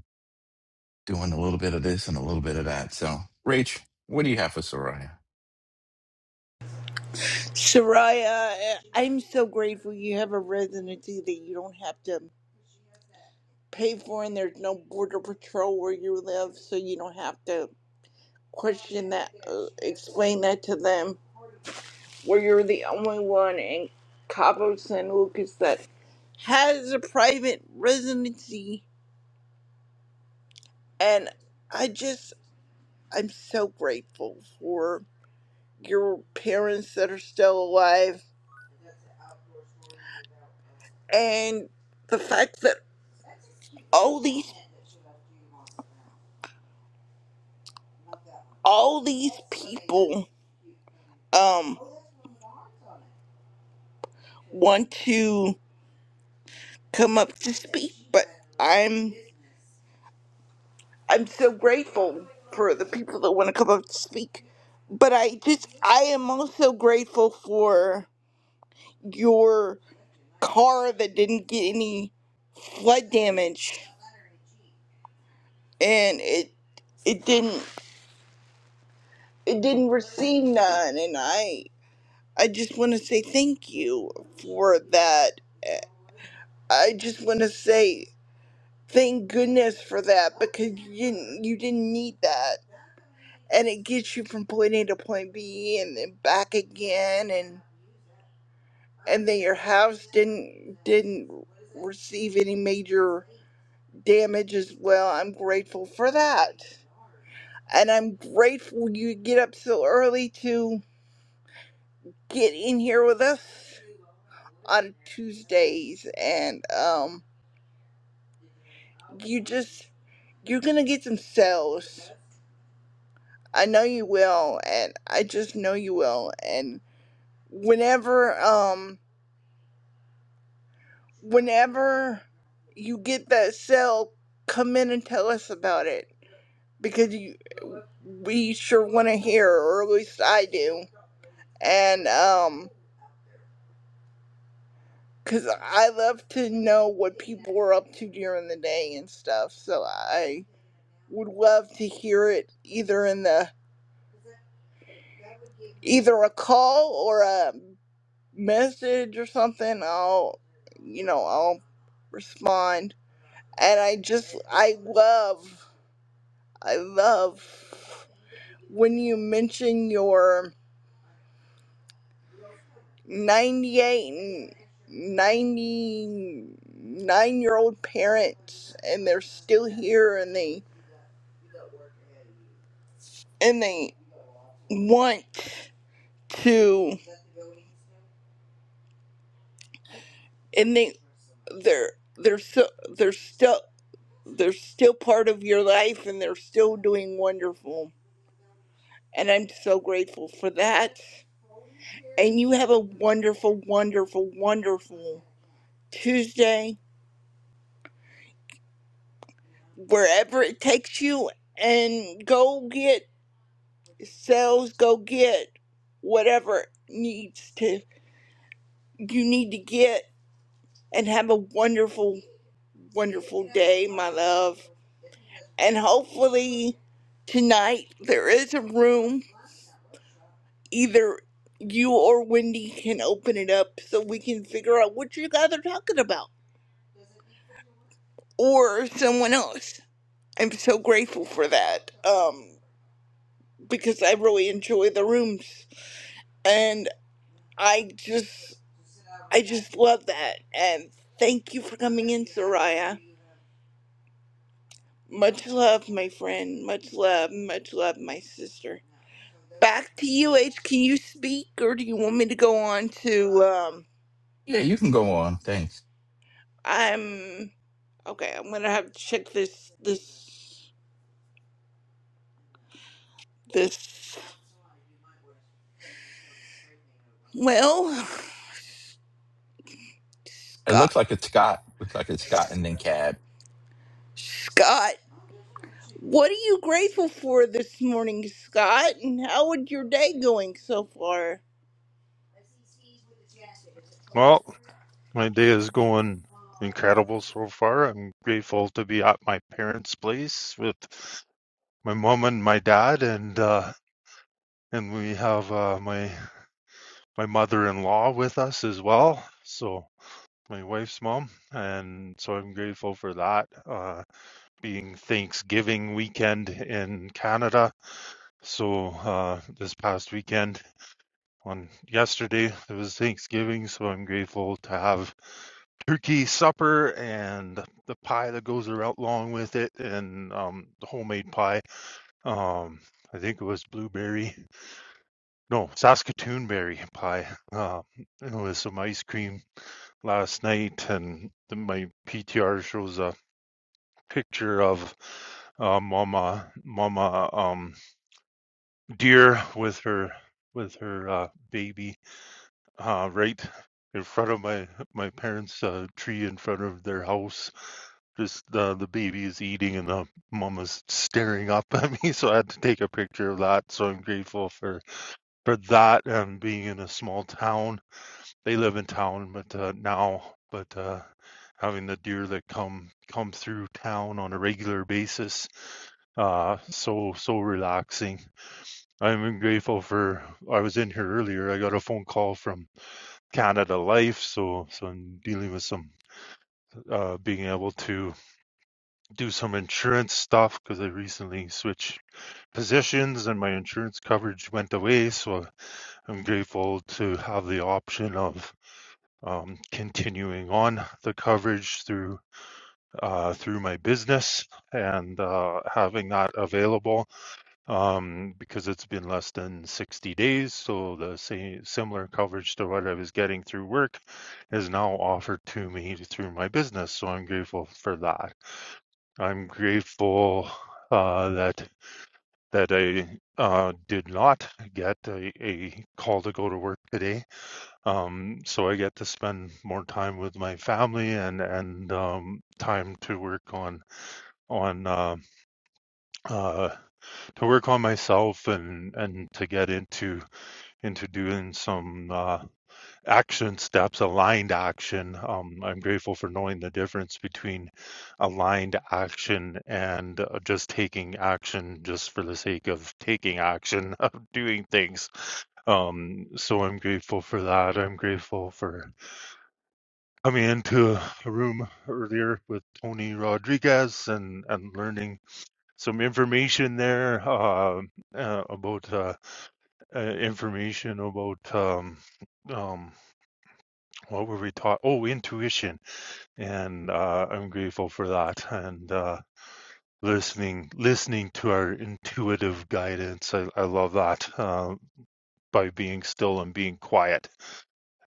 [SPEAKER 26] doing a little bit of this and a little bit of that. So, Rach, what do you have for Soraya?
[SPEAKER 27] Soraya, I- I'm so grateful you have a residency that you don't have to pay for, and there's no border patrol where you live, so you don't have to question that, uh, explain that to them. Where you're the only one in Cabo San Lucas that has a private residency, and I just, I'm so grateful for your parents that are still alive, and the fact that all these all these people um want to come up to speak but i'm i'm so grateful for the people that want to come up to speak but i just i am also grateful for your car that didn't get any flood damage and it it didn't it didn't receive none and i i just want to say thank you for that i just want to say Thank goodness for that because you didn't you didn't need that, and it gets you from point A to point B and then back again, and and then your house didn't didn't receive any major damage as well. I'm grateful for that, and I'm grateful you get up so early to get in here with us on Tuesdays, and um, you just you're gonna get some sales. I know you will, and I just know you will. And whenever, um, whenever you get that cell, come in and tell us about it because you, we sure want to hear, or at least I do. And um, cause I love to know what people are up to during the day and stuff. So I would love to hear it either in the either a call or a message or something, I'll, you know, I'll respond. And I just, I love, I love when you mention your 98 and 99 year old parents and they're still here and they, and they want to, and they, they're, they're so, they're still, they're still part of your life and they're still doing wonderful And I'm so grateful for that. And you have a wonderful, wonderful, wonderful Tuesday, wherever it takes you. And go get sales, go get whatever needs to you need to get and have a wonderful, wonderful day, my love. And hopefully tonight there is a room either you or Wendy can open it up so we can figure out what you guys are talking about or someone else. I'm so grateful for that um, because I really enjoy the rooms and I just I just love that and thank you for coming in, Soraya. Much love, my friend. Much love, much love, my sister. Back to you, H. Can you speak, or do you want me to go on to? Um,
[SPEAKER 26] Yeah, you can go on. Thanks.
[SPEAKER 27] I'm okay. I'm gonna have to check this this this. Well, [sighs]
[SPEAKER 26] It
[SPEAKER 27] Scott.
[SPEAKER 26] looks like it's Scott. Looks like it's Scott and then Cad.
[SPEAKER 27] Scott. What are you grateful for this morning, Scott? And how would your day going so far?
[SPEAKER 31] Well, my day is going incredible so far. I'm grateful to be at my parents' place with my mom and my dad, and uh, and we have uh, my my mother-in-law with us as well. So my wife's mom, and so I'm grateful for that. Uh, being Thanksgiving weekend in Canada, so uh, this past weekend on yesterday it was Thanksgiving, so I'm grateful to have turkey supper and the pie that goes around along with it and um, the homemade pie. Um, I think it was blueberry, no, Saskatoon berry pie. Uh, and with some ice cream last night, and then my PTR shows a picture of uh, Mama Mama um, Deer with her with her uh, baby uh, right in front of my my parents' uh, tree in front of their house Just the the baby is eating and the mama's staring up at me, [laughs] so I had to take a picture of that. So I'm grateful for for that and being in a small town. They live in town, but uh, now, but uh, having the deer that come come through town on a regular basis, uh, so so relaxing. I'm grateful for. I was in here earlier. I got a phone call from Canada Life, so so I'm dealing with some uh, being able to do some insurance stuff because I recently switched positions and my insurance coverage went away. So I'm grateful to have the option of um, continuing on the coverage through uh, through my business and uh, having that available um, because it's been less than 60 days. So the same similar coverage to what I was getting through work is now offered to me through my business. So I'm grateful for that. I'm grateful uh, that that I uh, did not get a, a call to go to work today, um, so I get to spend more time with my family and and um, time to work on on uh, uh, to work on myself and and to get into into doing some. uh, action steps, aligned action. Um, I'm grateful for knowing the difference between aligned action and uh, just taking action just for the sake of taking action, [laughs] of doing things. Um, so I'm grateful for that. I'm grateful for coming into a room earlier with Tony Rodriguez and, and learning some information there uh, uh, about uh, uh, information about um, um, what were we taught? Oh, intuition, and uh, I'm grateful for that. And uh, listening, listening to our intuitive guidance, I, I love that. Uh, by being still and being quiet,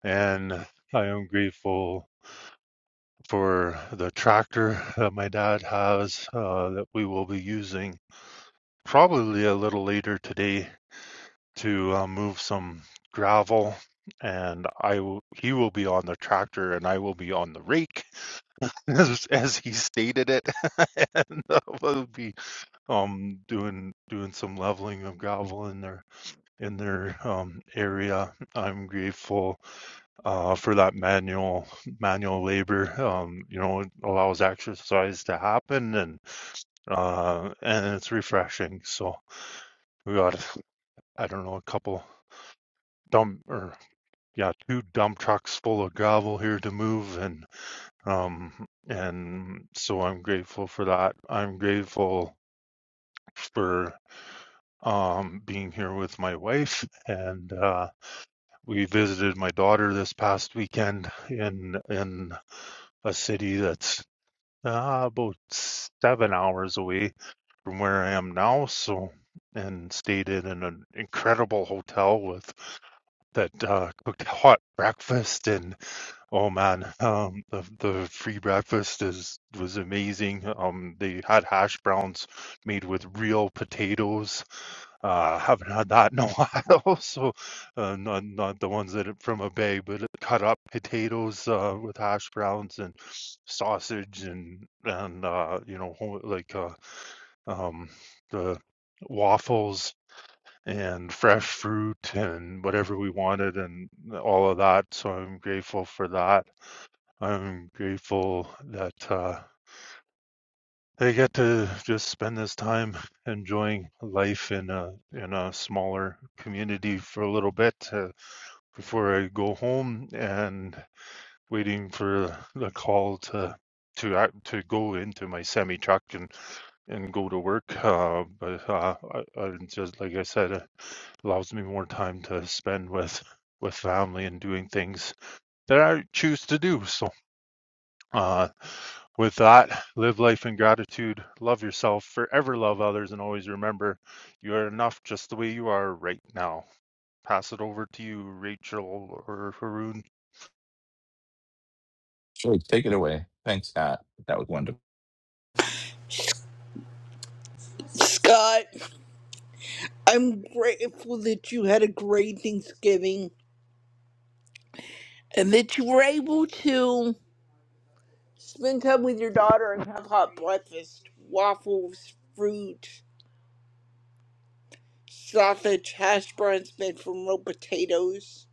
[SPEAKER 31] and I am grateful for the tractor that my dad has uh, that we will be using probably a little later today to uh, move some gravel. And I, will- he will be on the tractor, and I will be on the rake [laughs] as, as he stated it, [laughs] and uh, we'll be um doing doing some leveling of Goblin in their in their um area. I'm grateful uh for that manual manual labor. Um, you know, it allows exercise to happen and uh and it's refreshing. So we got I don't know a couple dump or yeah two dump trucks full of gravel here to move and Um, and so I'm grateful for that. I'm grateful for um, being here with my wife, and uh, we visited my daughter this past weekend in in a city that's uh, about seven hours away from where I am now. So, and stayed in an incredible hotel with that uh, cooked hot breakfast and. Oh man, um, the the free breakfast is was amazing. Um, they had hash browns made with real potatoes. Uh, haven't had that in a [laughs] while, so uh, not not the ones that are from a bag, but cut up potatoes uh, with hash browns and sausage and and uh, you know whole- like uh, um, the waffles and fresh fruit and whatever we wanted and all of that. So I'm grateful for that I'm grateful that uh, I get to just spend this time enjoying life in a in a smaller community for a little bit uh, before I go home and waiting for the call to to act, to go into my semi truck and and go to work. Uh, but uh, I, I just like I said, it allows me more time to spend with with family and doing things that I choose to do. So Uh, with that, live life in gratitude, love yourself, forever love others, and always remember you are enough just the way you are right now. Pass it over to you, Rachel or Haroon.
[SPEAKER 26] Sure, take it away. Thanks, Scott. That was wonderful.
[SPEAKER 27] Scott, I'm grateful that you had a great Thanksgiving and that you were able to spend time with your daughter and have hot breakfast, waffles, fruit, sausage, hash browns made from real potatoes.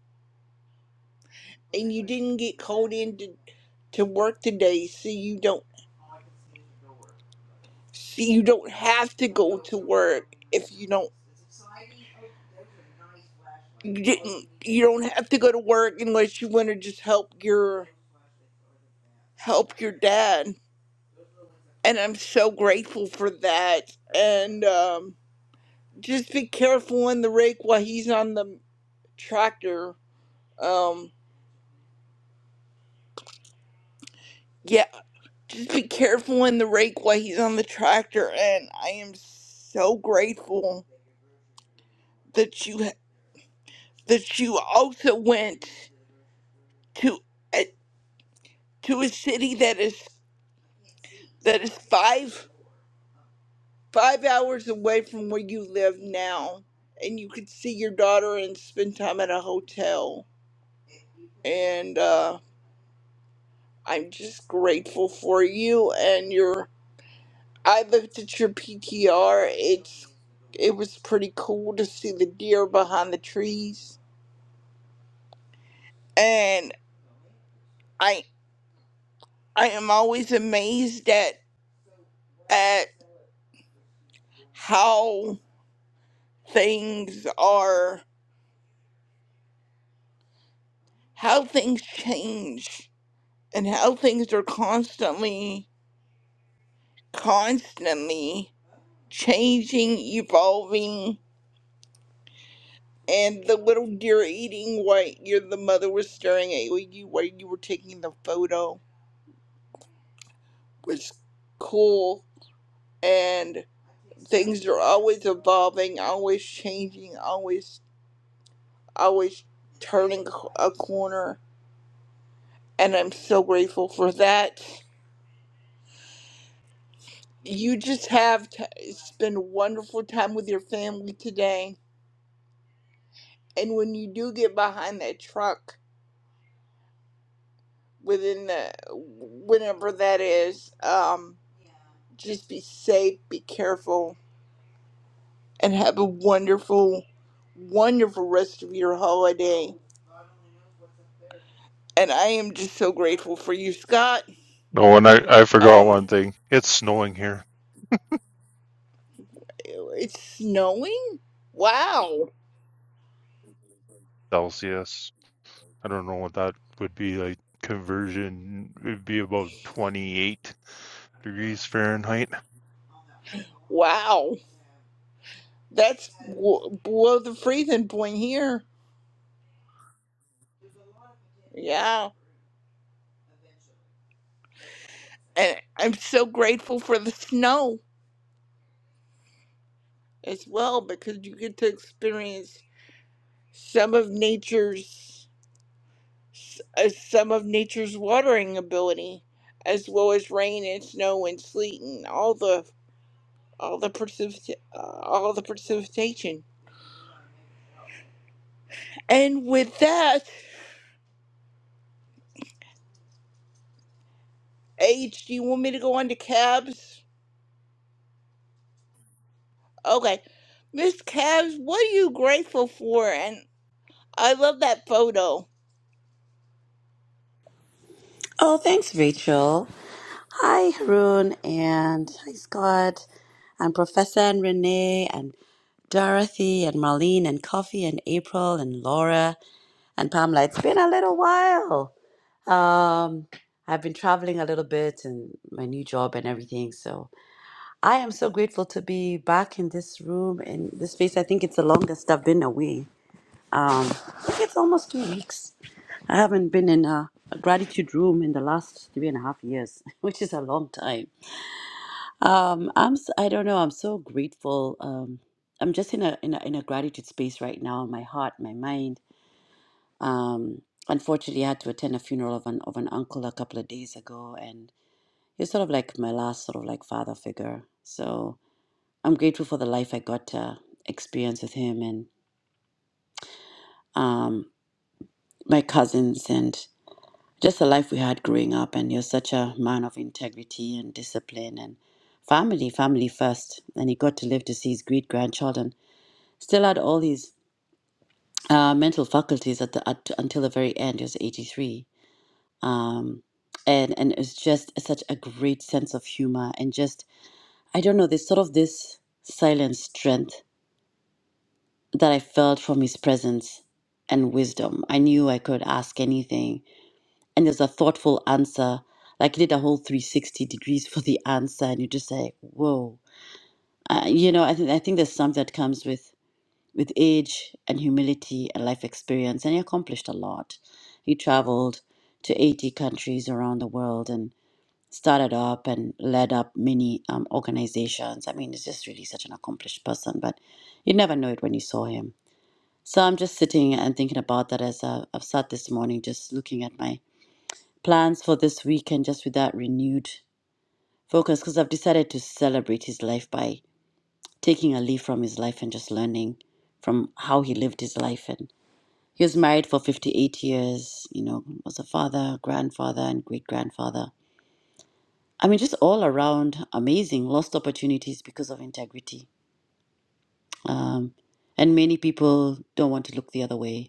[SPEAKER 27] And you didn't get called in to, to work today, so you don't so you don't have to go to work if you don't you didn't you don't have to go to work unless you want to just help your help your dad and i'm so grateful for that and um just be careful in the rake while he's on the tractor um yeah just be careful in the rake while he's on the tractor and i am so grateful that you that you also went to a- to a city that is that is five five hours away from where you live now and you could see your daughter and spend time at a hotel and uh, i'm just grateful for you and your i looked at your ptr it's it was pretty cool to see the deer behind the trees and i i am always amazed at at how things are how things change and how things are constantly constantly changing, evolving, and the little deer eating what your the mother was staring at you while you were taking the photo was cool and things are always evolving, always changing, always always turning c- a corner and I'm so grateful for that. You just have to spend a wonderful time with your family today. And when you do get behind that truck, within the whenever that is. Um, just be safe, be careful, and have a wonderful, wonderful rest of your holiday. And I am just so grateful for you, Scott.
[SPEAKER 31] Oh, and I, I forgot
[SPEAKER 27] Um,
[SPEAKER 31] one thing. It's snowing here,
[SPEAKER 27] it's snowing. Wow,
[SPEAKER 31] Celsius. I don't know what that would be like. Conversion it would be about 28 degrees Fahrenheit.
[SPEAKER 27] wow, that's w- below the freezing point here. Yeah, and I'm so grateful for the snow as well because you get to experience some of nature's uh, some of nature's watering ability, as well as rain and snow and sleet and all the all the precipita- uh, all the precipitation. And with that, H, do you want me to go on to cabs? Okay, Miss Cabs, what are you grateful for? And I love that photo,
[SPEAKER 32] Oh, thanks, Rachel. Hi, Haroon, and hi, Scott, and Professor and Renee, and Dorothy, and Marlene, and Coffee, and April, and Laura, and Pamela. It's been a little while. Um, I've been traveling a little bit and my new job and everything. So I am so grateful to be back in this room, in this space. I think it's the longest I've been away. Um, I think it's almost two weeks. I haven't been in a, a gratitude room in the last three and a half years, [laughs] which is a long time. Um, I'm s- I don't know. I'm so grateful. Um, I'm just in a, in a in a gratitude space right now. My heart, my mind. Um, unfortunately, I had to attend a funeral of an of an uncle a couple of days ago, and he's sort of like my last sort of like father figure. So I'm grateful for the life I got to experience with him and um, my cousins. and. just the life we had growing up and you're such a man of integrity and discipline and family family first and he got to live to see his great grandchildren still had all these uh, mental faculties at the at, until the very end he was 83 um, and and it's just such a great sense of humor and just i don't know there's sort of this silent strength that i felt from his presence and wisdom i knew i could ask anything and there's a thoughtful answer. Like you did a whole 360 degrees for the answer, and you just say, "Whoa!" Uh, you know, I think I think there's some that comes with with age and humility and life experience, and he accomplished a lot. He traveled to 80 countries around the world and started up and led up many um, organizations. I mean, he's just really such an accomplished person, but you never know it when you saw him. So I'm just sitting and thinking about that as I- I've sat this morning, just looking at my plans for this weekend just with that renewed focus because I've decided to celebrate his life by taking a leaf from his life and just learning from how he lived his life. And he was married for 58 years, you know, was a father, grandfather, and great grandfather. I mean, just all around amazing, lost opportunities because of integrity. Um, and many people don't want to look the other way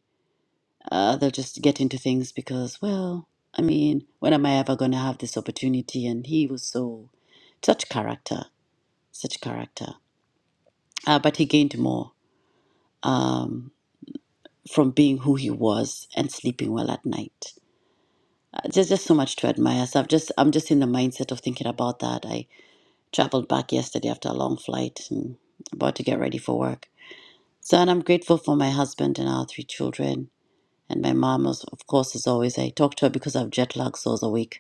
[SPEAKER 32] Uh, they'll just get into things because, well, I mean, when am I ever going to have this opportunity? And he was so, such character, such character. Uh, but he gained more um, from being who he was and sleeping well at night. Uh, there's just so much to admire. So I've just, I'm just in the mindset of thinking about that. I traveled back yesterday after a long flight and about to get ready for work. So, and I'm grateful for my husband and our three children. And my mom, was, of course, as always, I talk to her because I've jet lag, so I was awake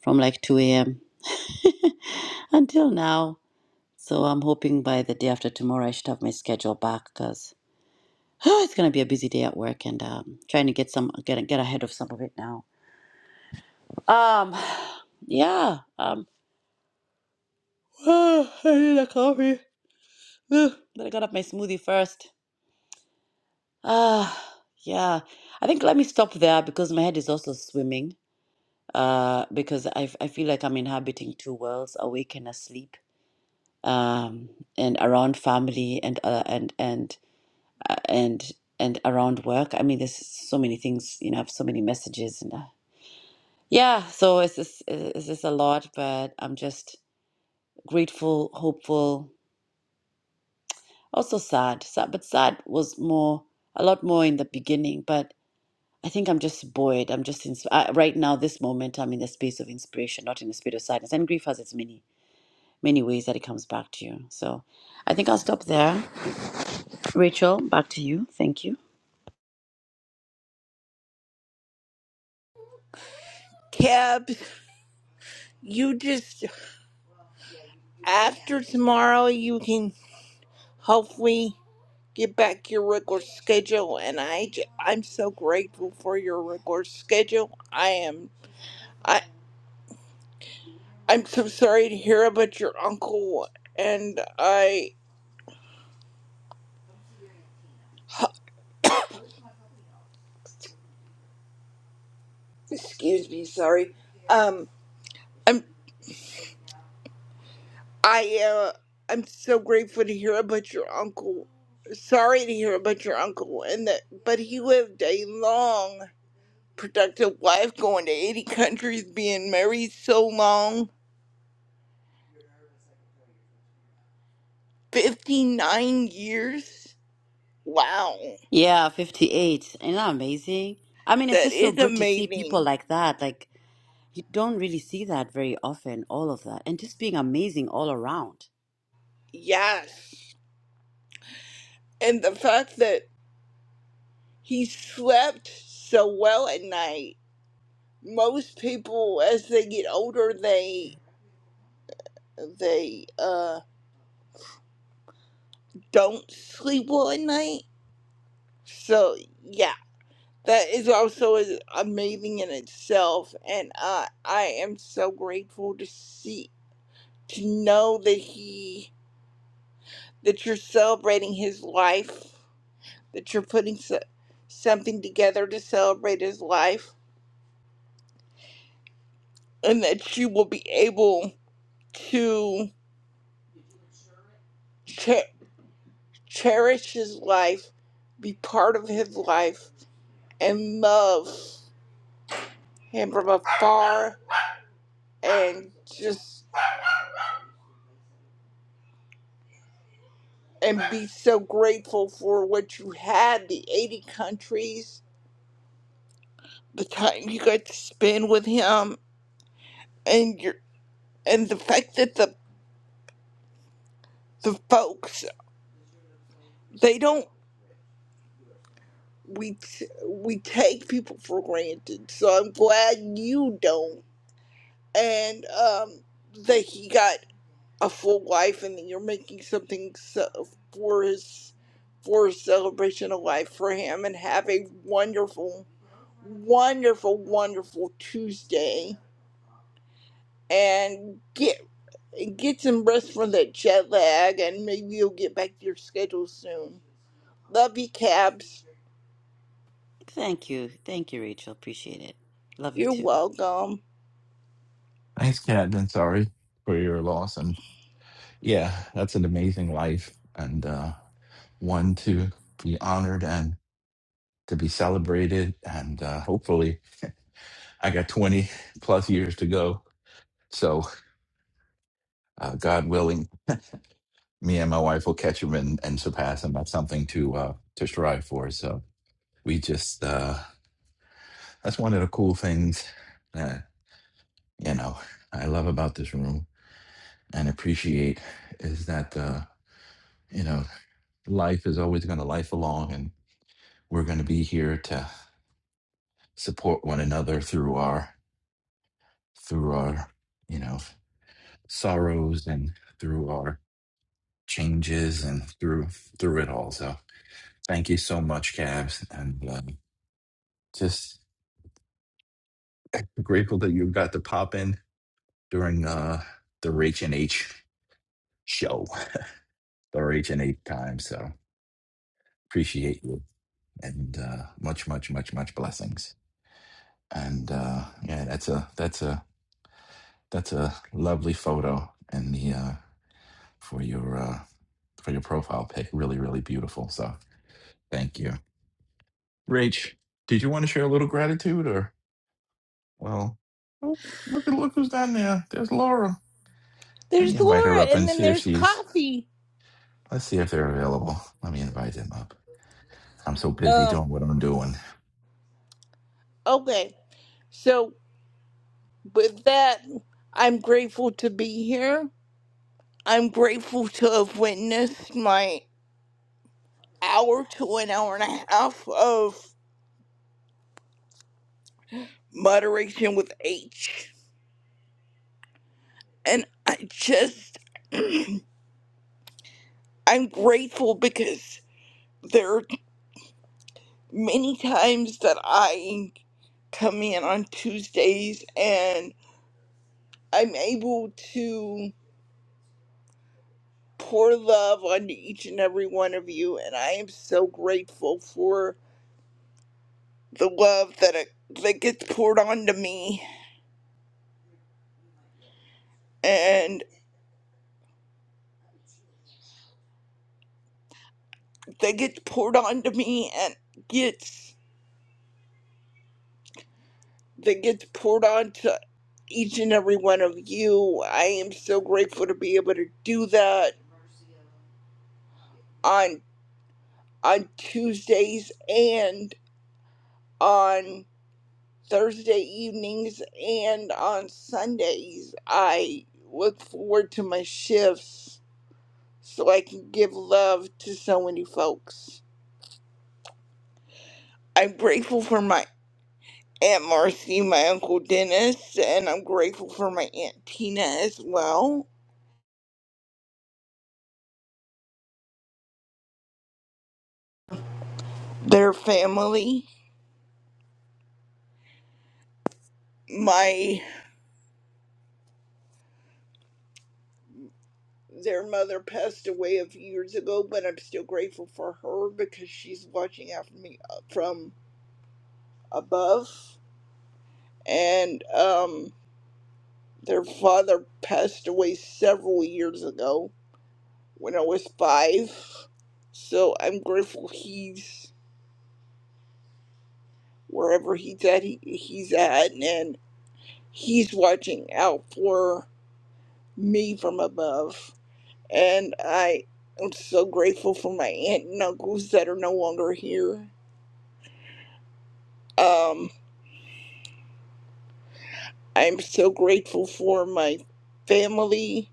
[SPEAKER 32] from like 2 a.m. [laughs] until now. So I'm hoping by the day after tomorrow I should have my schedule back because oh, [sighs] it's gonna be a busy day at work and um, trying to get some get get ahead of some of it now. Um, [sighs] yeah. Um, oh, I need a coffee. Ugh, But I got up my smoothie first. Ah, yeah. I think let me stop there because my head is also swimming. Uh, because I I feel like I'm inhabiting two worlds, awake and asleep um, and around family and uh, and and uh, and and around work. I mean, there's so many things. You know, I have so many messages and uh, yeah. So it's just it's just a lot, but I'm just grateful, hopeful, also sad. Sad, but sad was more a lot more in the beginning, but. I think I'm just buoyed. I'm just in, uh, right now, this moment, I'm in the space of inspiration, not in the space of sadness. And grief has its many, many ways that it comes back to you. So I think I'll stop there. Rachel, back to you. Thank you.
[SPEAKER 27] Cabs. You just after tomorrow, you can hopefully. get back your regular schedule and I j- I'm so grateful for your regular schedule. I am I I'm so sorry to hear about your uncle and I excuse me, sorry. Um I'm I uh I'm so grateful to hear about your uncle. Sorry to hear about your uncle and that but he lived a long productive life going to 80 countries being married so long 59 years wow
[SPEAKER 32] Yeah, 58. Isn't that amazing? I mean, it's
[SPEAKER 27] That
[SPEAKER 32] just so
[SPEAKER 27] is
[SPEAKER 32] good to see people
[SPEAKER 27] amazing.
[SPEAKER 32] like that. Like, you don't really see that very often, all of that. And just being amazing all around.
[SPEAKER 27] Yes. And the fact that he slept so well at night. Most people as they get older they they uh don't sleep well at night. So yeah, that is also is amazing in itself and uh I am so grateful to see to know that he that you're celebrating his life that you're putting so- something together to celebrate his life and that you will be able to che- cherish his life, be part of his life, and love him from afar and just and be so grateful for what you had the 80 countries the time you got to spend with him and your and the fact that the the folks they don't we t- we take people for granted. So I'm glad you don't. And um, that he got a full life, and that you're making something so- for his for his celebration of life for him. And have a wonderful, wonderful, wonderful Tuesday. And get get some rest from that jet lag, and maybe you'll get back to your schedule soon. Love you, Cabs.
[SPEAKER 32] Thank you. Thank you, Rachel. Appreciate it. Love you
[SPEAKER 27] You're
[SPEAKER 32] too.
[SPEAKER 27] welcome.
[SPEAKER 26] Thanks, Cad. And sorry for your loss. And yeah, that's an amazing life and uh, one to be honored and to be celebrated. And uh, hopefully, I got 20 plus years to go. So, uh, God willing, me and my wife will catch him and, and surpass him. That's something to uh, to strive for. So we just uh, that's one of the cool things that you know I love about this room and appreciate is that uh, you know life is always going to life along, and we're going to be here to support one another through our through our you know sorrows and through our changes and through through it all. So thank you so much, Cabs, and. Uh, just grateful that you got to pop in during uh the Rach and H show, the Rach and H time. So appreciate you and uh much, much, much, much blessings. And uh yeah, that's a that's a that's a lovely photo and the uh for your uh for your profile pic. Really, really beautiful. So thank you. Rach, did you want to share a little gratitude or well oh, look at look who's down there. There's Laura. Let me
[SPEAKER 27] There's
[SPEAKER 26] invite her
[SPEAKER 27] Laura,
[SPEAKER 26] up
[SPEAKER 27] and
[SPEAKER 26] and
[SPEAKER 27] then
[SPEAKER 26] see if
[SPEAKER 27] there's
[SPEAKER 26] she's
[SPEAKER 27] Coffee.
[SPEAKER 26] Let's see if they're available. Let me invite them up. I'm so busy
[SPEAKER 27] Um,
[SPEAKER 26] doing what I'm doing.
[SPEAKER 27] okay. So, with that, I'm grateful to be here. I'm grateful to have witnessed my hour to an hour and a half of moderation with H. And I just, [clears throat] I'm grateful because there are many times that I come in on Tuesdays and I'm able to. pour love onto each and every one of you, and I am so grateful for the love that it, that gets poured onto me, and that gets poured onto me, and gets that gets poured onto each and every one of you. I am so grateful to be able to do that on on Tuesdays and on Thursday evenings and on Sundays. I look forward to my shifts so I can give love to so many folks. I'm grateful for my Aunt Marcy, my Uncle Dennis, and I'm grateful for my Aunt Tina as well. Their family. My their mother passed away a few years ago, but I'm still grateful for her because she's watching after me uh, from above. And um their father passed away several years ago when I was five. So I'm grateful he's wherever he's at, he, he's at, and he's watching out for me from above. And I am so grateful for my aunt and uncles that are no longer here. Um, I'm so grateful for my family,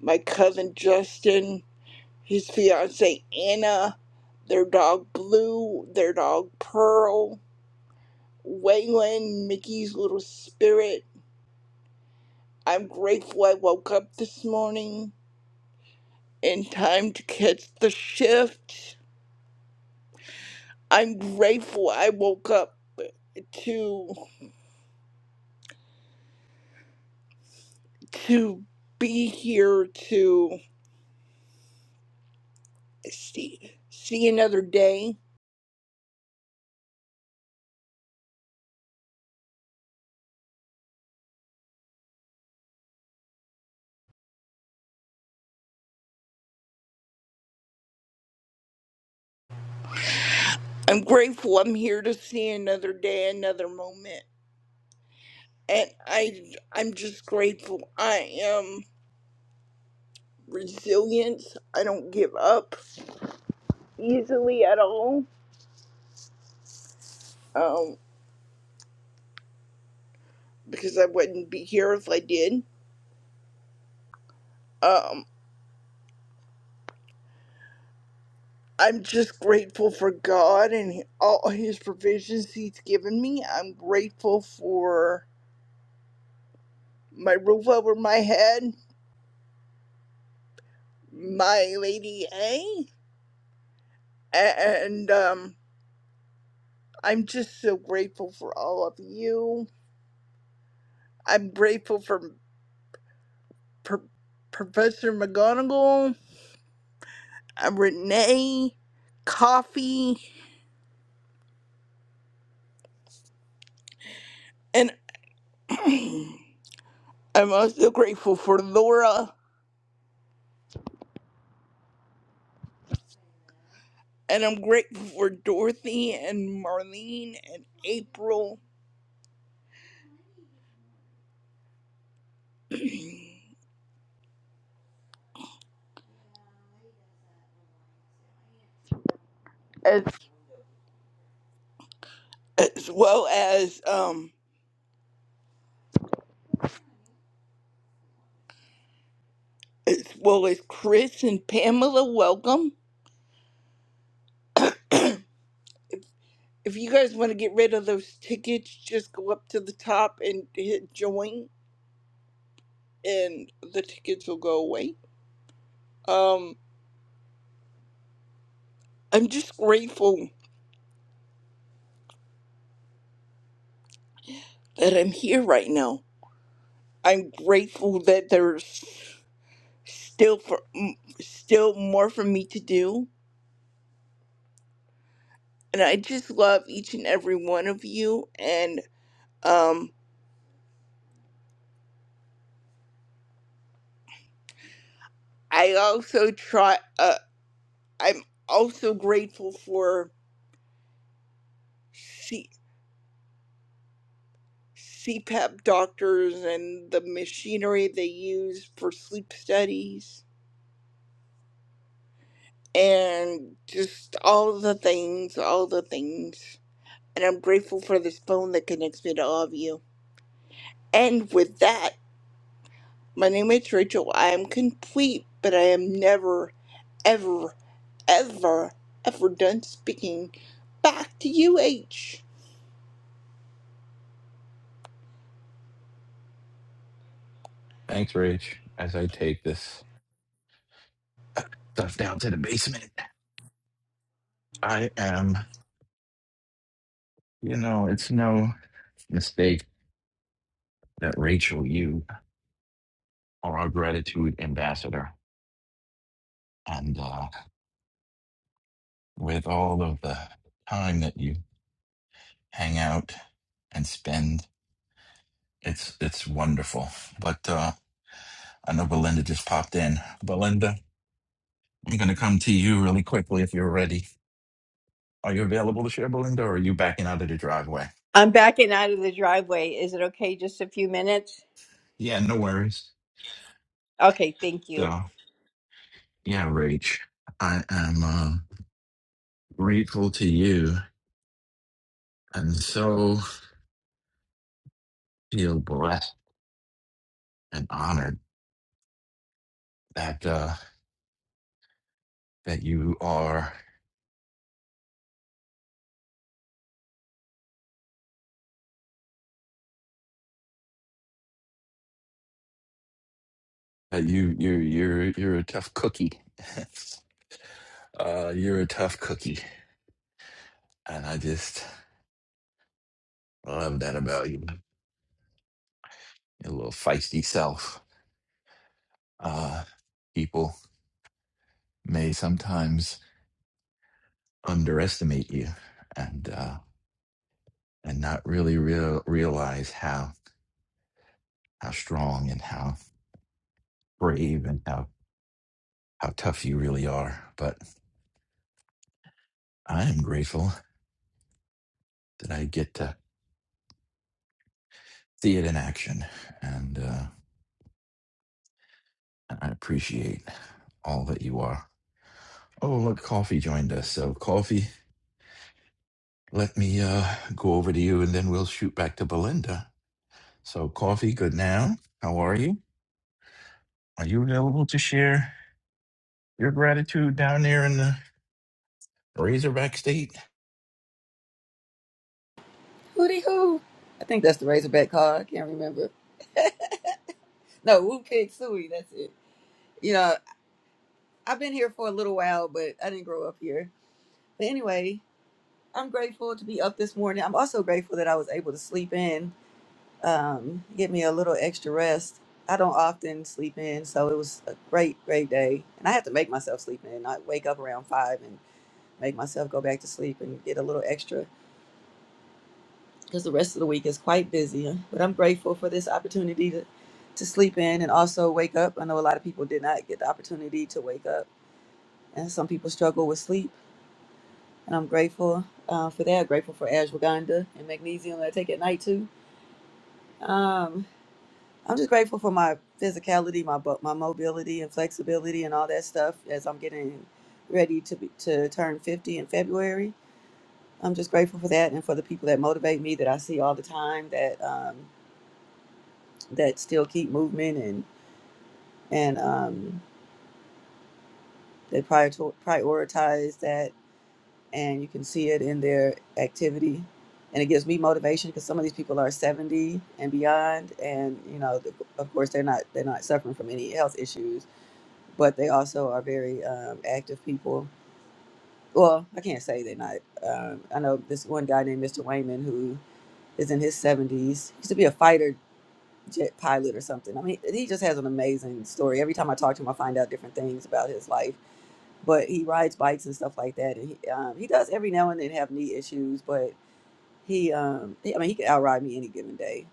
[SPEAKER 27] my cousin Justin, his fiance Anna, their dog Blue, their dog Pearl, Waylon, Mickey's little spirit. I'm grateful I woke up this morning. in time to catch the shift. I'm grateful I woke up to to be here to see see another day. I'm grateful I'm here to see another day, another moment. And I I'm just grateful I am resilient. I don't give up easily at all. Um because I wouldn't be here if I did. Um. I'm just grateful for God and all His provisions He's given me. I'm grateful for my roof over my head, my Lady A, and um, I'm just so grateful for all of you. I'm grateful for Pro- Professor McGonagall, uh, Renee, Coffee, and I'm also grateful for Laura. And I'm grateful for Dorothy and Marlene and April as as well as um as well as Chris and Pamela. Welcome. If you guys want to get rid of those tickets, just go up to the top and hit join, and the tickets will go away. Um, I'm just grateful that I'm here right now. I'm grateful that there's still for m- still more for me to do, and I just love each and every one of you. And um, I also try. uh, I'm also grateful for C- CPAP doctors and the machinery they use for sleep studies and just all the things, all the things. And I'm grateful for this phone that connects me to all of you. And with that, my name is Rachel. I am complete, but I am never, ever, ever, ever done speaking. Back to you, H.
[SPEAKER 26] Thanks, Rach. As I take this stuff down to the basement, I am, you know, it's no mistake that Rachel, you are our gratitude ambassador. And uh, with all of the time that you hang out and spend, it's it's wonderful. But uh, I know Belinda just popped in. Belinda, I'm going to come to you really quickly if you're ready. Are you available to share, Belinda, or are you backing out of the driveway?
[SPEAKER 33] I'm backing out of the driveway. Is it okay just a few minutes?
[SPEAKER 26] Yeah, no worries.
[SPEAKER 33] Okay, thank you.
[SPEAKER 26] So, yeah, Rach, I am uh, grateful to you and so feel blessed and honored that uh, that you are that you you you're you're a tough cookie. [laughs] uh, you're a tough cookie, and I just love that about you. Your little feisty self. Uh, people may sometimes underestimate you, and. uh, and not really real, realize how how strong and how brave and how how tough you really are. But I am grateful that I get to see it in action, and uh, I appreciate all that you are. Oh, look, Coffee joined us. So, Coffee, let me uh, go over to you, and then we'll shoot back to Belinda. So, Coffee, good now. How are you? Are you available to share your gratitude down there in the Razorback State?
[SPEAKER 34] Hootie Hoo. I think that's the Razorback call. I can't remember. No, Wu Kick Suey. That's it. You know, I've been here for a little while, but I didn't grow up here. But anyway, I'm grateful to be up this morning. I'm also grateful that I was able to sleep in, um, get me a little extra rest. I don't often sleep in, so it was a great, great day. And I have to make myself sleep in. I wake up around five and make myself go back to sleep and get a little extra. because the rest of the week is quite busy. But I'm grateful for this opportunity to, to sleep in and also wake up. I know a lot of people did not get the opportunity to wake up, and some people struggle with sleep. And I'm grateful uh, for that. Grateful for ashwagandha and magnesium that I take at night too. Um, I'm just grateful for my physicality, my bu- my mobility and flexibility and all that stuff as I'm getting ready to be, to turn 50 in February. I'm just grateful for that and for the people that motivate me that I see all the time that. Um, that still keep movement and and um, they prior prioritize that, and you can see it in their activity. And it gives me motivation because some of these people are 70 and beyond, and you know, the, of course, they're not they're not suffering from any health issues, but they also are very um, active people. Well, I can't say they're not. Um, I know this one guy named Mr. Wayman who is in his 70s. He used to be a fighter jet pilot or something. I mean, he just has an amazing story. Every time I talk to him, I find out different things about his life. But he rides bikes and stuff like that, and he um, he does every now and then have knee issues, but he um he, I mean he could outride me any given day.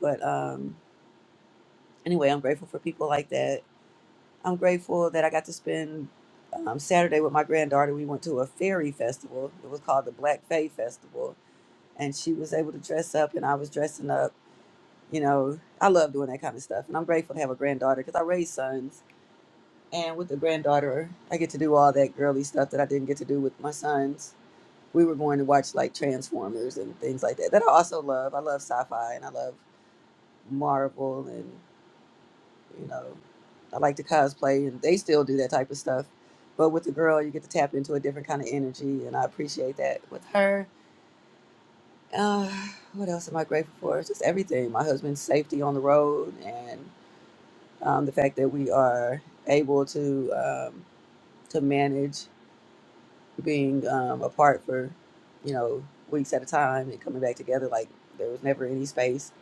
[SPEAKER 34] But um anyway, I'm grateful for people like that. I'm grateful that I got to spend um, Saturday with my granddaughter. We went to a fairy festival. It was called the Black Fae Festival, and she was able to dress up, and I was dressing up you know, I love doing that kind of stuff. And I'm grateful to have a granddaughter because I raised sons. And with the granddaughter, I get to do all that girly stuff that I didn't get to do with my sons. We were going to watch like Transformers and things like that, that I also love. I love sci fi and I love Marvel and, you know, I like to cosplay and they still do that type of stuff. But with the girl, you get to tap into a different kind of energy. And I appreciate that with her. Uh, what else am I grateful for? Just everything. My husband's safety on the road and um, the fact that we are able to um, to manage being um, apart for you know weeks at a time and coming back together like there was never any space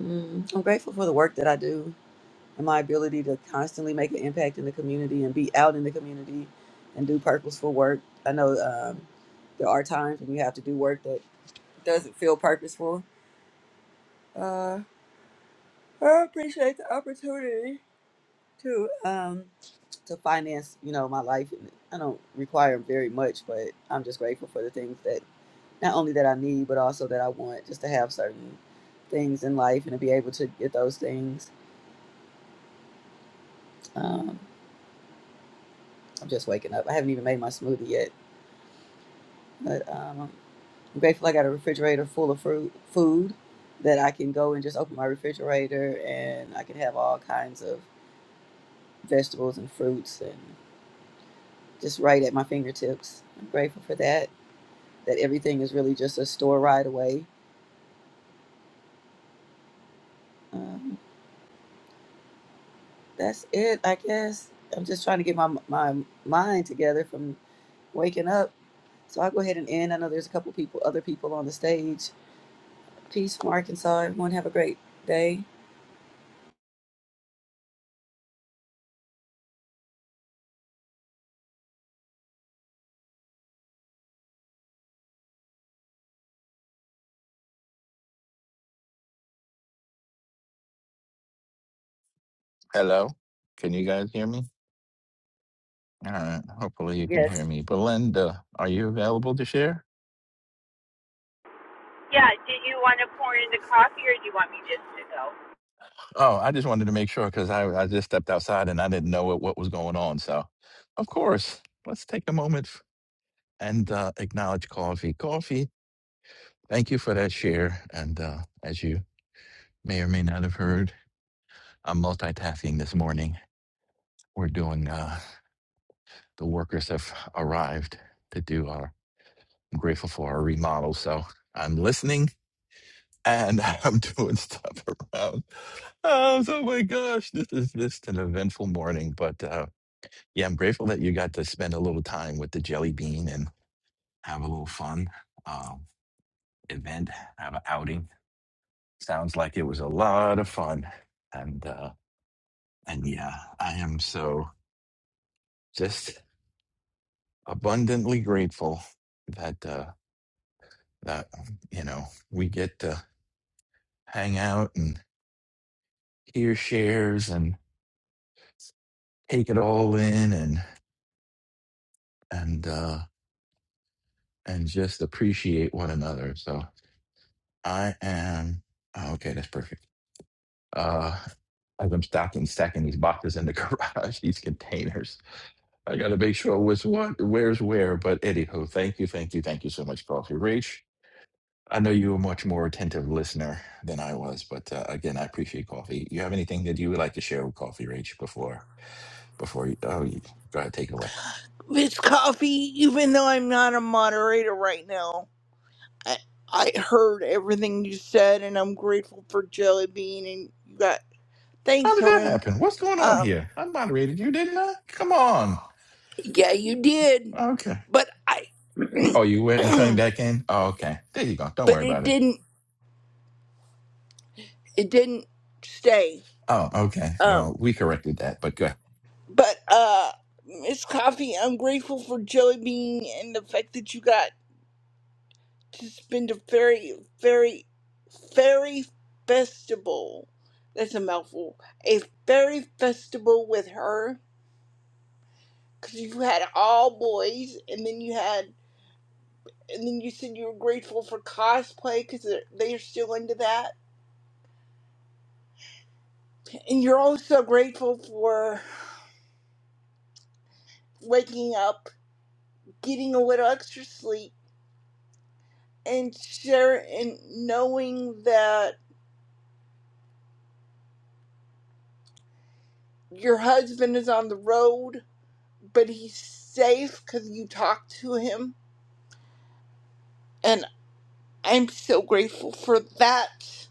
[SPEAKER 34] mm, i'm grateful for the work that i do and my ability to constantly make an impact in the community and be out in the community and do purposeful work i know um, there are times when you have to do work that doesn't feel purposeful uh, i appreciate the opportunity to um, to finance, you know, my life. And I don't require very much, but I'm just grateful for the things that not only that I need, but also that I want just to have certain things in life and to be able to get those things. Um, I'm just waking up. I haven't even made my smoothie yet, but um, I'm grateful I got a refrigerator full of fruit, food that I can go and just open my refrigerator and I can have all kinds of vegetables and fruits and just right at my fingertips. I'm grateful for that. That everything is really just a store right away um, that's it, I guess. I'm just trying to get my my mind together from waking up. So I'll go ahead and end. I know there's a couple people, other people on the stage. Peace from Arkansas. Everyone have a great day.
[SPEAKER 26] Hello. Can you guys hear me? All right. Hopefully you can
[SPEAKER 34] Yes.
[SPEAKER 26] hear me. Belinda, are you available to share? Oh, I just wanted to make sure because I, I just stepped outside and I didn't know what, what was going on. So, of course, let's take a moment f- and uh, acknowledge Coffee. Coffee, thank you for that share. And uh, as you may or may not have heard, I'm multitasking this morning. We're doing, uh, the workers have arrived to do our, I'm grateful for our remodel. So I'm listening and [laughs] I'm doing stuff around. Um, so, oh my gosh, this is just an eventful morning. But uh, yeah, I'm grateful that you got to spend a little time with the jelly bean and have a little fun um, event, have an outing. Sounds like it was a lot of fun, and uh, and yeah, I am so just abundantly grateful that uh, that you know we get to hang out and hear shares and take it all in and and. uh, and just appreciate one another. So I am oh, okay. That's perfect. Uh, as I'm stocking stacking these boxes in the [laughs] garage, these containers, I got to make sure what's what, where's where. But anywho, thank you, thank you, thank you so much, Coffee Rich. I know you were a much more attentive listener than I was, but uh, again, I appreciate Coffee. You have anything that you would like to share with Coffee Rich before before you? Oh, you go ahead, take it away.
[SPEAKER 27] Miss Coffee, even though I'm not a moderator right now. I, I heard everything you said, and I'm grateful for Jelly Bean. And you got
[SPEAKER 26] How
[SPEAKER 27] thanks,
[SPEAKER 26] did that
[SPEAKER 27] Haroon.
[SPEAKER 26] happen? What's going on
[SPEAKER 27] Um,
[SPEAKER 26] here? I moderated you, didn't I? Come on.
[SPEAKER 27] yeah, you did,
[SPEAKER 26] Okay.
[SPEAKER 27] but I, [clears throat]
[SPEAKER 26] Oh, you went and coming
[SPEAKER 27] but
[SPEAKER 26] back in? Oh, okay. There you go. Don't worry
[SPEAKER 27] it
[SPEAKER 26] about it.
[SPEAKER 27] didn't, it didn't stay.
[SPEAKER 26] Oh, okay.
[SPEAKER 27] Um,
[SPEAKER 26] Well, we corrected that, but good.
[SPEAKER 27] but uh, Miss Coffee, I'm grateful for Jelly Bean and the fact that you got to spend a fairy, fairy, fairy festival. That's a mouthful. A fairy festival with her because you had all boys, and then you had, and then you said you were grateful for cosplay because they're, they're still into that, and you're also grateful for waking up, getting a little extra sleep, and share and knowing that your husband is on the road, but he's safe because you talked to him, and I'm so grateful for that,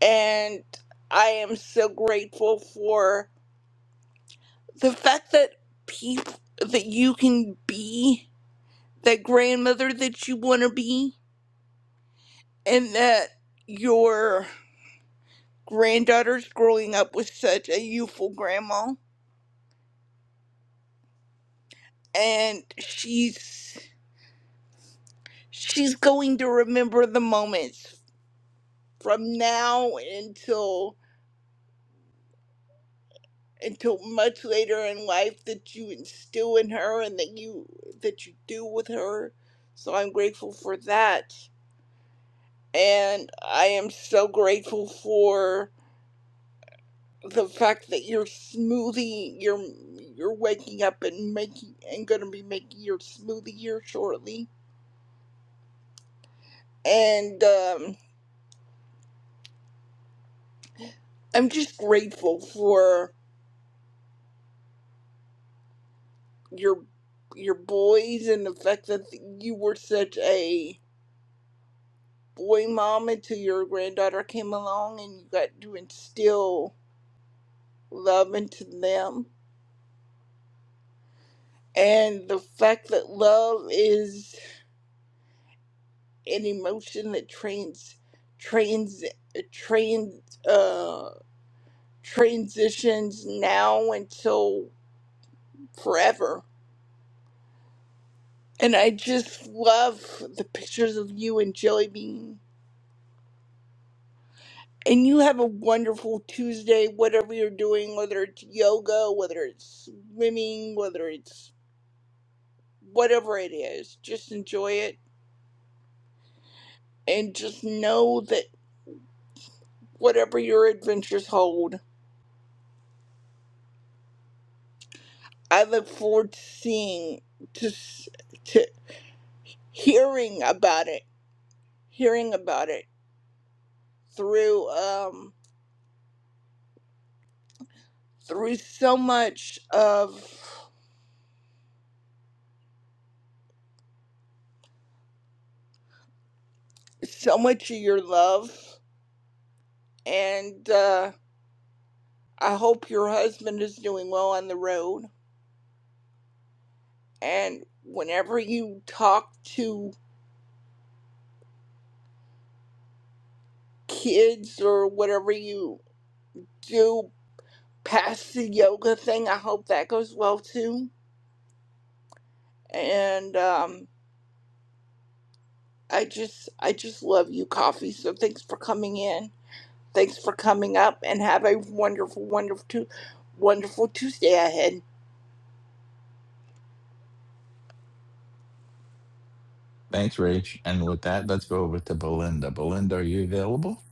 [SPEAKER 27] and I am so grateful for. the fact that people that you can be that grandmother that you want to be and that your granddaughter's growing up with such a youthful grandma and she's she's going to remember the moments from now until until much later in life that you instill in her and that you that you do with her so i'm grateful for that and I am so grateful for the fact that your smoothie you're you're waking up and making and gonna be making your smoothie here shortly. And um, I'm just grateful for your your boys and the fact that you were such a boy mom until your granddaughter came along and you got to instill love into them. And the fact that love is an emotion that trains trains trains uh transitions now until forever and i just love the pictures of you and jelly bean and you have a wonderful tuesday whatever you're doing whether it's yoga whether it's swimming whether it's whatever it is just enjoy it and just know that whatever your adventures hold i look forward to seeing to s- to hearing about it, hearing about it through um through so much of so much of your love and uh I hope your husband is doing well on the road and whenever you talk to kids or whatever you do past the yoga thing, I hope that goes well too. And um I just I just love you coffee, so thanks for coming in. Thanks for coming up and have a wonderful, wonderful, tu- wonderful Tuesday ahead.
[SPEAKER 26] Thanks, Rach. And with that, let's go over to Belinda. Belinda, are you available?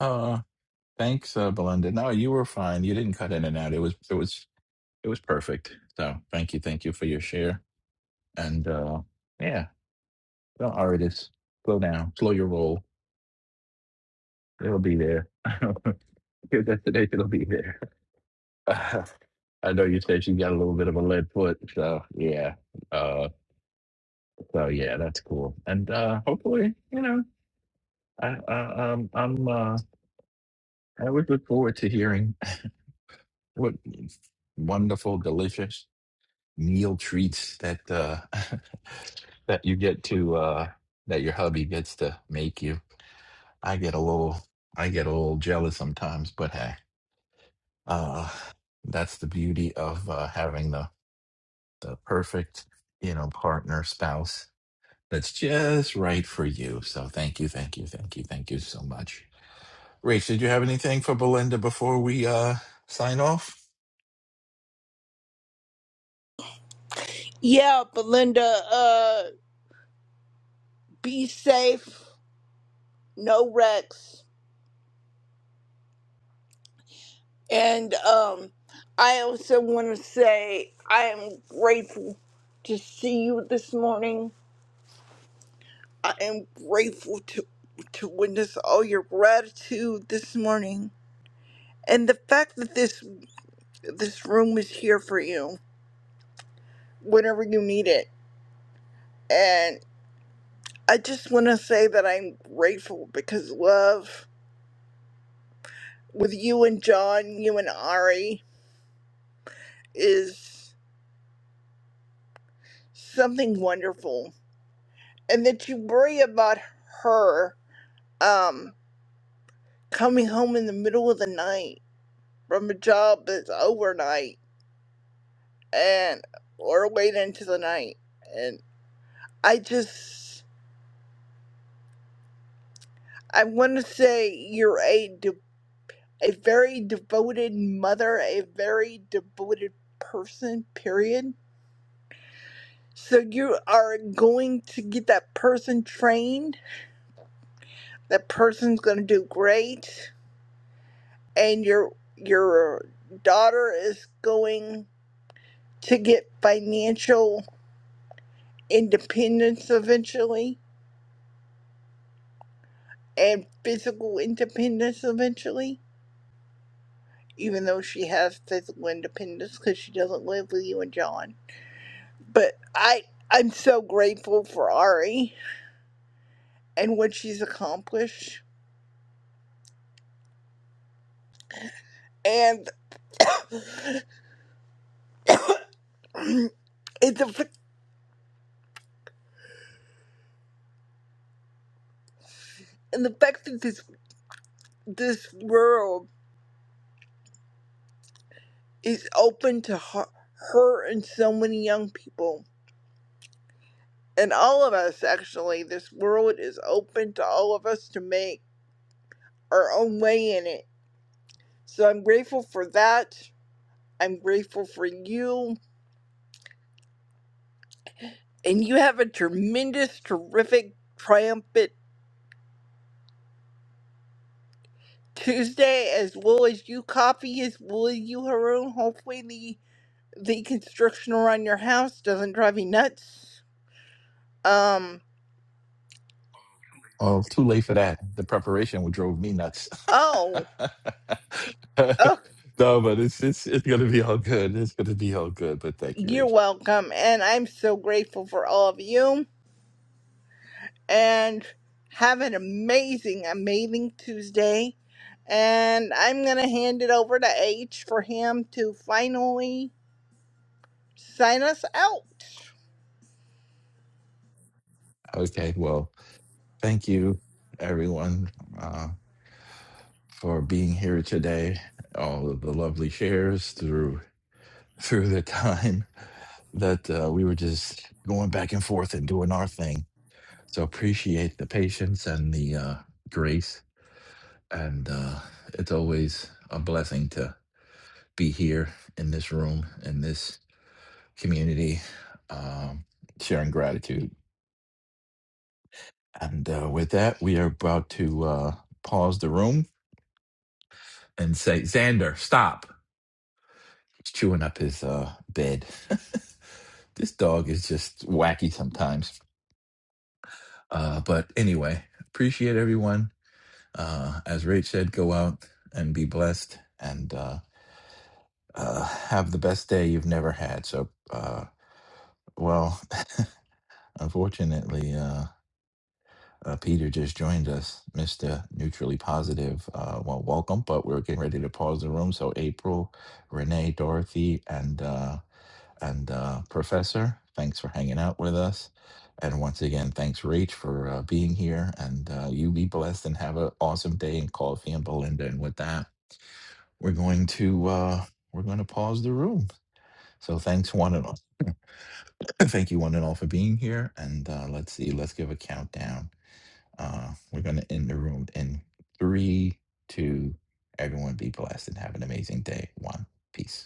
[SPEAKER 26] Uh, thanks, uh, Belinda. No, you were fine. You didn't cut in and out. It was, it was, it was perfect. So thank you, thank you for your share. And uh, yeah, don't artists. Slow down. Slow your roll. It'll be there. [laughs] Your destination will be there. [laughs] I know you said you got a little bit of a lead foot, so yeah. Uh, So yeah, that's cool. And uh hopefully, you know, I, I um I'm uh I would look forward to hearing [laughs] what wonderful, delicious meal treats that uh [laughs] that you get to uh that your hubby gets to make you. I get a little I get a little jealous sometimes, but hey. Uh that's the beauty of uh having the the perfect, you know, partner, spouse that's just right for you. So thank you, thank you, thank you, thank you so much. Rach, did you have anything for Belinda before we uh sign off?
[SPEAKER 27] Yeah, Belinda, uh, be safe, no wrecks. And um, I also want to say I am grateful to see you this morning. I am grateful to to witness all your gratitude this morning and the fact that this this room is here for you whenever you need it I just want to say that I'm grateful because love with you and John, you and Ari, is something wonderful. And that you worry about her um, coming home in the middle of the night from a job that's overnight and or late into the night. And I just, I want to say you're a, de- a very devoted mother, a very devoted person, period So you are going to get that person trained. That person's going to do great, and your your daughter is going to get financial independence eventually and physical independence eventually. Even though she has physical independence because she doesn't live with you and John, but I I'm so grateful for Ari and what she's accomplished and. [coughs] it's a and the fact that this this world is open to her, her and so many young people and all of us actually this world is open to all of us to make our own way in it so i'm grateful for that i'm grateful for you and you have a tremendous terrific triumphant tuesday as well as you coffee as well as you haroon hopefully the the construction around your house doesn't drive you nuts um
[SPEAKER 26] Oh, too late for that. The preparation would drove me nuts. [laughs]
[SPEAKER 27] oh Oh,
[SPEAKER 26] no, but it's it's it's gonna be all good. It's gonna be all good. But thank you,
[SPEAKER 27] you're
[SPEAKER 26] Rach.
[SPEAKER 27] welcome. And I'm so grateful for all of you. And have an amazing, amazing Tuesday. And I'm going to hand it over to H for him to finally sign us out.
[SPEAKER 26] Okay, well, thank you everyone uh, for being here today. All of the lovely shares through through the time that uh, we were just going back and forth and doing our thing. So appreciate the patience and the uh, grace and uh, it's always a blessing to be here in this room in this community um, sharing gratitude and uh, with that we are about to uh, pause the room and say xander stop he's chewing up his uh, bed [laughs] this dog is just wacky sometimes uh, but anyway appreciate everyone uh, as rach said go out and be blessed and uh, uh, have the best day you've never had so uh, Well, [laughs] unfortunately, uh, uh, Peter just joined us, Mr. Neutrally Positive. Uh, well, welcome, but we're getting ready to pause the room. So, April, Renee, Dorothy, and uh, and uh, Professor, thanks for hanging out with us. And once again, thanks, Rach, for uh, being here. And uh, you be blessed and have an awesome day in coffee and Belinda. And with that, we're going to uh, we're going to pause the room. So thanks one and all. [clears throat] Thank you one and all for being here. And uh, let's see. Let's give a countdown Uh, we're going to end the room in three, two. Everyone be blessed and have an amazing day. One, peace.